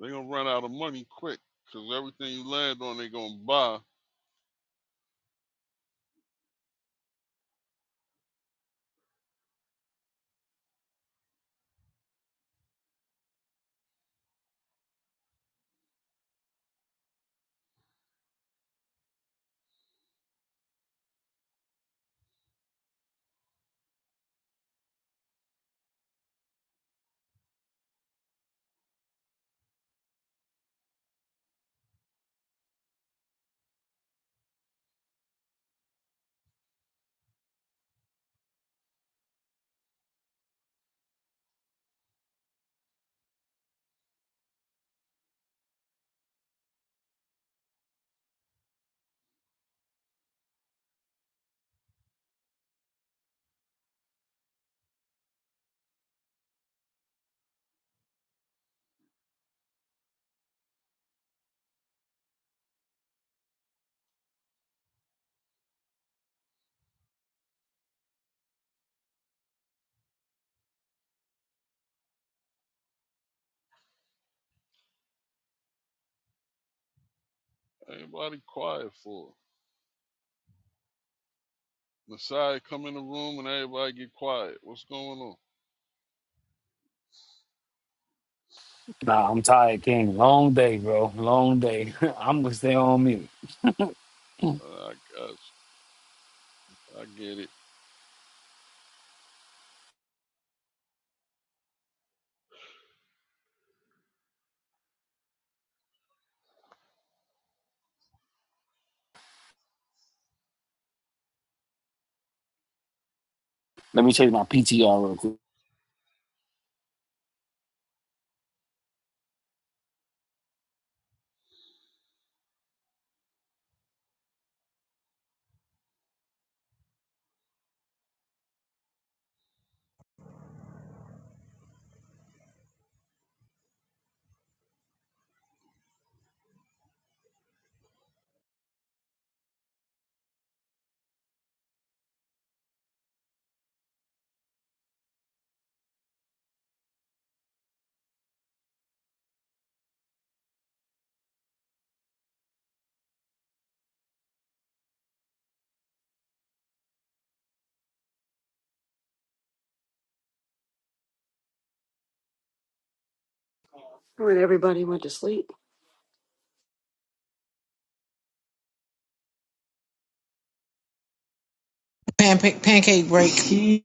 they gonna run out of money quick, 'cause everything you land on, they gonna buy. Everybody quiet for. it. Messiah come in the room and everybody get quiet. What's going on?
Nah, I'm tired, King. Long day, bro. Long day. I'm gonna stay on mute.
Uh, I got you. I get it.
Let me change my PTR real quick.
When everybody went to sleep.
Pan- pancake break.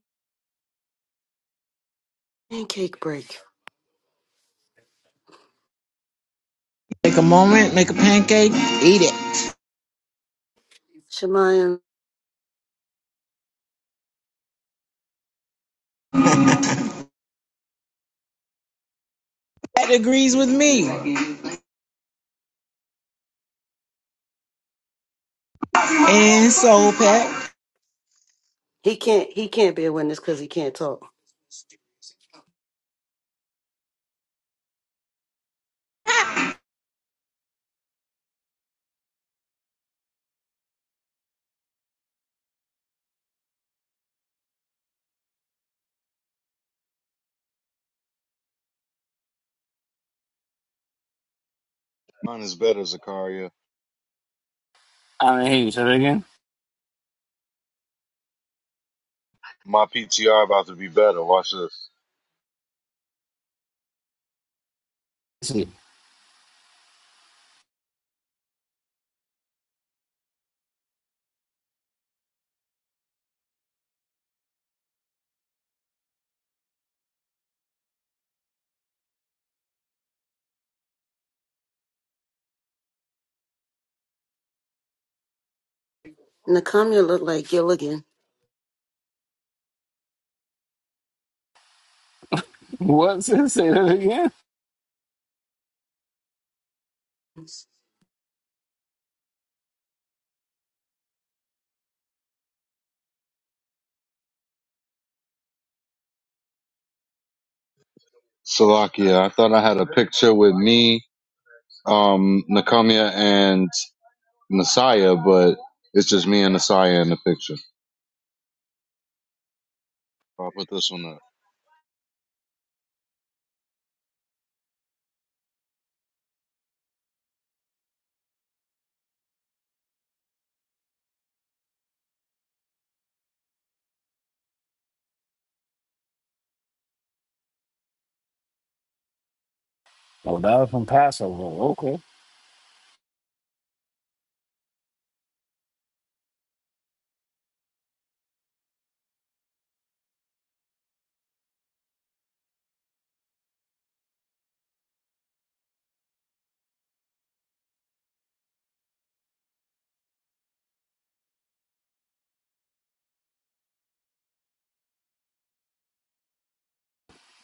Pancake break.
Take a moment, make a pancake, eat it.
Shemaya,
That agrees with me. And Soul Pack.
he can't he can't be a witness because he can't talk.
Mine is better, Zakaria.
I didn't hear you. Say that again.
My PTR about to be better. Watch this.
Shit.
Nakamia look like Gilligan.
What? Say that again.
Salakia. I thought I had a picture with me, um, Nakamiya, and Messiah, but it's just me and Messiah in the picture. I'll put this one up.
Oh, that was from Passover. Okay.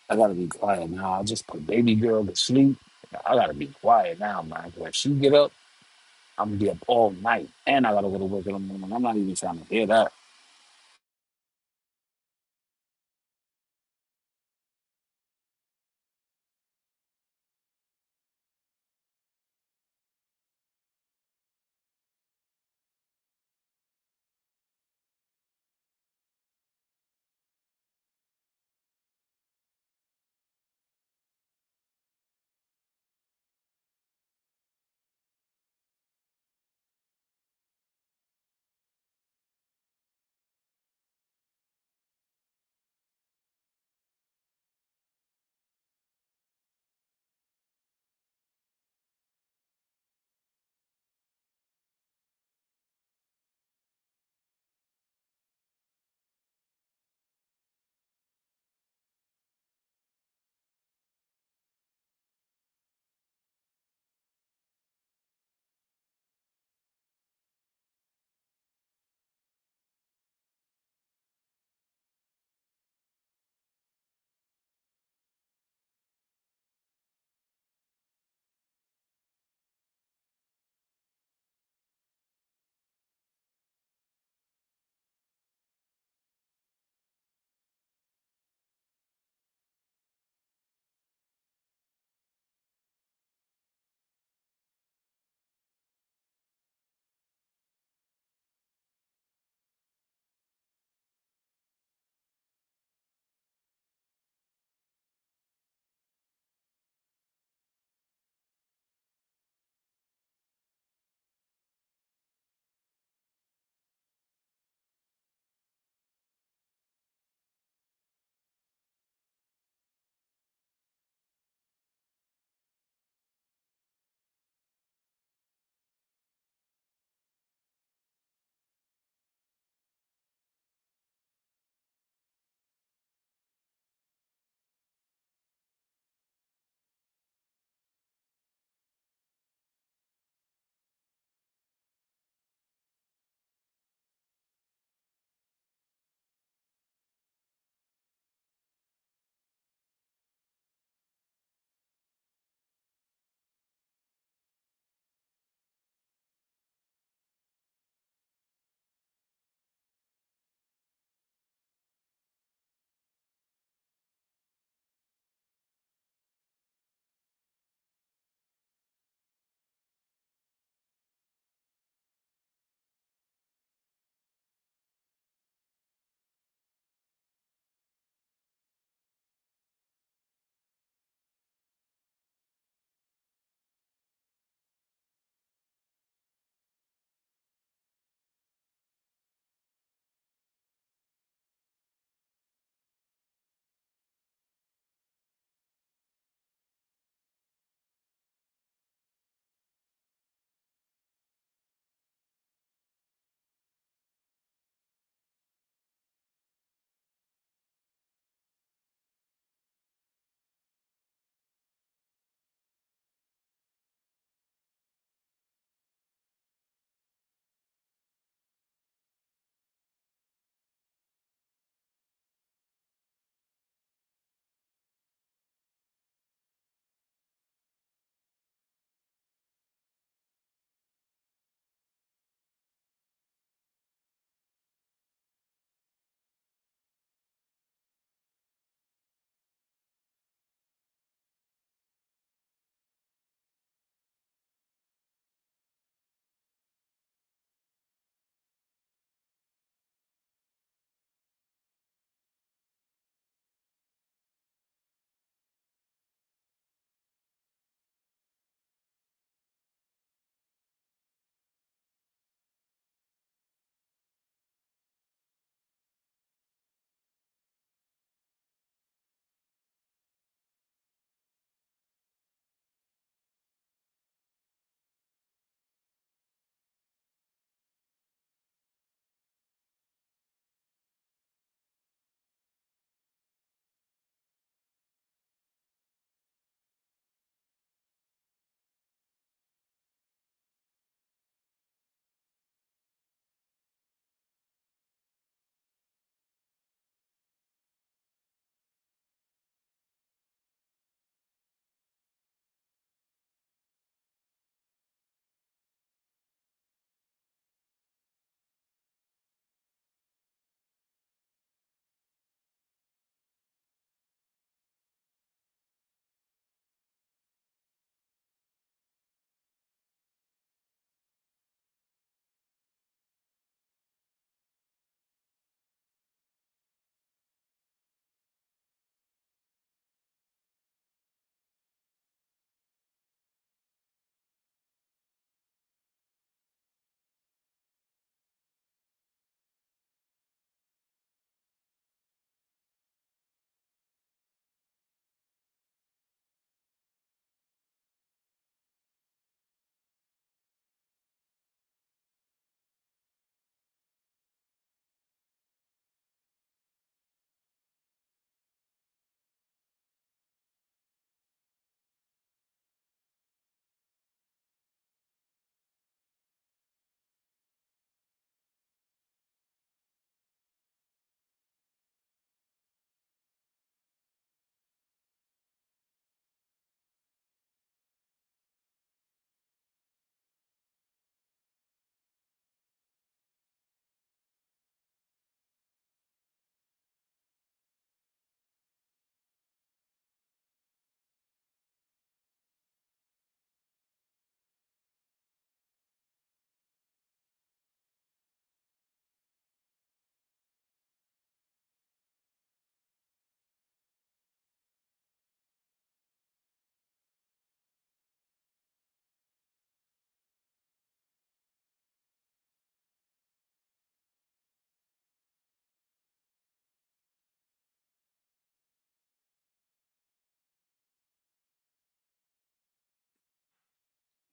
I gotta be quiet now. I just put baby girl to sleep. I gotta be quiet now, man. When she get up. I'm gonna be up all night, and I gotta go to work in the morning. I'm not even trying to hear that.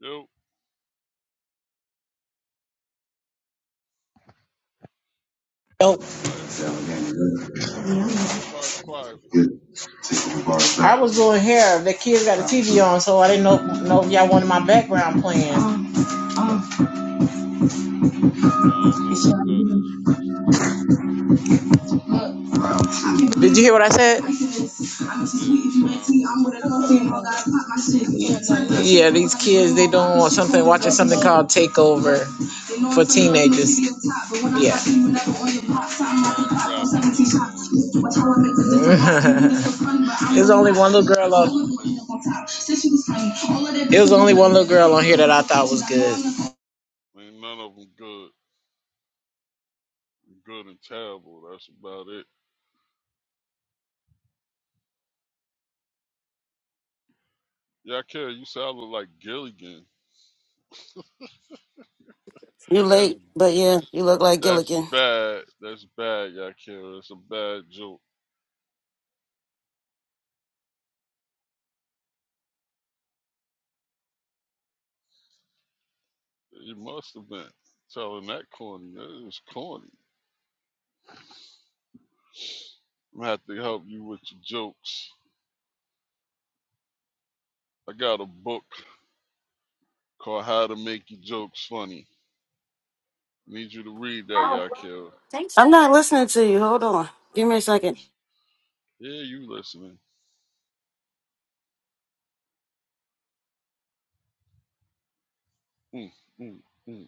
Yo,
Nope.
why everybody, why everybody quiet for?
I was doing hair. The kids got a TV on, so I didn't know, know if y'all wanted my background playing.
No, I don't know what that is you listen to.
Did you hear what I said?
Yeah, it sound goofy as hell in the background.
Yeah, these kids, they don't want something, watching something called Takeover for
Yeah,
teenagers. Yeah.
mm, eh, some corny rapping going on. It's, they're just
There's
making
only one little
noise.
girl
That's
on.
what they're doing.
It was only one little girl on here that I thought was good.
Ain't none of them good, good and terrible. That's about it. Yakira, you sound like Gilligan.
You
That's
late, but yeah, you look like
that's
Gilligan.
bad. That's bad, Yakira. It's a bad joke. You must have been telling that corny. That is corny. I'm gonna have to help you with your jokes. I got a book called How to Make Your Jokes Funny. I need you to read that, Yakira.
I'm not listening to you. Hold on. Give me a second.
Yeah, you listening. Mm, mm, mm.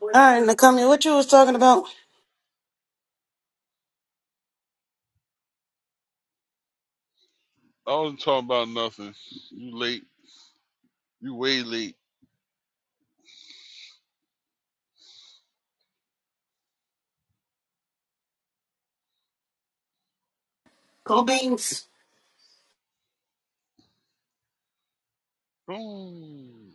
All right, Nakamia, what you was talking about?
I wasn't talking about nothing. You late. You way late.
Cold beans.
Boom.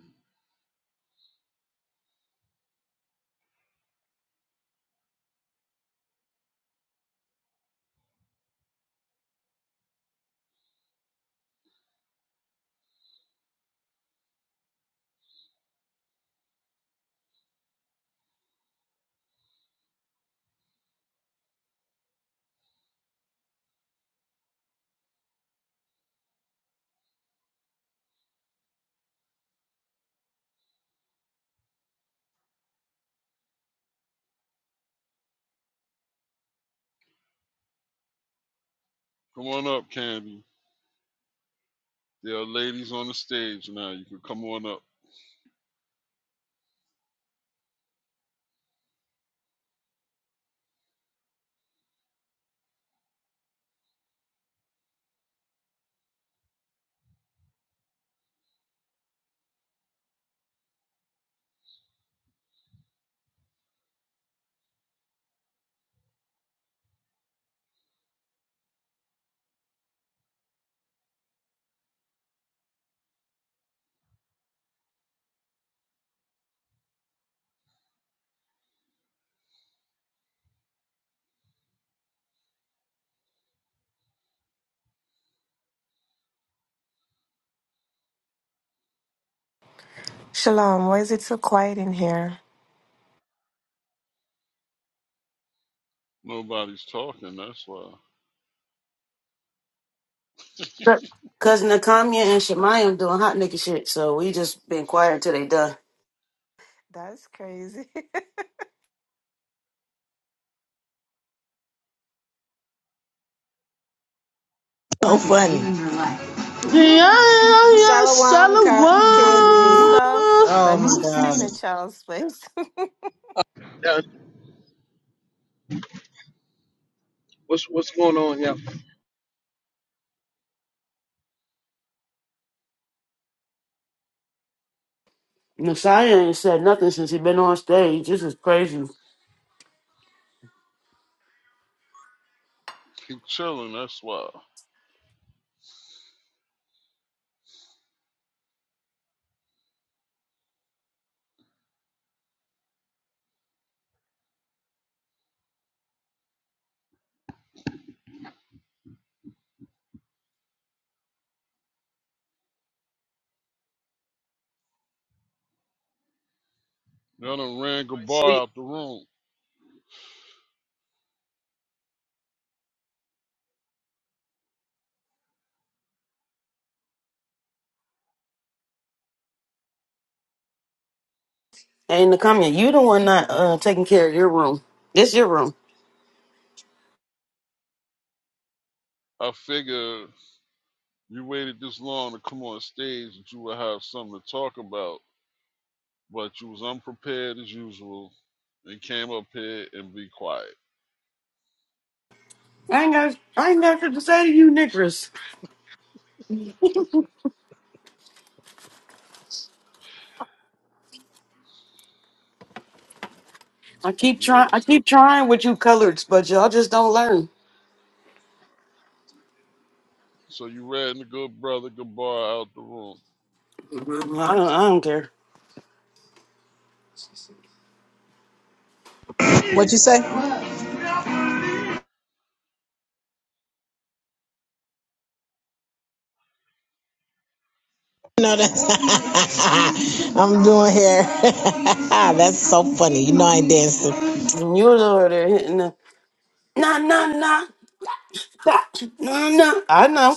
Come on up, Candy. There are ladies on the stage now. You can come on up.
Shalom, why is it so quiet in here?
Nobody's talking. That's why.
Cause Nakamia and Shemayim doing hot nigga shit, so we just been quiet until they done.
That's crazy
So funny. Yeah, yeah, yeah, Shalom,
stuff.
Oh
Let me
my
stay
God.
in a child's place.
Done. What's what's going on, yo? Everybody
Messiah ain't said nothing since he been on stage. This is crazy.
Keep chilling. That's why. Y'all done ran Gabar
sleep.
out the room.
And the comment, you the one not uh, taking care of your room. It's your room.
I figure you waited this long to come on stage that you would have something to talk about, but you was unprepared as usual and came up here and be quiet.
I ain't got I ain't got shit to say to you, Nicholas. I keep
You
trying
are
I keep trying with you coloreds, but y'all just don't learn.
So you ratting the good brother Gabar out the room.
I don't I don't care.
What you say? No, that's I'm doing hair. that's so funny. You know I ain't dancing.
You're the one there hitting the nah nah nah nah nah. nah. I know.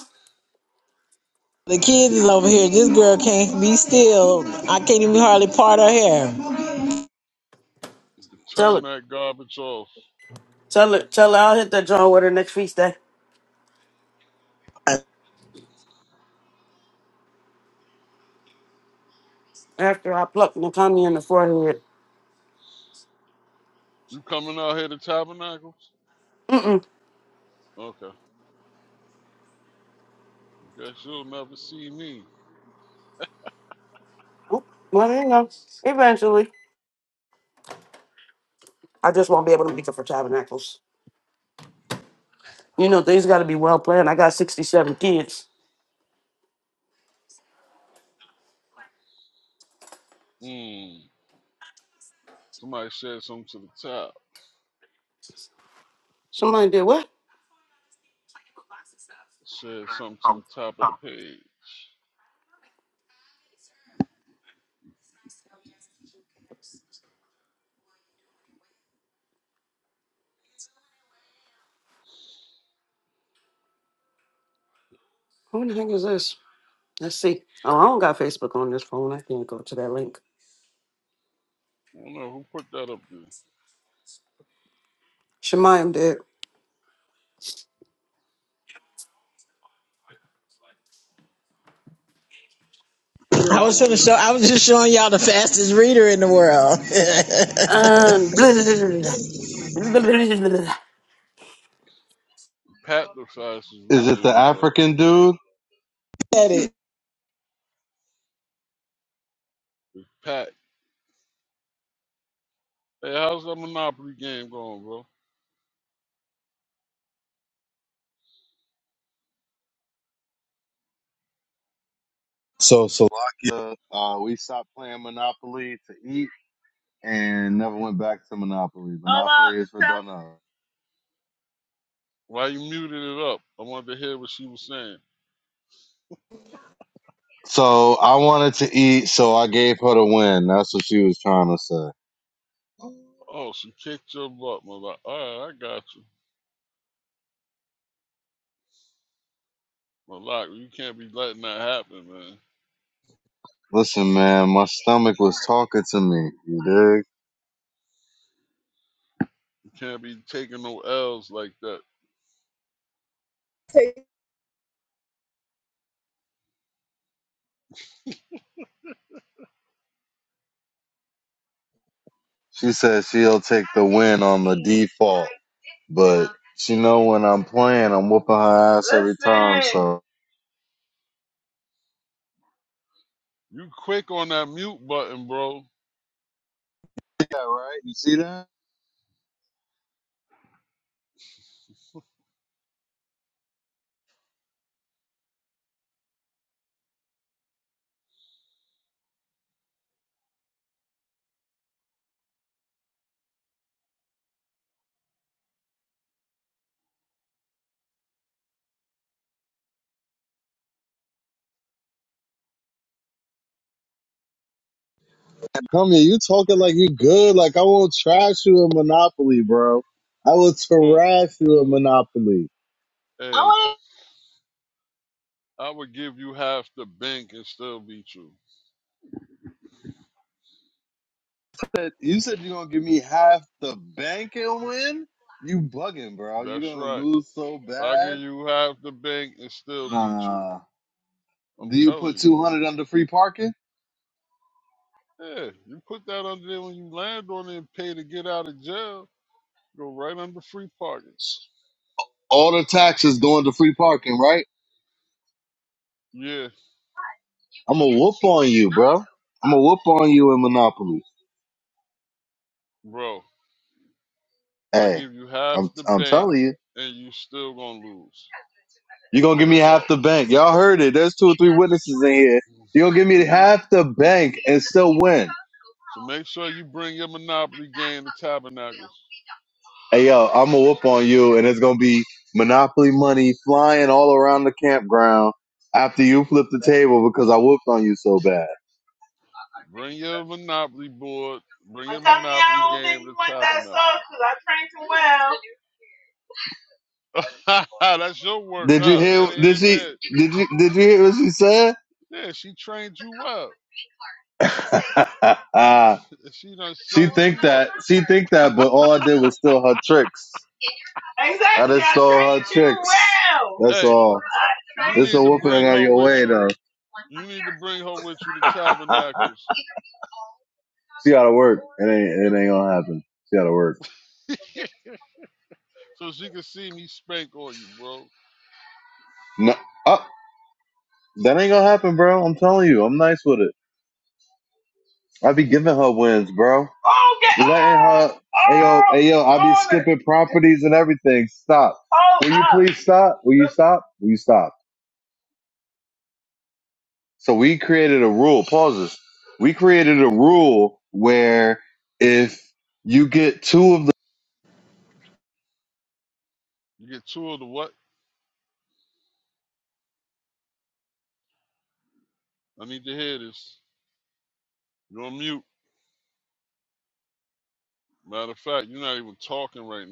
The kids is over here. This girl can't be still. I can't even hardly part her hair.
Tell
Turn
her.
that garbage off.
Tell her tell her I'll hit that joint with her next feast day. After I pluck Nakami in the forehead.
You coming out here to Tabernacles?
Mm mm.
Okay. I Guess you'll never see me.
Well, there you go. Eventually. I just won't be able to make it for tabernacles. You know, things got to be well planned. I got 67 kids.
Mmm. Somebody said something to the top.
Somebody did what?
Said something to the top of the page.
Who the heck is this? Let's see. Oh, I don't got Facebook on this phone. I can't go to that link.
I don't know who put that up there.
Shemayim did.
I was trying to show. I was just showing y'all the fastest reader in the world.
Um,
Pat the fastest
Is it
reader in
the
the world.
African dude?
At it.
Pat. Hey, how's that Monopoly game going, bro?
So Salakia, uh, we stopped playing Monopoly to eat and never went back to Monopoly. Monopoly is for on.
Why you muted it up? I wanted to hear what she was saying.
So I wanted to eat, so I gave her the win. That's what she was trying to say.
Oh, she kicked your butt, Malak. All right, I got you. Malak, you can't be letting that happen, man.
Listen, man, my stomach was talking to me. You dig?
Can't be taking no L's like that.
She said she'll take the win on the default, but she know when I'm playing, I'm whooping her ass every time. So
You quick on that mute button, bro.
yeah, right? You see that? Come here, you talking like you good? Like I will not trash you in Monopoly, bro. I will
Oh,
trash you in Monopoly. I
Hey,
want
I would give you half the bank and still beat you.
said you said you're gonna give me half the bank and win? You bugging, bro. You're
That's
gonna
right.
lose so
I give
bad.
you half the bank and still beat you.
Nah.
I'm
Do you
telling
put
you.
two hundred under free parking?
Yeah, you put that under there when you land on it and pay to get out of jail. Go right under free parking.
All the taxes going to free parking, right?
Yeah,
I'm gonna whoop on you, bro. I'm gonna whoop on you in Monopoly.
bro. I
Hey,
give you half
I'm
the
I'm
bank
telling you.
and you still gonna lose.
You're gonna give me
That's
half
all.
the bank. Y'all heard it. There's two or three witnesses in here. You're gonna give me
Mhm.
half the bank and still win.
So make sure you bring your Monopoly game to Tabernacles.
Hey yo, I'm gonna whoop on you, and it's gonna be monopoly money flying all around the campground after you flip the table because I whooped on you so bad.
Bring your Monopoly board. Bring
I'm
your
telling you,
Monopoly
I don't think
game
you
to
want that
Tabernacle.
sauce
That's your work,
because I trained too well. Did you
huh? That
hear? Did she?
ain't it.
Did you? Did you hear what she said?
Yeah, she trained you up. She done
she
sunned
think
you up.
that. She think that. But all I did was steal her tricks. Exactly. I Exactly, just stole her trained you tricks. well. That's
Hey,
all.
you
It's a
need to
whooping
bring
on
her
your
with
way
you.
though.
You need to bring her with you to Tabernacles.
She gotta work. It ain't. It ain't gonna happen. She gotta work.
so she can see me spank on you, bro.
No, uh, that ain't gonna happen, bro. I'm telling you, I'm nice with it. I be giving her wins, bro. Oh, get Letting oh, her, hey yo, oh, hey yo, I be Marvin, skipping properties and everything. Stop. oh, Will you up. please stop? Will you stop? Will you stop? So we created a rule. Pauses. We created a rule where if you get two of
You get two of the what? I need to hear this. You're on mute. Matter of fact, you're not even talking right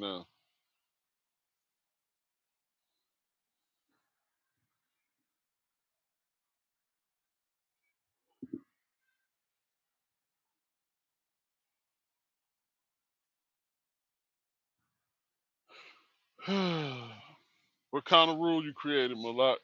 now. What kind of rule you created, Malak?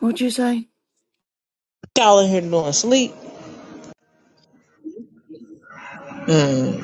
What'd you say?
Y'all in here doing sleep. Mm.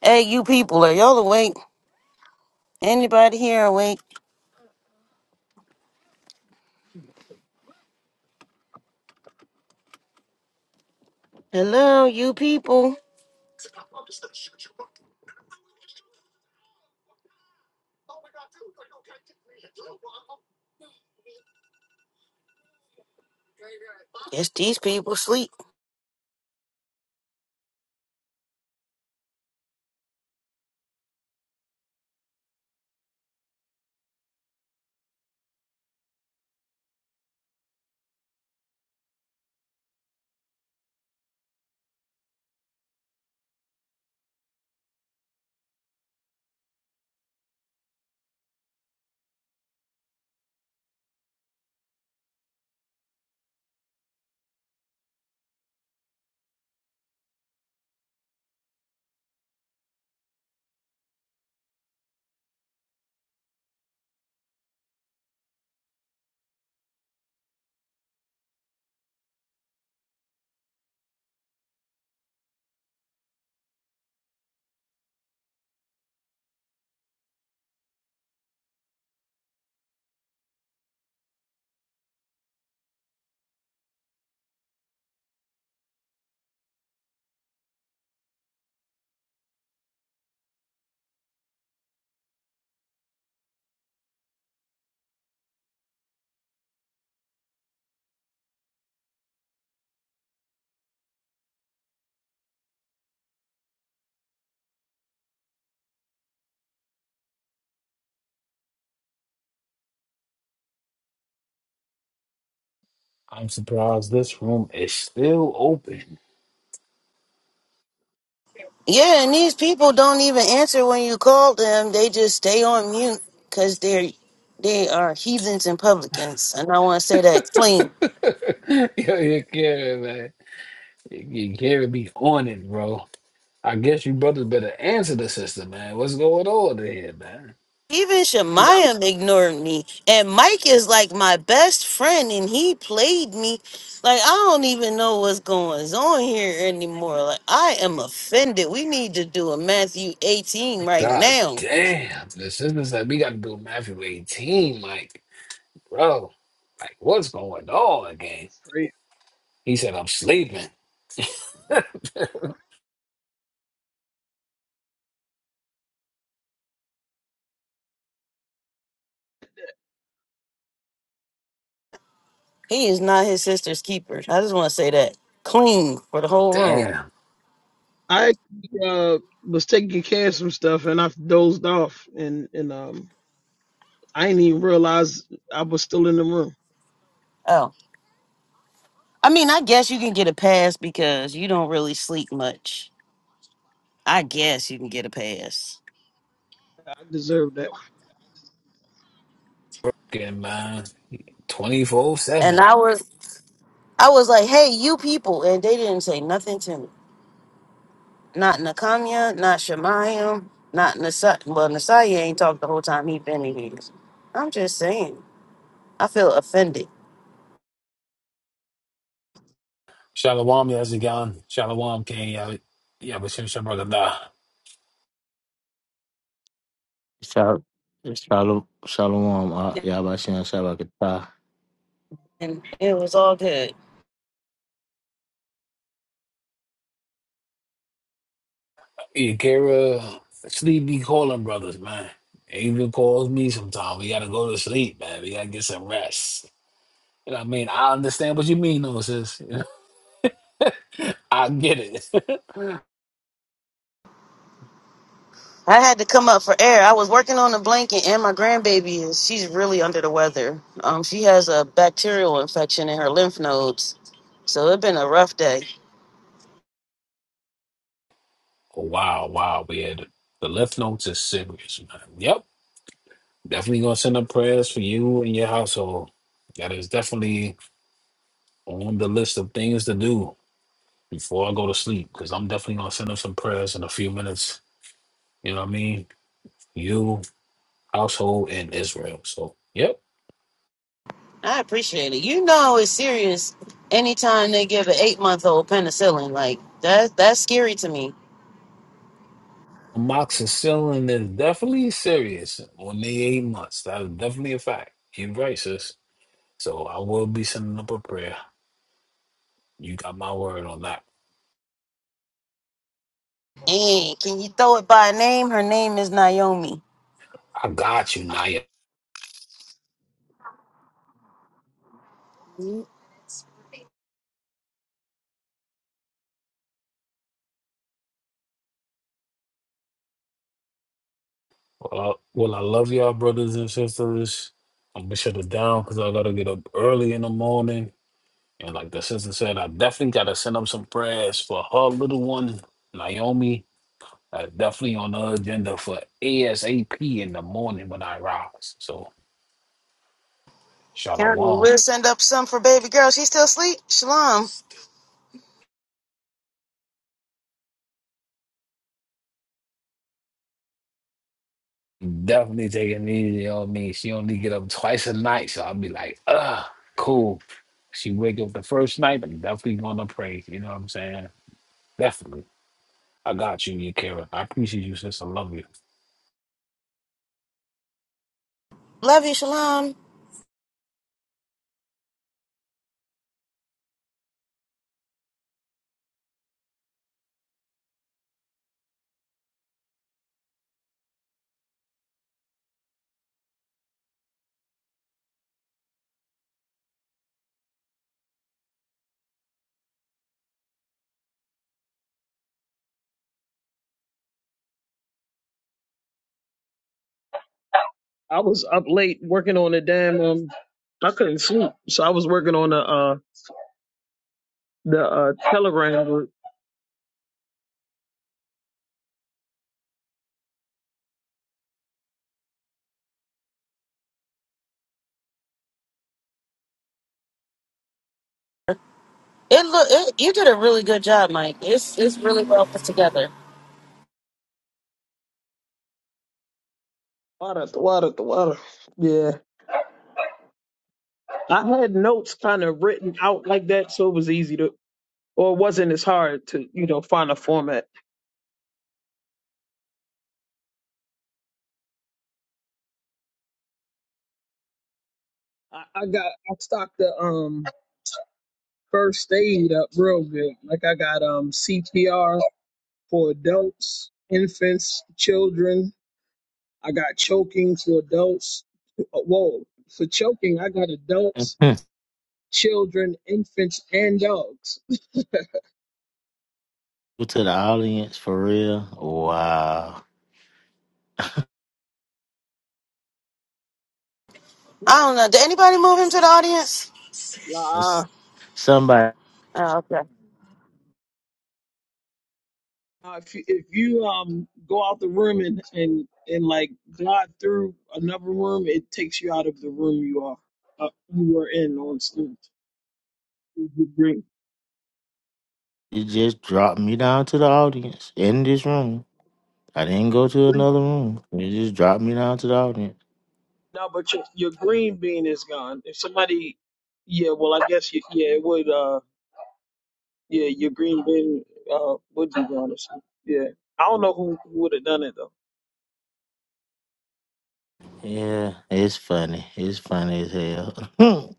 hey, you people, are y'all awake? Anybody here awake? Hello, you people. Yes, these people sleep.
I'm surprised this room is still open.
Yeah, and these people don't even answer when you call them. They just stay on mute because they're they are heathens and publicans, and I want to say that clean.
Yo, you carry man. You carry be on it, bro. I guess you brothers better answer the sister, man. What's going on in here, man?
Even
Yeah,
Shemayim ignored me, and Mike is like my best friend, and he played me. Like I don't even know what's going on here anymore. Like I am offended. We need to do a Matthew eighteen right
God
now.
damn, the sister's like, we gotta do Matthew 18, like, bro. Like, what's going on, again?
it's great.
He said, I'm sleeping.
He is not his sister's keeper. I just want to say that clean for the whole room.
Damn,
I uh, was taking care of some stuff and I dozed off and and um I didn't even realize I was still in the room.
Oh. I mean, I guess you can get a pass because you don't really sleep much. I guess you can get a pass.
I deserved that.
good man. 24
And
7.
I was I was like, hey, you people, and they didn't say nothing to me. Not Nakamiya, not Shemayim, not Nasai. Well, Nasai ain't talked the whole time he been in here. I'm just saying. I feel offended.
Shalom, Yazigan. Shalom, King. Yeah, yeah, but Shem Shem, brother. Nah.
Shal- Shalom, shalom, uh, y'all about to shabakata.
And it was all good.
Yeah, Kara, sleep be calling brothers, man. It even calls me sometimes. We gotta go to sleep, man. We gotta get some rest. You know what I mean? I understand what you mean, though, sis. I get it.
I had to come up for air. I was working on a blanket, and my grandbaby is she's really under the weather. Um, she has a bacterial infection in her lymph nodes, so it's been a rough day.
wow, wow, man. The left notes is serious, man. Yep. Definitely gonna send up prayers for you and your household. That is definitely on the list of things to do before I go to sleep, because I'm definitely gonna send up some prayers in a few minutes You know what I mean? You, household, and Israel. So, yep.
I appreciate it. You know, it's serious. Anytime they give an eight-month-old penicillin, like that, that's scary to me.
Amoxicillin is definitely serious on the eight months. That is definitely a fact. You're right, sis. So I will be sending up a prayer. You got my word on that.
And can you throw it by name? Her name is Naomi.
I got you, Naya. Well, I, well, I love y'all, brothers and sisters. I'm gonna shut it down because I gotta get up early in the morning. And like the sister said, I definitely gotta send up some prayers for her little one, Naomi. Uh, definitely on the agenda for ASAP in the morning when I rise. So
Karen,
Shalom.
We'll send up some for baby girl. She still sleep. Shalom.
Definitely taking it easy on me. She only get up twice a night, so I'll be like, ah, cool. She wake up the first night, I'm definitely gonna pray. You know what I'm saying? Definitely. I got you, Yakira. I appreciate you, sis. I love you.
Love you, Shalom.
I was up late working on a damn um I couldn't sleep. So I was working on the uh the uh telegram group.
It look it, you did a really good job, Mike. It's it's really well put together.
Water, the water, the water. Yeah. I had notes kind of written out like that so it was easy to or it wasn't as hard to, you know, find a format. I, I got I stocked the um first aid up real good. Like I got um CPR for adults, infants, children. I got choking for adults. uh, Whoa. For choking, I got adults children, infants, and dogs.
to the audience for real. Wow,
I don't know. Did anybody move him to the audience?
That's-
La.
somebody.
Oh, okay.
Uh, if you, if you um go out the room and and and like glide through another room, it takes you out of the room you are uh, you were in on stage. Your green,
You just dropped me down to the audience in this room. I didn't go to
green.
another room. You just dropped me down to the audience.
No, but your your green bean is gone. If somebody, yeah, well, I guess you, yeah, it would. Uh, yeah, your green bean uh would be gone. Or something. Yeah, I don't know who, who would have done it though.
Yeah, it's funny. It's funny as hell.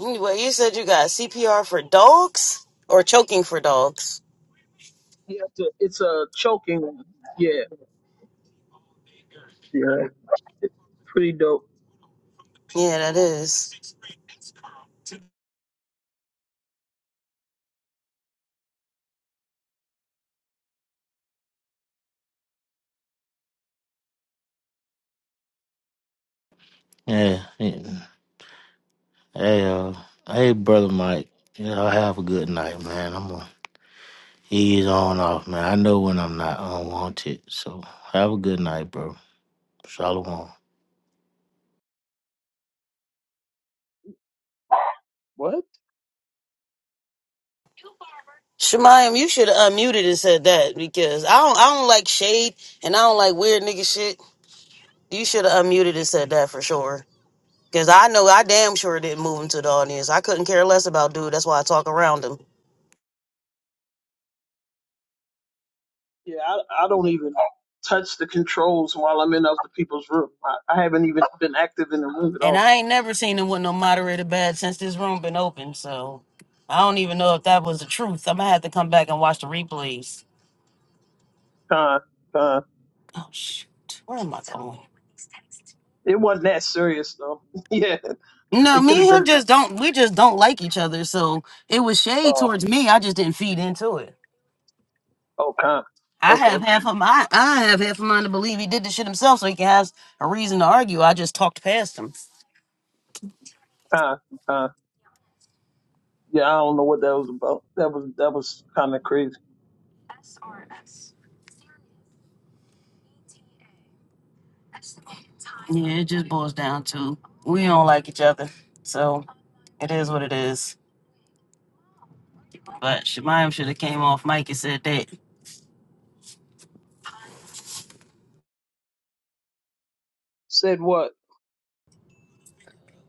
Anyway, you said you got CPR for dogs or choking for dogs.
Yeah, it's a, it's a choking one. Yeah, yeah, it's pretty dope.
Yeah, that is.
yeah. it- Hey, uh, hey, brother Mike. You know, have a good night, man. I'm gonna ease on off, man. I know when I'm not unwanted. So have a good night, bro. Shalom.
What?
Shemayim, you should have unmuted and said that because I don't I don't like shade and I don't like weird nigga shit. You should have unmuted and said that for sure. Cause I know I damn sure didn't move him to the audience. I couldn't care less about dude. That's why I talk around him.
Yeah, I, I don't even touch the controls while I'm in other people's room. I, I haven't even been active in the room at
And
all.
I ain't never seen him with no moderator bad since this room been open. So I don't even know if that was the truth. I'm gonna have to come back and watch the replays.
Con, con.
Oh shoot. Where am I going?
It wasn't that serious though. yeah,
No,
it could have
me and him
been.
just don't we just don't like each other. So it was shade
Uh,
towards me. I just didn't feed into it.
oh, con.
I
Okay,
have half of my I have half of mine to believe he did the shit himself so he can have a reason to argue. I just talked past him.
con, con. Yeah, I don't know what that was about. That was that was kind of crazy.
Yeah, it just boils down to we don't like each other. So it is what it is. But Shemayim should have came off mic and said that.
Said what?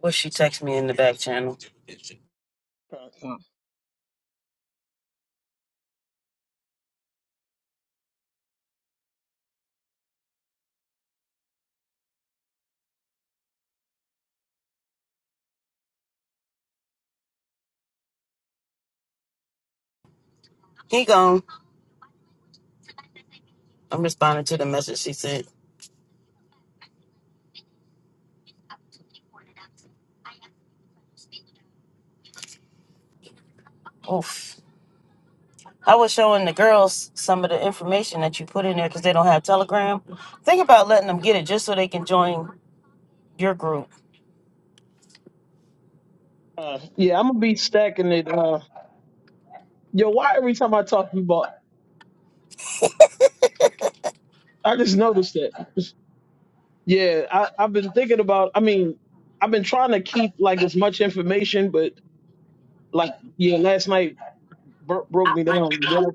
What she texted me in the back channel.
Con, con.
He gone. I'm responding to the message she sent. Oof. I was showing the girls some of the information that you put in there because they don't have Telegram. Think about letting them get it just so they can join your group.
Uh, yeah, I'm gonna be stacking it. Uh, yo, why every time I talk to you about, I just noticed that. Yeah, I, I've been thinking about. I mean, I've been trying to keep like as much information, but like yeah, last night bro- broke me down. Then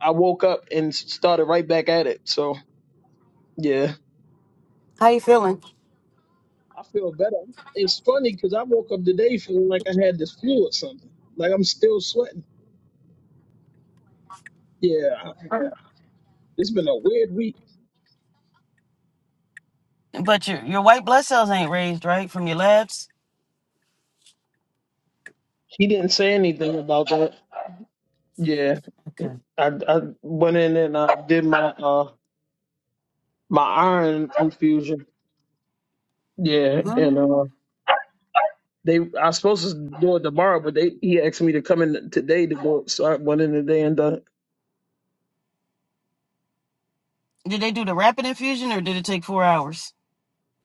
I woke up and s- started right back at it. So yeah,
How you feeling?
I feel better. It's funny because I woke up today feeling like I had this flu or something. Like I'm still sweating. Yeah, I- it's been a weird week.
But your your white blood cells ain't raised, right, from your labs?
He didn't say anything about that. Yeah,
Okay.
I I went in and I did my uh my iron infusion. Yeah, and
Mm.
uh. They I was supposed to do it tomorrow, but they he asked me to come in today to do it, so I went in today and done. it.
Did they do the rapid infusion or did it take four hours?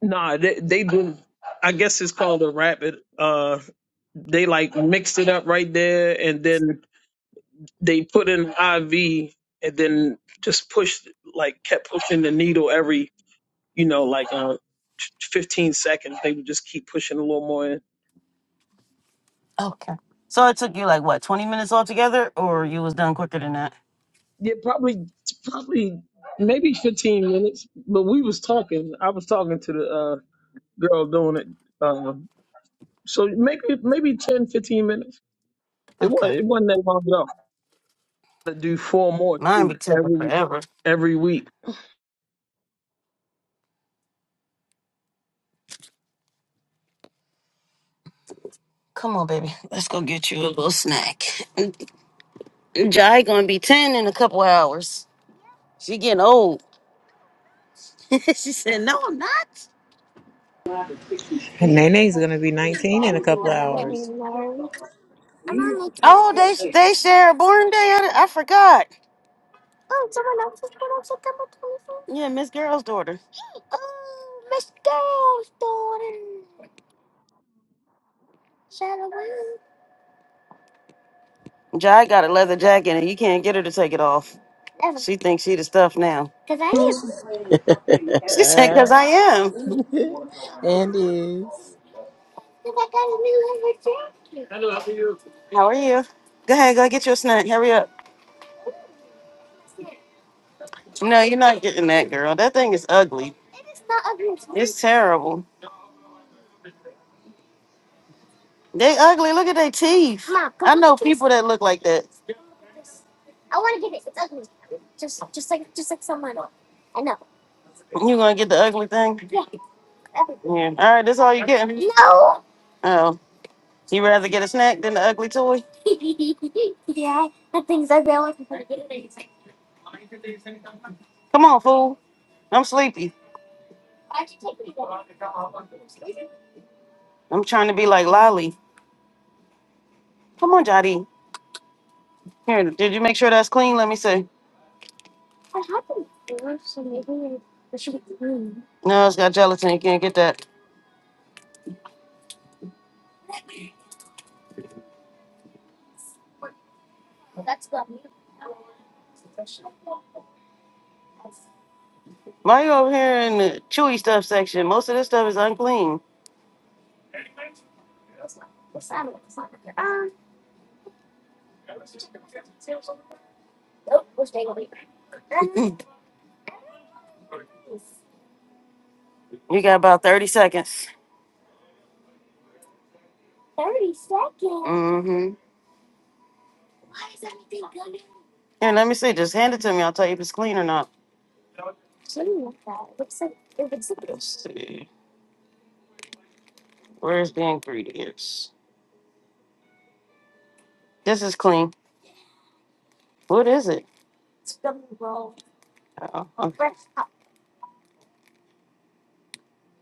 Nah, they they do. I guess it's called a rapid. Uh, they like mixed it up right there, and then they put in IV, and then just pushed like kept pushing the needle every you know like uh 15 seconds. They would just keep pushing a little more. In.
Okay. So it took you like what, twenty minutes altogether, or you was done quicker than that?
Yeah, probably probably maybe 15 minutes. But we was talking. I was talking to the uh girl doing it. Um, so maybe maybe 10, 15 minutes. It wasn't
Okay.
it wasn't that long ago. To do four more
Mine
too,
be taking
every
forever.
every week.
Come on, baby. Let's go get you a little snack. Jai gonna be ten in a couple hours. She getting old. she said, No, I'm not.
And Nene's gonna be 19 in a couple of hours.
Oh, they they share a born day. I, I forgot. Yeah, Miss Girl's daughter. Jai got a leather jacket, and you can't get her to take it off. She thinks she the stuff now.
and
She said, "Cause I am."
is.
How are you? Go ahead, go get you a snack. Hurry up. No, you're not getting that, girl. That thing is ugly. It's terrible. They ugly. Look at their teeth. I know people that look like that. You gonna get the ugly thing? Yeah. All right, that's all you getting. Oh. You rather get a snack than the ugly toy? Come on, fool. I'm sleepy. I'm trying to be like Lolly. Come on, Jody. Here, did you make sure that's clean? Let me see. No, it's got gelatin. You can't get that. Why you over here in the chewy stuff section? Most of this stuff is unclean. You got about 30 seconds. Mm-hmm. Here, let me see. Just hand it to me. I'll tell you if it's clean or not. Let's see. Where's the ingredients? This is clean. What is it? Oh, oh,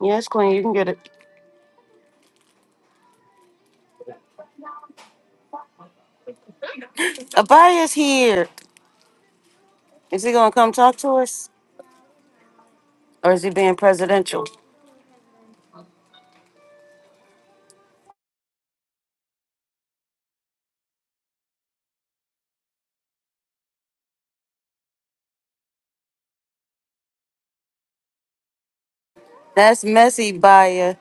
yeah, it's clean. You can get it. Abaya's here. Is he gonna come talk to us, or is he being presidential? That's messy, Baya.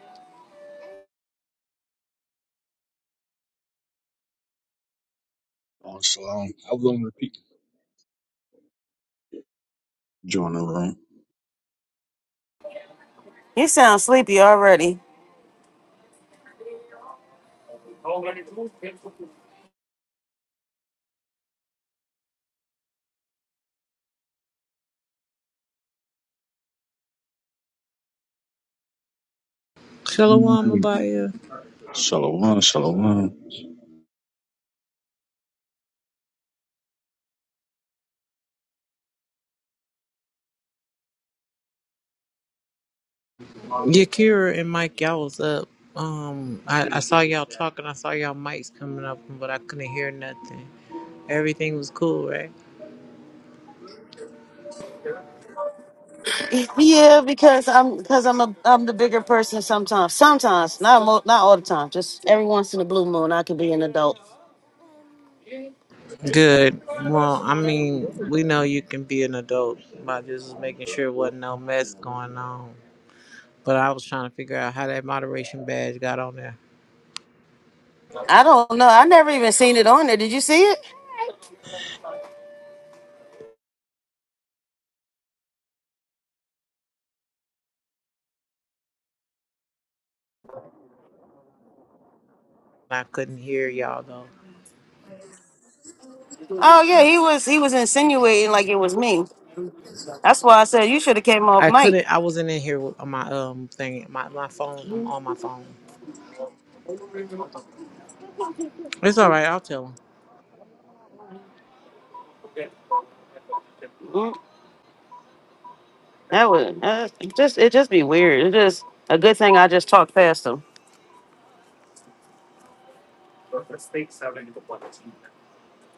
Oh, shalom. I was on repeat. Join the
You sound sleepy already.
Shalom
room.
Abaya.
Shalom, shalom.
Yakira and Mike, y'all was up. Um, I, I saw y'all talking. I saw y'all mics coming up, but I couldn't hear nothing. Everything was cool, right?
Yeah, because I'm because I'm a I'm the bigger person sometimes. Sometimes, not mo- not all the time. Just every once in a blue moon, I can be an adult.
Good. Well, I mean, we know you can be an adult by just making sure wasn't no mess going on. But I was trying to figure out how that moderation badge got on there.
I don't know. I never even seen it on there. Did you see it?
I couldn't hear y'all though.
Oh yeah, he was he was insinuating like it was me. That's why I said you should have came off
I
mic.
couldn't. I wasn't in here with my um thing. My my phone. I'm on my phone. It's all right. I'll tell him.
Mm, That would uh, just it just be weird. It just a good thing I just talked past him.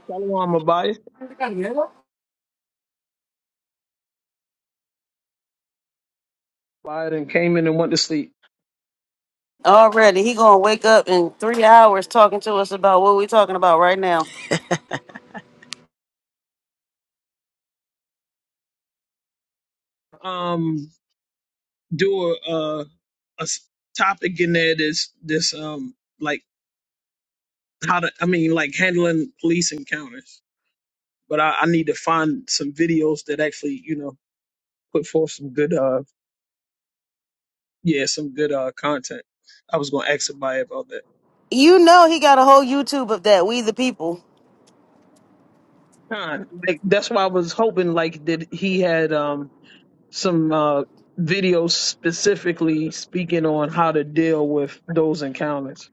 Shalom Abias Abias and came in and went to sleep.
Already, he gonna wake up in three hours talking to us about what we talking about right now.
Um, do a, a, a s- topic in there that's this um like how to I mean like handling police encounters. But I, I need to find some videos that actually you know put forth some good uh yeah some good uh content. I was gonna ask somebody about that.
You know he got a whole YouTube of that. We the people,
Con. Like that's why I was hoping like that he had um some uh videos specifically speaking on how to deal with those encounters.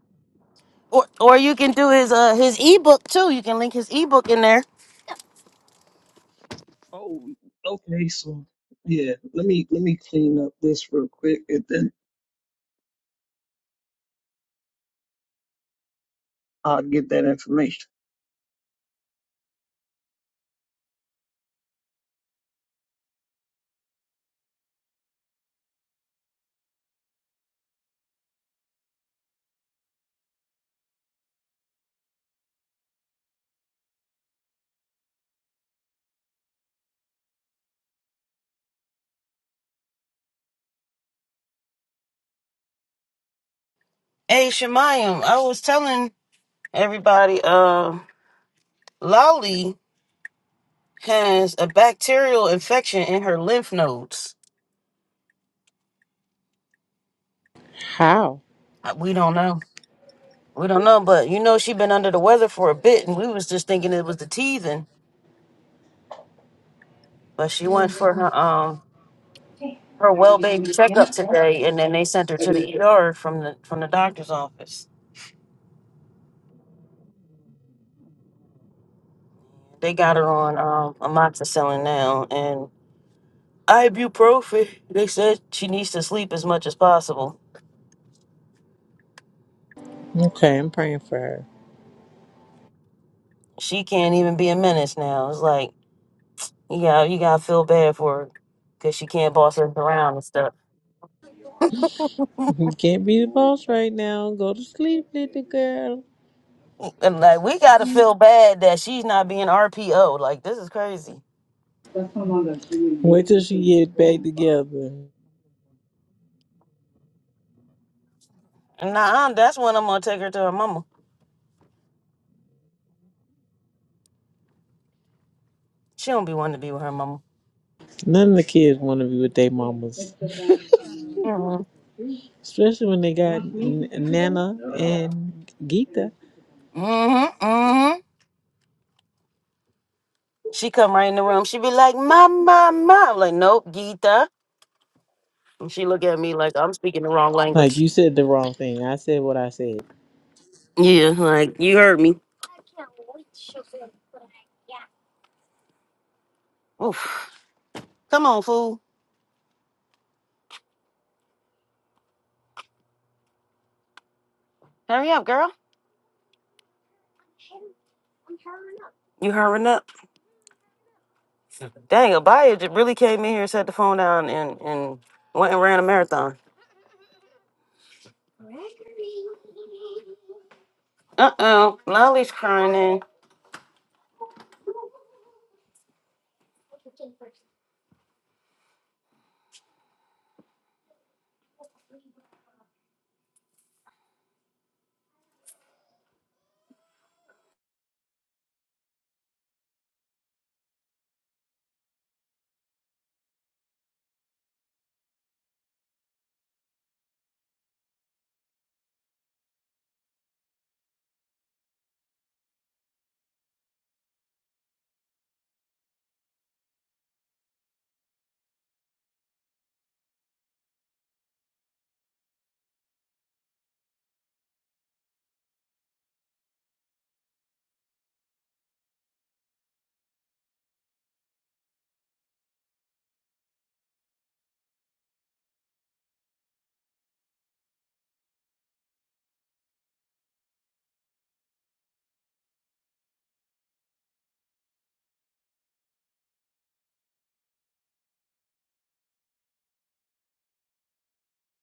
or or you can do his uh his ebook too. You can link his ebook in there.
Oh, okay, so yeah, let me let me clean up this real quick and then I'll get that information.
Hey Shemayim, I was telling everybody, uh, Lolly has a bacterial infection in her lymph nodes.
How?
Uh, We don't know. We don't know, but you know she been under the weather for a bit, and we was just thinking it was the teething, but she went for her um her well baby checkup
Yeah.
today, and then they sent her to the ER from the from the doctor's office. They got her on um, amoxicillin now and ibuprofen. They said she needs to sleep as much as possible.
Okay, I'm praying for her.
She can't even be a menace now. It's like you got you gotta feel bad for her because she can't boss us around and stuff.
You can't be the boss right now. Go to sleep, little girl.
And like we gotta feel bad that she's not being RPO. Like this is crazy.
Wait till she get back together.
And Nah, that's when I'm gonna take her to her mama. She don't be wanting to be with her mama.
None of the kids want to be with their mamas,
Mm-hmm.
especially when they got N- Nana and Geeta.
Mm-hmm. She come right in the room. She be like, "Mom, mom, mom." I'm like, nope, Gita. And she look at me like I'm speaking the wrong
Like
language.
you said the wrong thing. I said what I said.
Yeah, like you heard me. Oof. Come on, fool. Hurry up, girl. You hurrying up? Dang, Abaya just really came in here, set the phone down, and and went and ran a marathon. Uh oh, Lolly's crying in.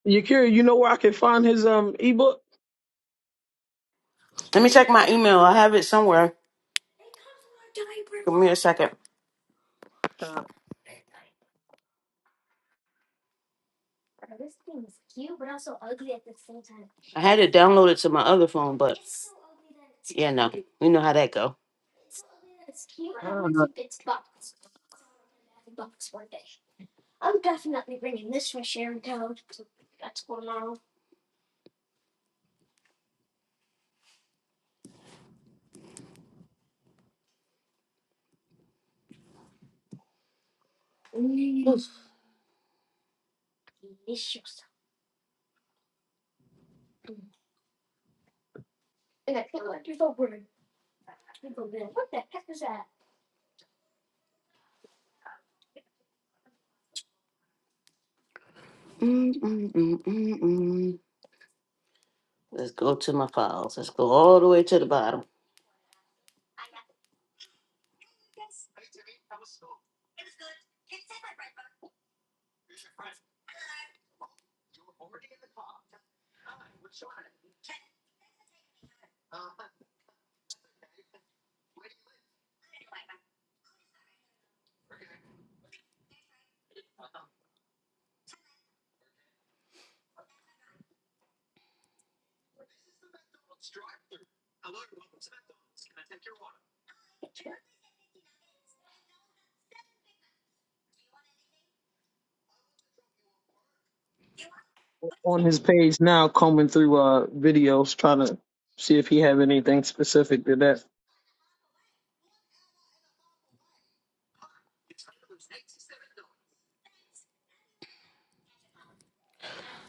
Yakira, you know where I can find his um ebook?
Let me check my email. I have it somewhere. Give me a second.
Uh,
I had it downloaded to my other phone, but yeah, no, we know how that go.
uh,
Mm-mm-mm-mm-mm. Let's go to my files. Let's go all the way to the bottom.
on his page now, combing through uh videos, trying to see if he have anything specific to that.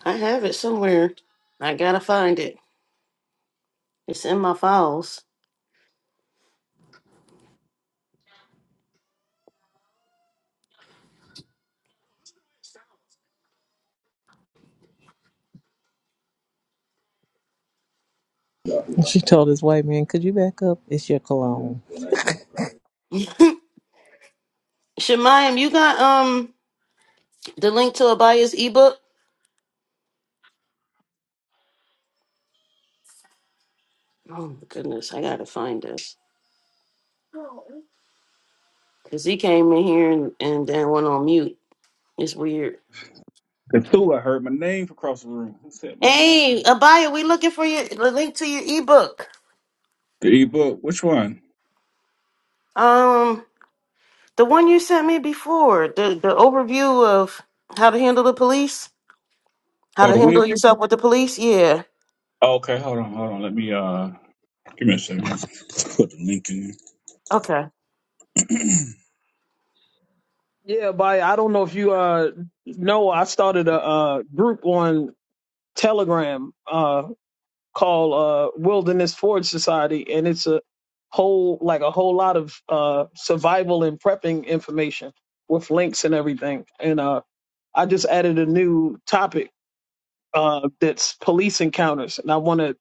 I have it somewhere. I gotta find it. It's in my files.
She told this white man, "Could you back up? It's your cologne."
Shemayim, you got um the link to Abaya's ebook? Oh my goodness, I gotta find this. Cause he came in here and, and then went on mute. It's weird.
Cthulhu, I heard my name across the room. Who said my
Hey,
name?
Abaya, we looking for your the link to your ebook.
The ebook. Which one?
Um the one you sent me before, the the overview of how to handle the police, how
Oh,
to
the
handle
weird picture?
yourself with the police. Yeah.
Oh, okay, hold on, hold on. Let me, uh, give me a second. Put the link in. there.
Okay.
Yeah, but I don't know if you uh know. I started a, uh group on Telegram uh called uh Wilderness Forge Society, and it's a whole like a whole lot of uh survival and prepping information with links and everything. And uh I just added a new topic uh, that's police encounters, and I want to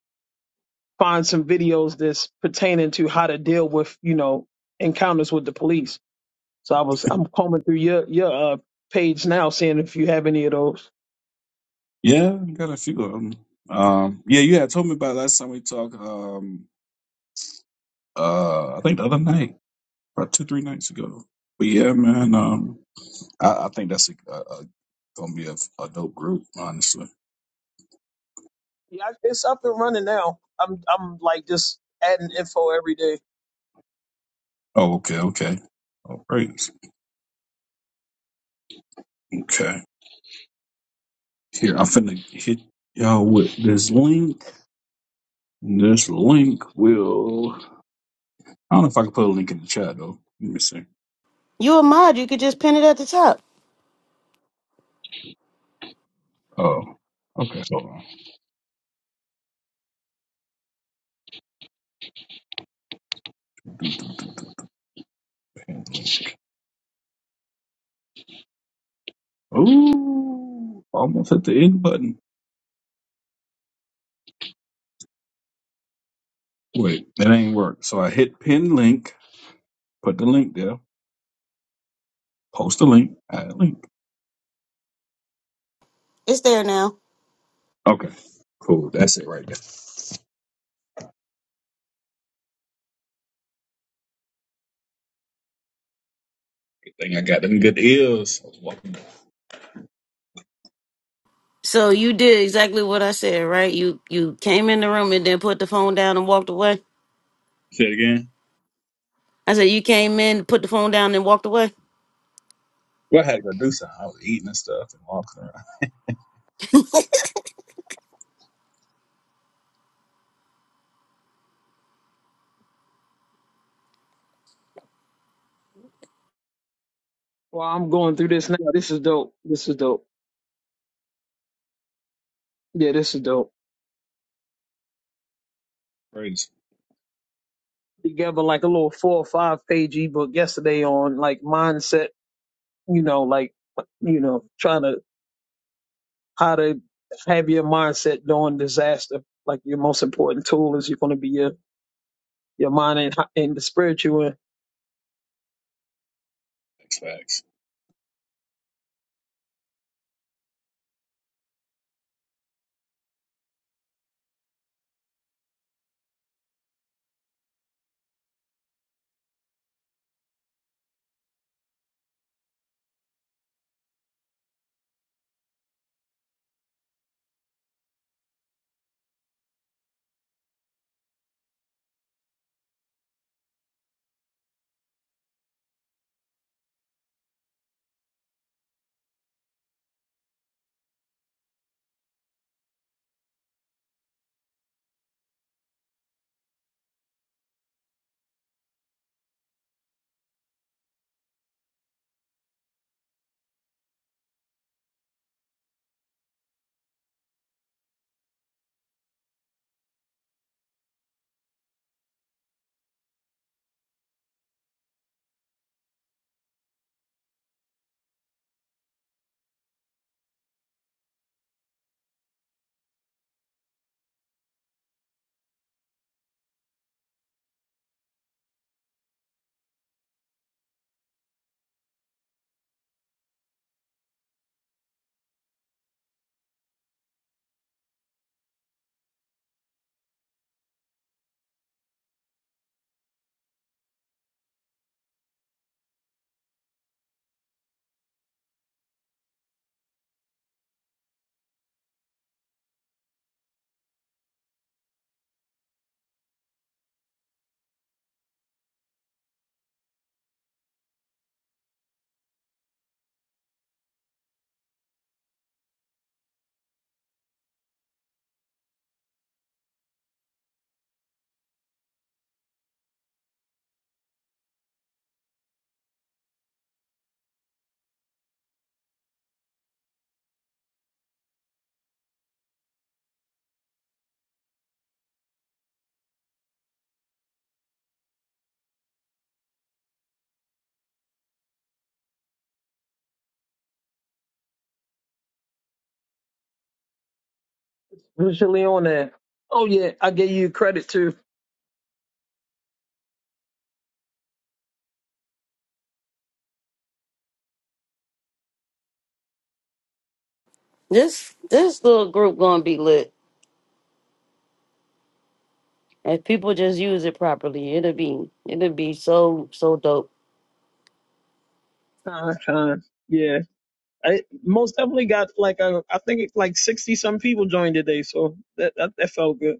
find some videos that's pertaining to how to deal with you know encounters with the police. So I was I'm combing through your your uh, page now, seeing if you have any of those.
Yeah, I got a few of them. Um, yeah, you had told me about last time we talked, um, uh, I think the other night, about two, three nights ago. But yeah, man, um, I, I think that's a, a, a, gonna be a, a dope group, honestly.
Yeah, I- it's up and running now. I'm I'm like just adding info every day.
Oh, okay, okay. All right. Okay. Here, I'm finna hit y'all with this link. This link will. I don't know if I can put a link in the chat though. Let me see.
You a mod, you could just pin it at the top.
Oh, okay. Hold on. Ooh, almost hit the end button. Wait, that ain't work. So I hit pin link. Put the link there. Post the link. Add link.
It's there now.
Okay. Cool. That's it right there. Good thing I got them good ears. I was walking.
So you did exactly what I said, right? You you came in the room and then put the phone down and walked away.
Say it again.
I said you came in, put the phone down and walked away.
Well, I had to go do something. I was eating and stuff and walking around.
Well, I'm going through this now. This is dope. This is dope. Yeah, this is dope.
Crazy.
Together like a little four or five page ebook yesterday on like mindset. You know, like you know, trying to how to have your mindset during disaster. Like your most important tool is you're going to be your your mind and, and the spirit you in.
Facts, facts.
Usually on that. Oh yeah, I gave you credit too.
This this little group gonna be lit. If people just use it properly, it'll be it'll be so so dope.
Uh, uh, yeah, I most definitely got like a, I think it's like sixty some people joined today, so that, that that felt good.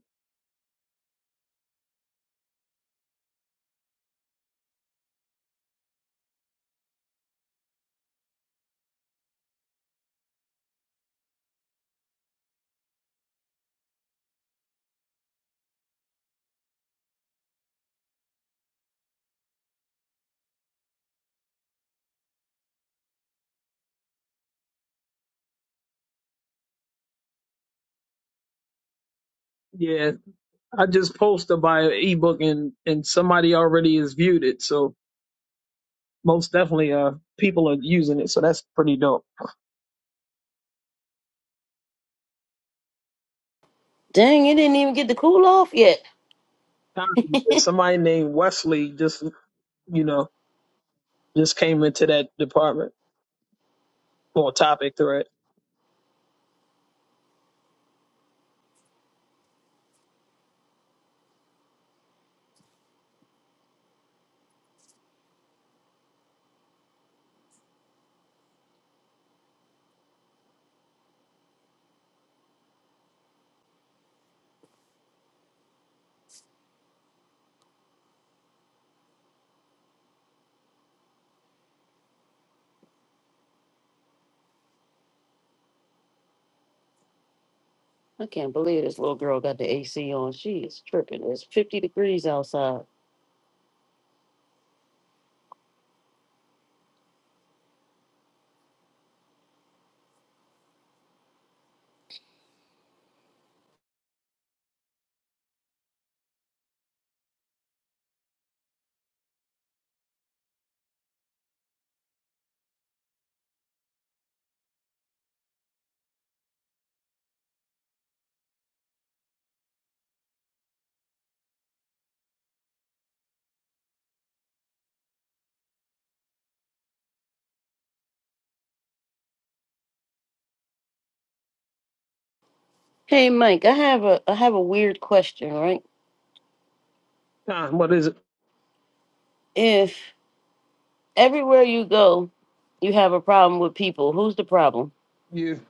Yeah, I just posted by ebook and and somebody already has viewed it, so most definitely uh people are using it, so that's pretty dope.
Dang, it didn't even get the cool off yet.
Con, Somebody named Wesley just you know Just came into that department or topic thread.
I can't believe this little girl got the AC on. She is tripping. It's fifty degrees outside. Hey Mike, I have a I have a weird question, right?
Nah, what is it?
If Everywhere you go, you have a problem with people. Who's the problem?
You,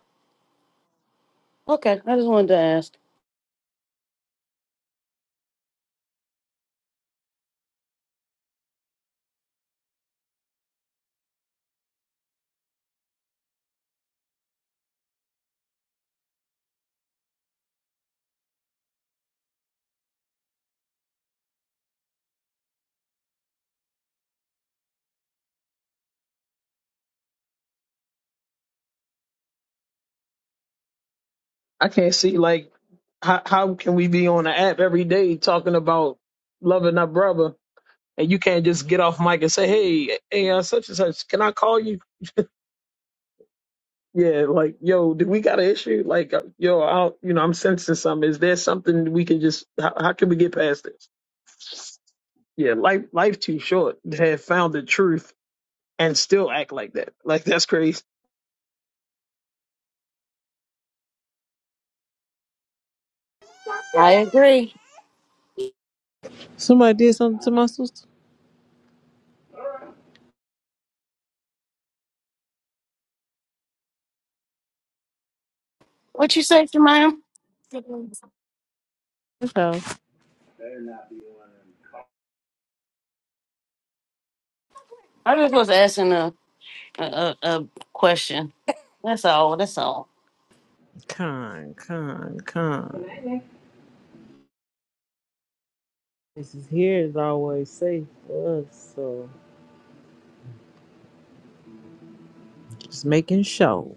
Okay, I just wanted to ask.
I can't see like how how can we be on the app every day talking about loving our brother and you can't just get off mic and say, hey, hey, uh, such and such, can I call you? Yeah, like yo, do we got an issue? Like uh, yo, I'll, you know, I'm sensing something. Is there something we can just? How, how can we get past this? Yeah, life life too short to have found the truth and still act like that. Like that's crazy.
I agree.
Somebody did something to my sister.
What you say, Jemima?
So
I just was asking a, a a a question. That's all. That's all.
Con, con, con. This is here is always safe for us, so just making sure.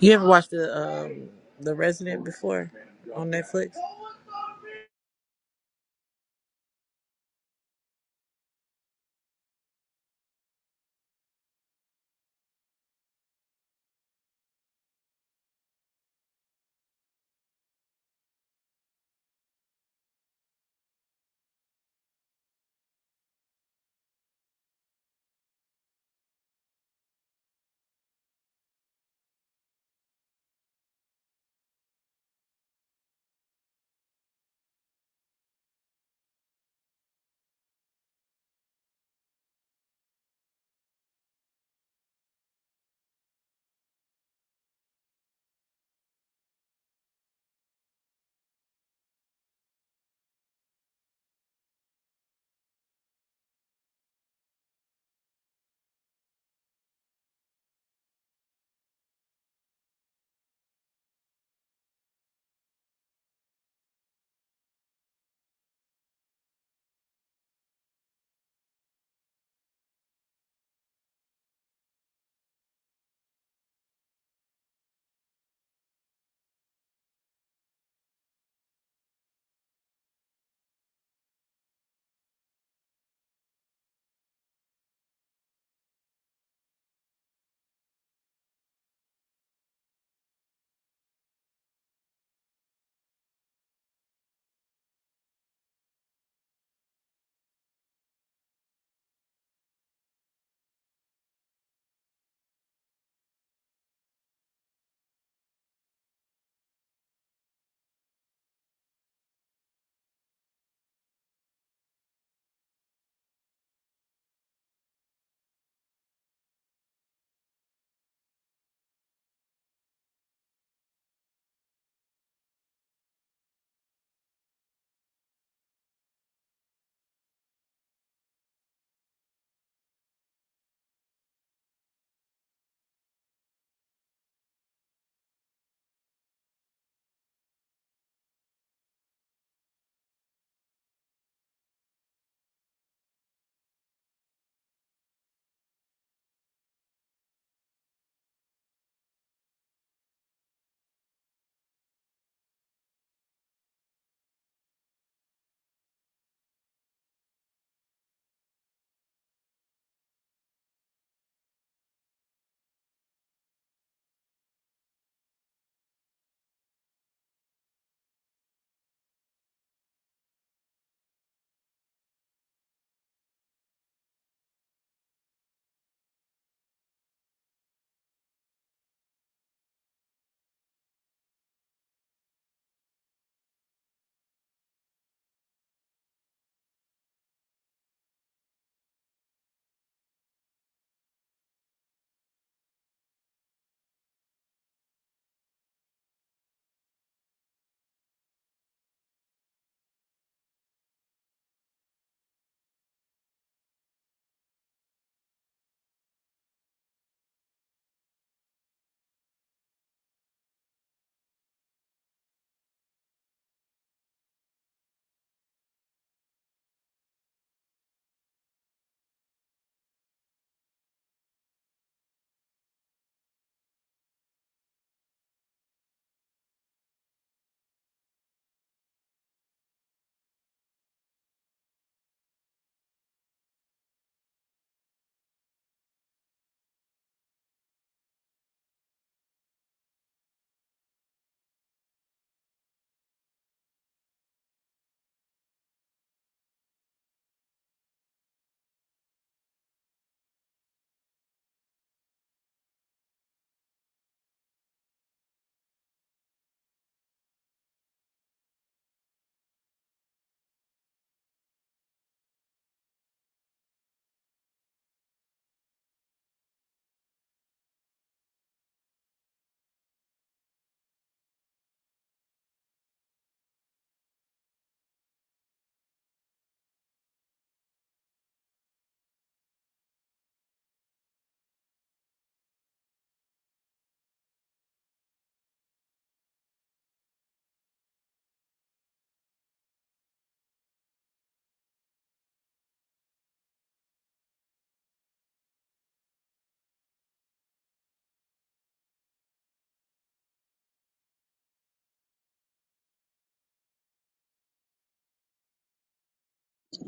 You ever watched the um the Resident before on Netflix?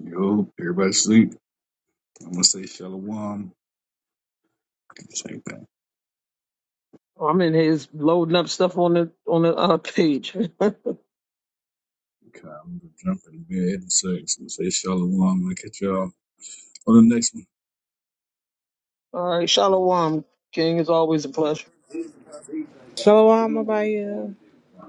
Yo, everybody sleep. I'm gonna say shalom. Same thing.
I'm in here just loading up stuff on the on the uh, page. All
Okay, I'm gonna jump in the bed in a sec. I'm gonna say shalom. I'll catch y'all on the next
right, Shalom, King. It's always a pleasure.
Shalom Abaya.
one.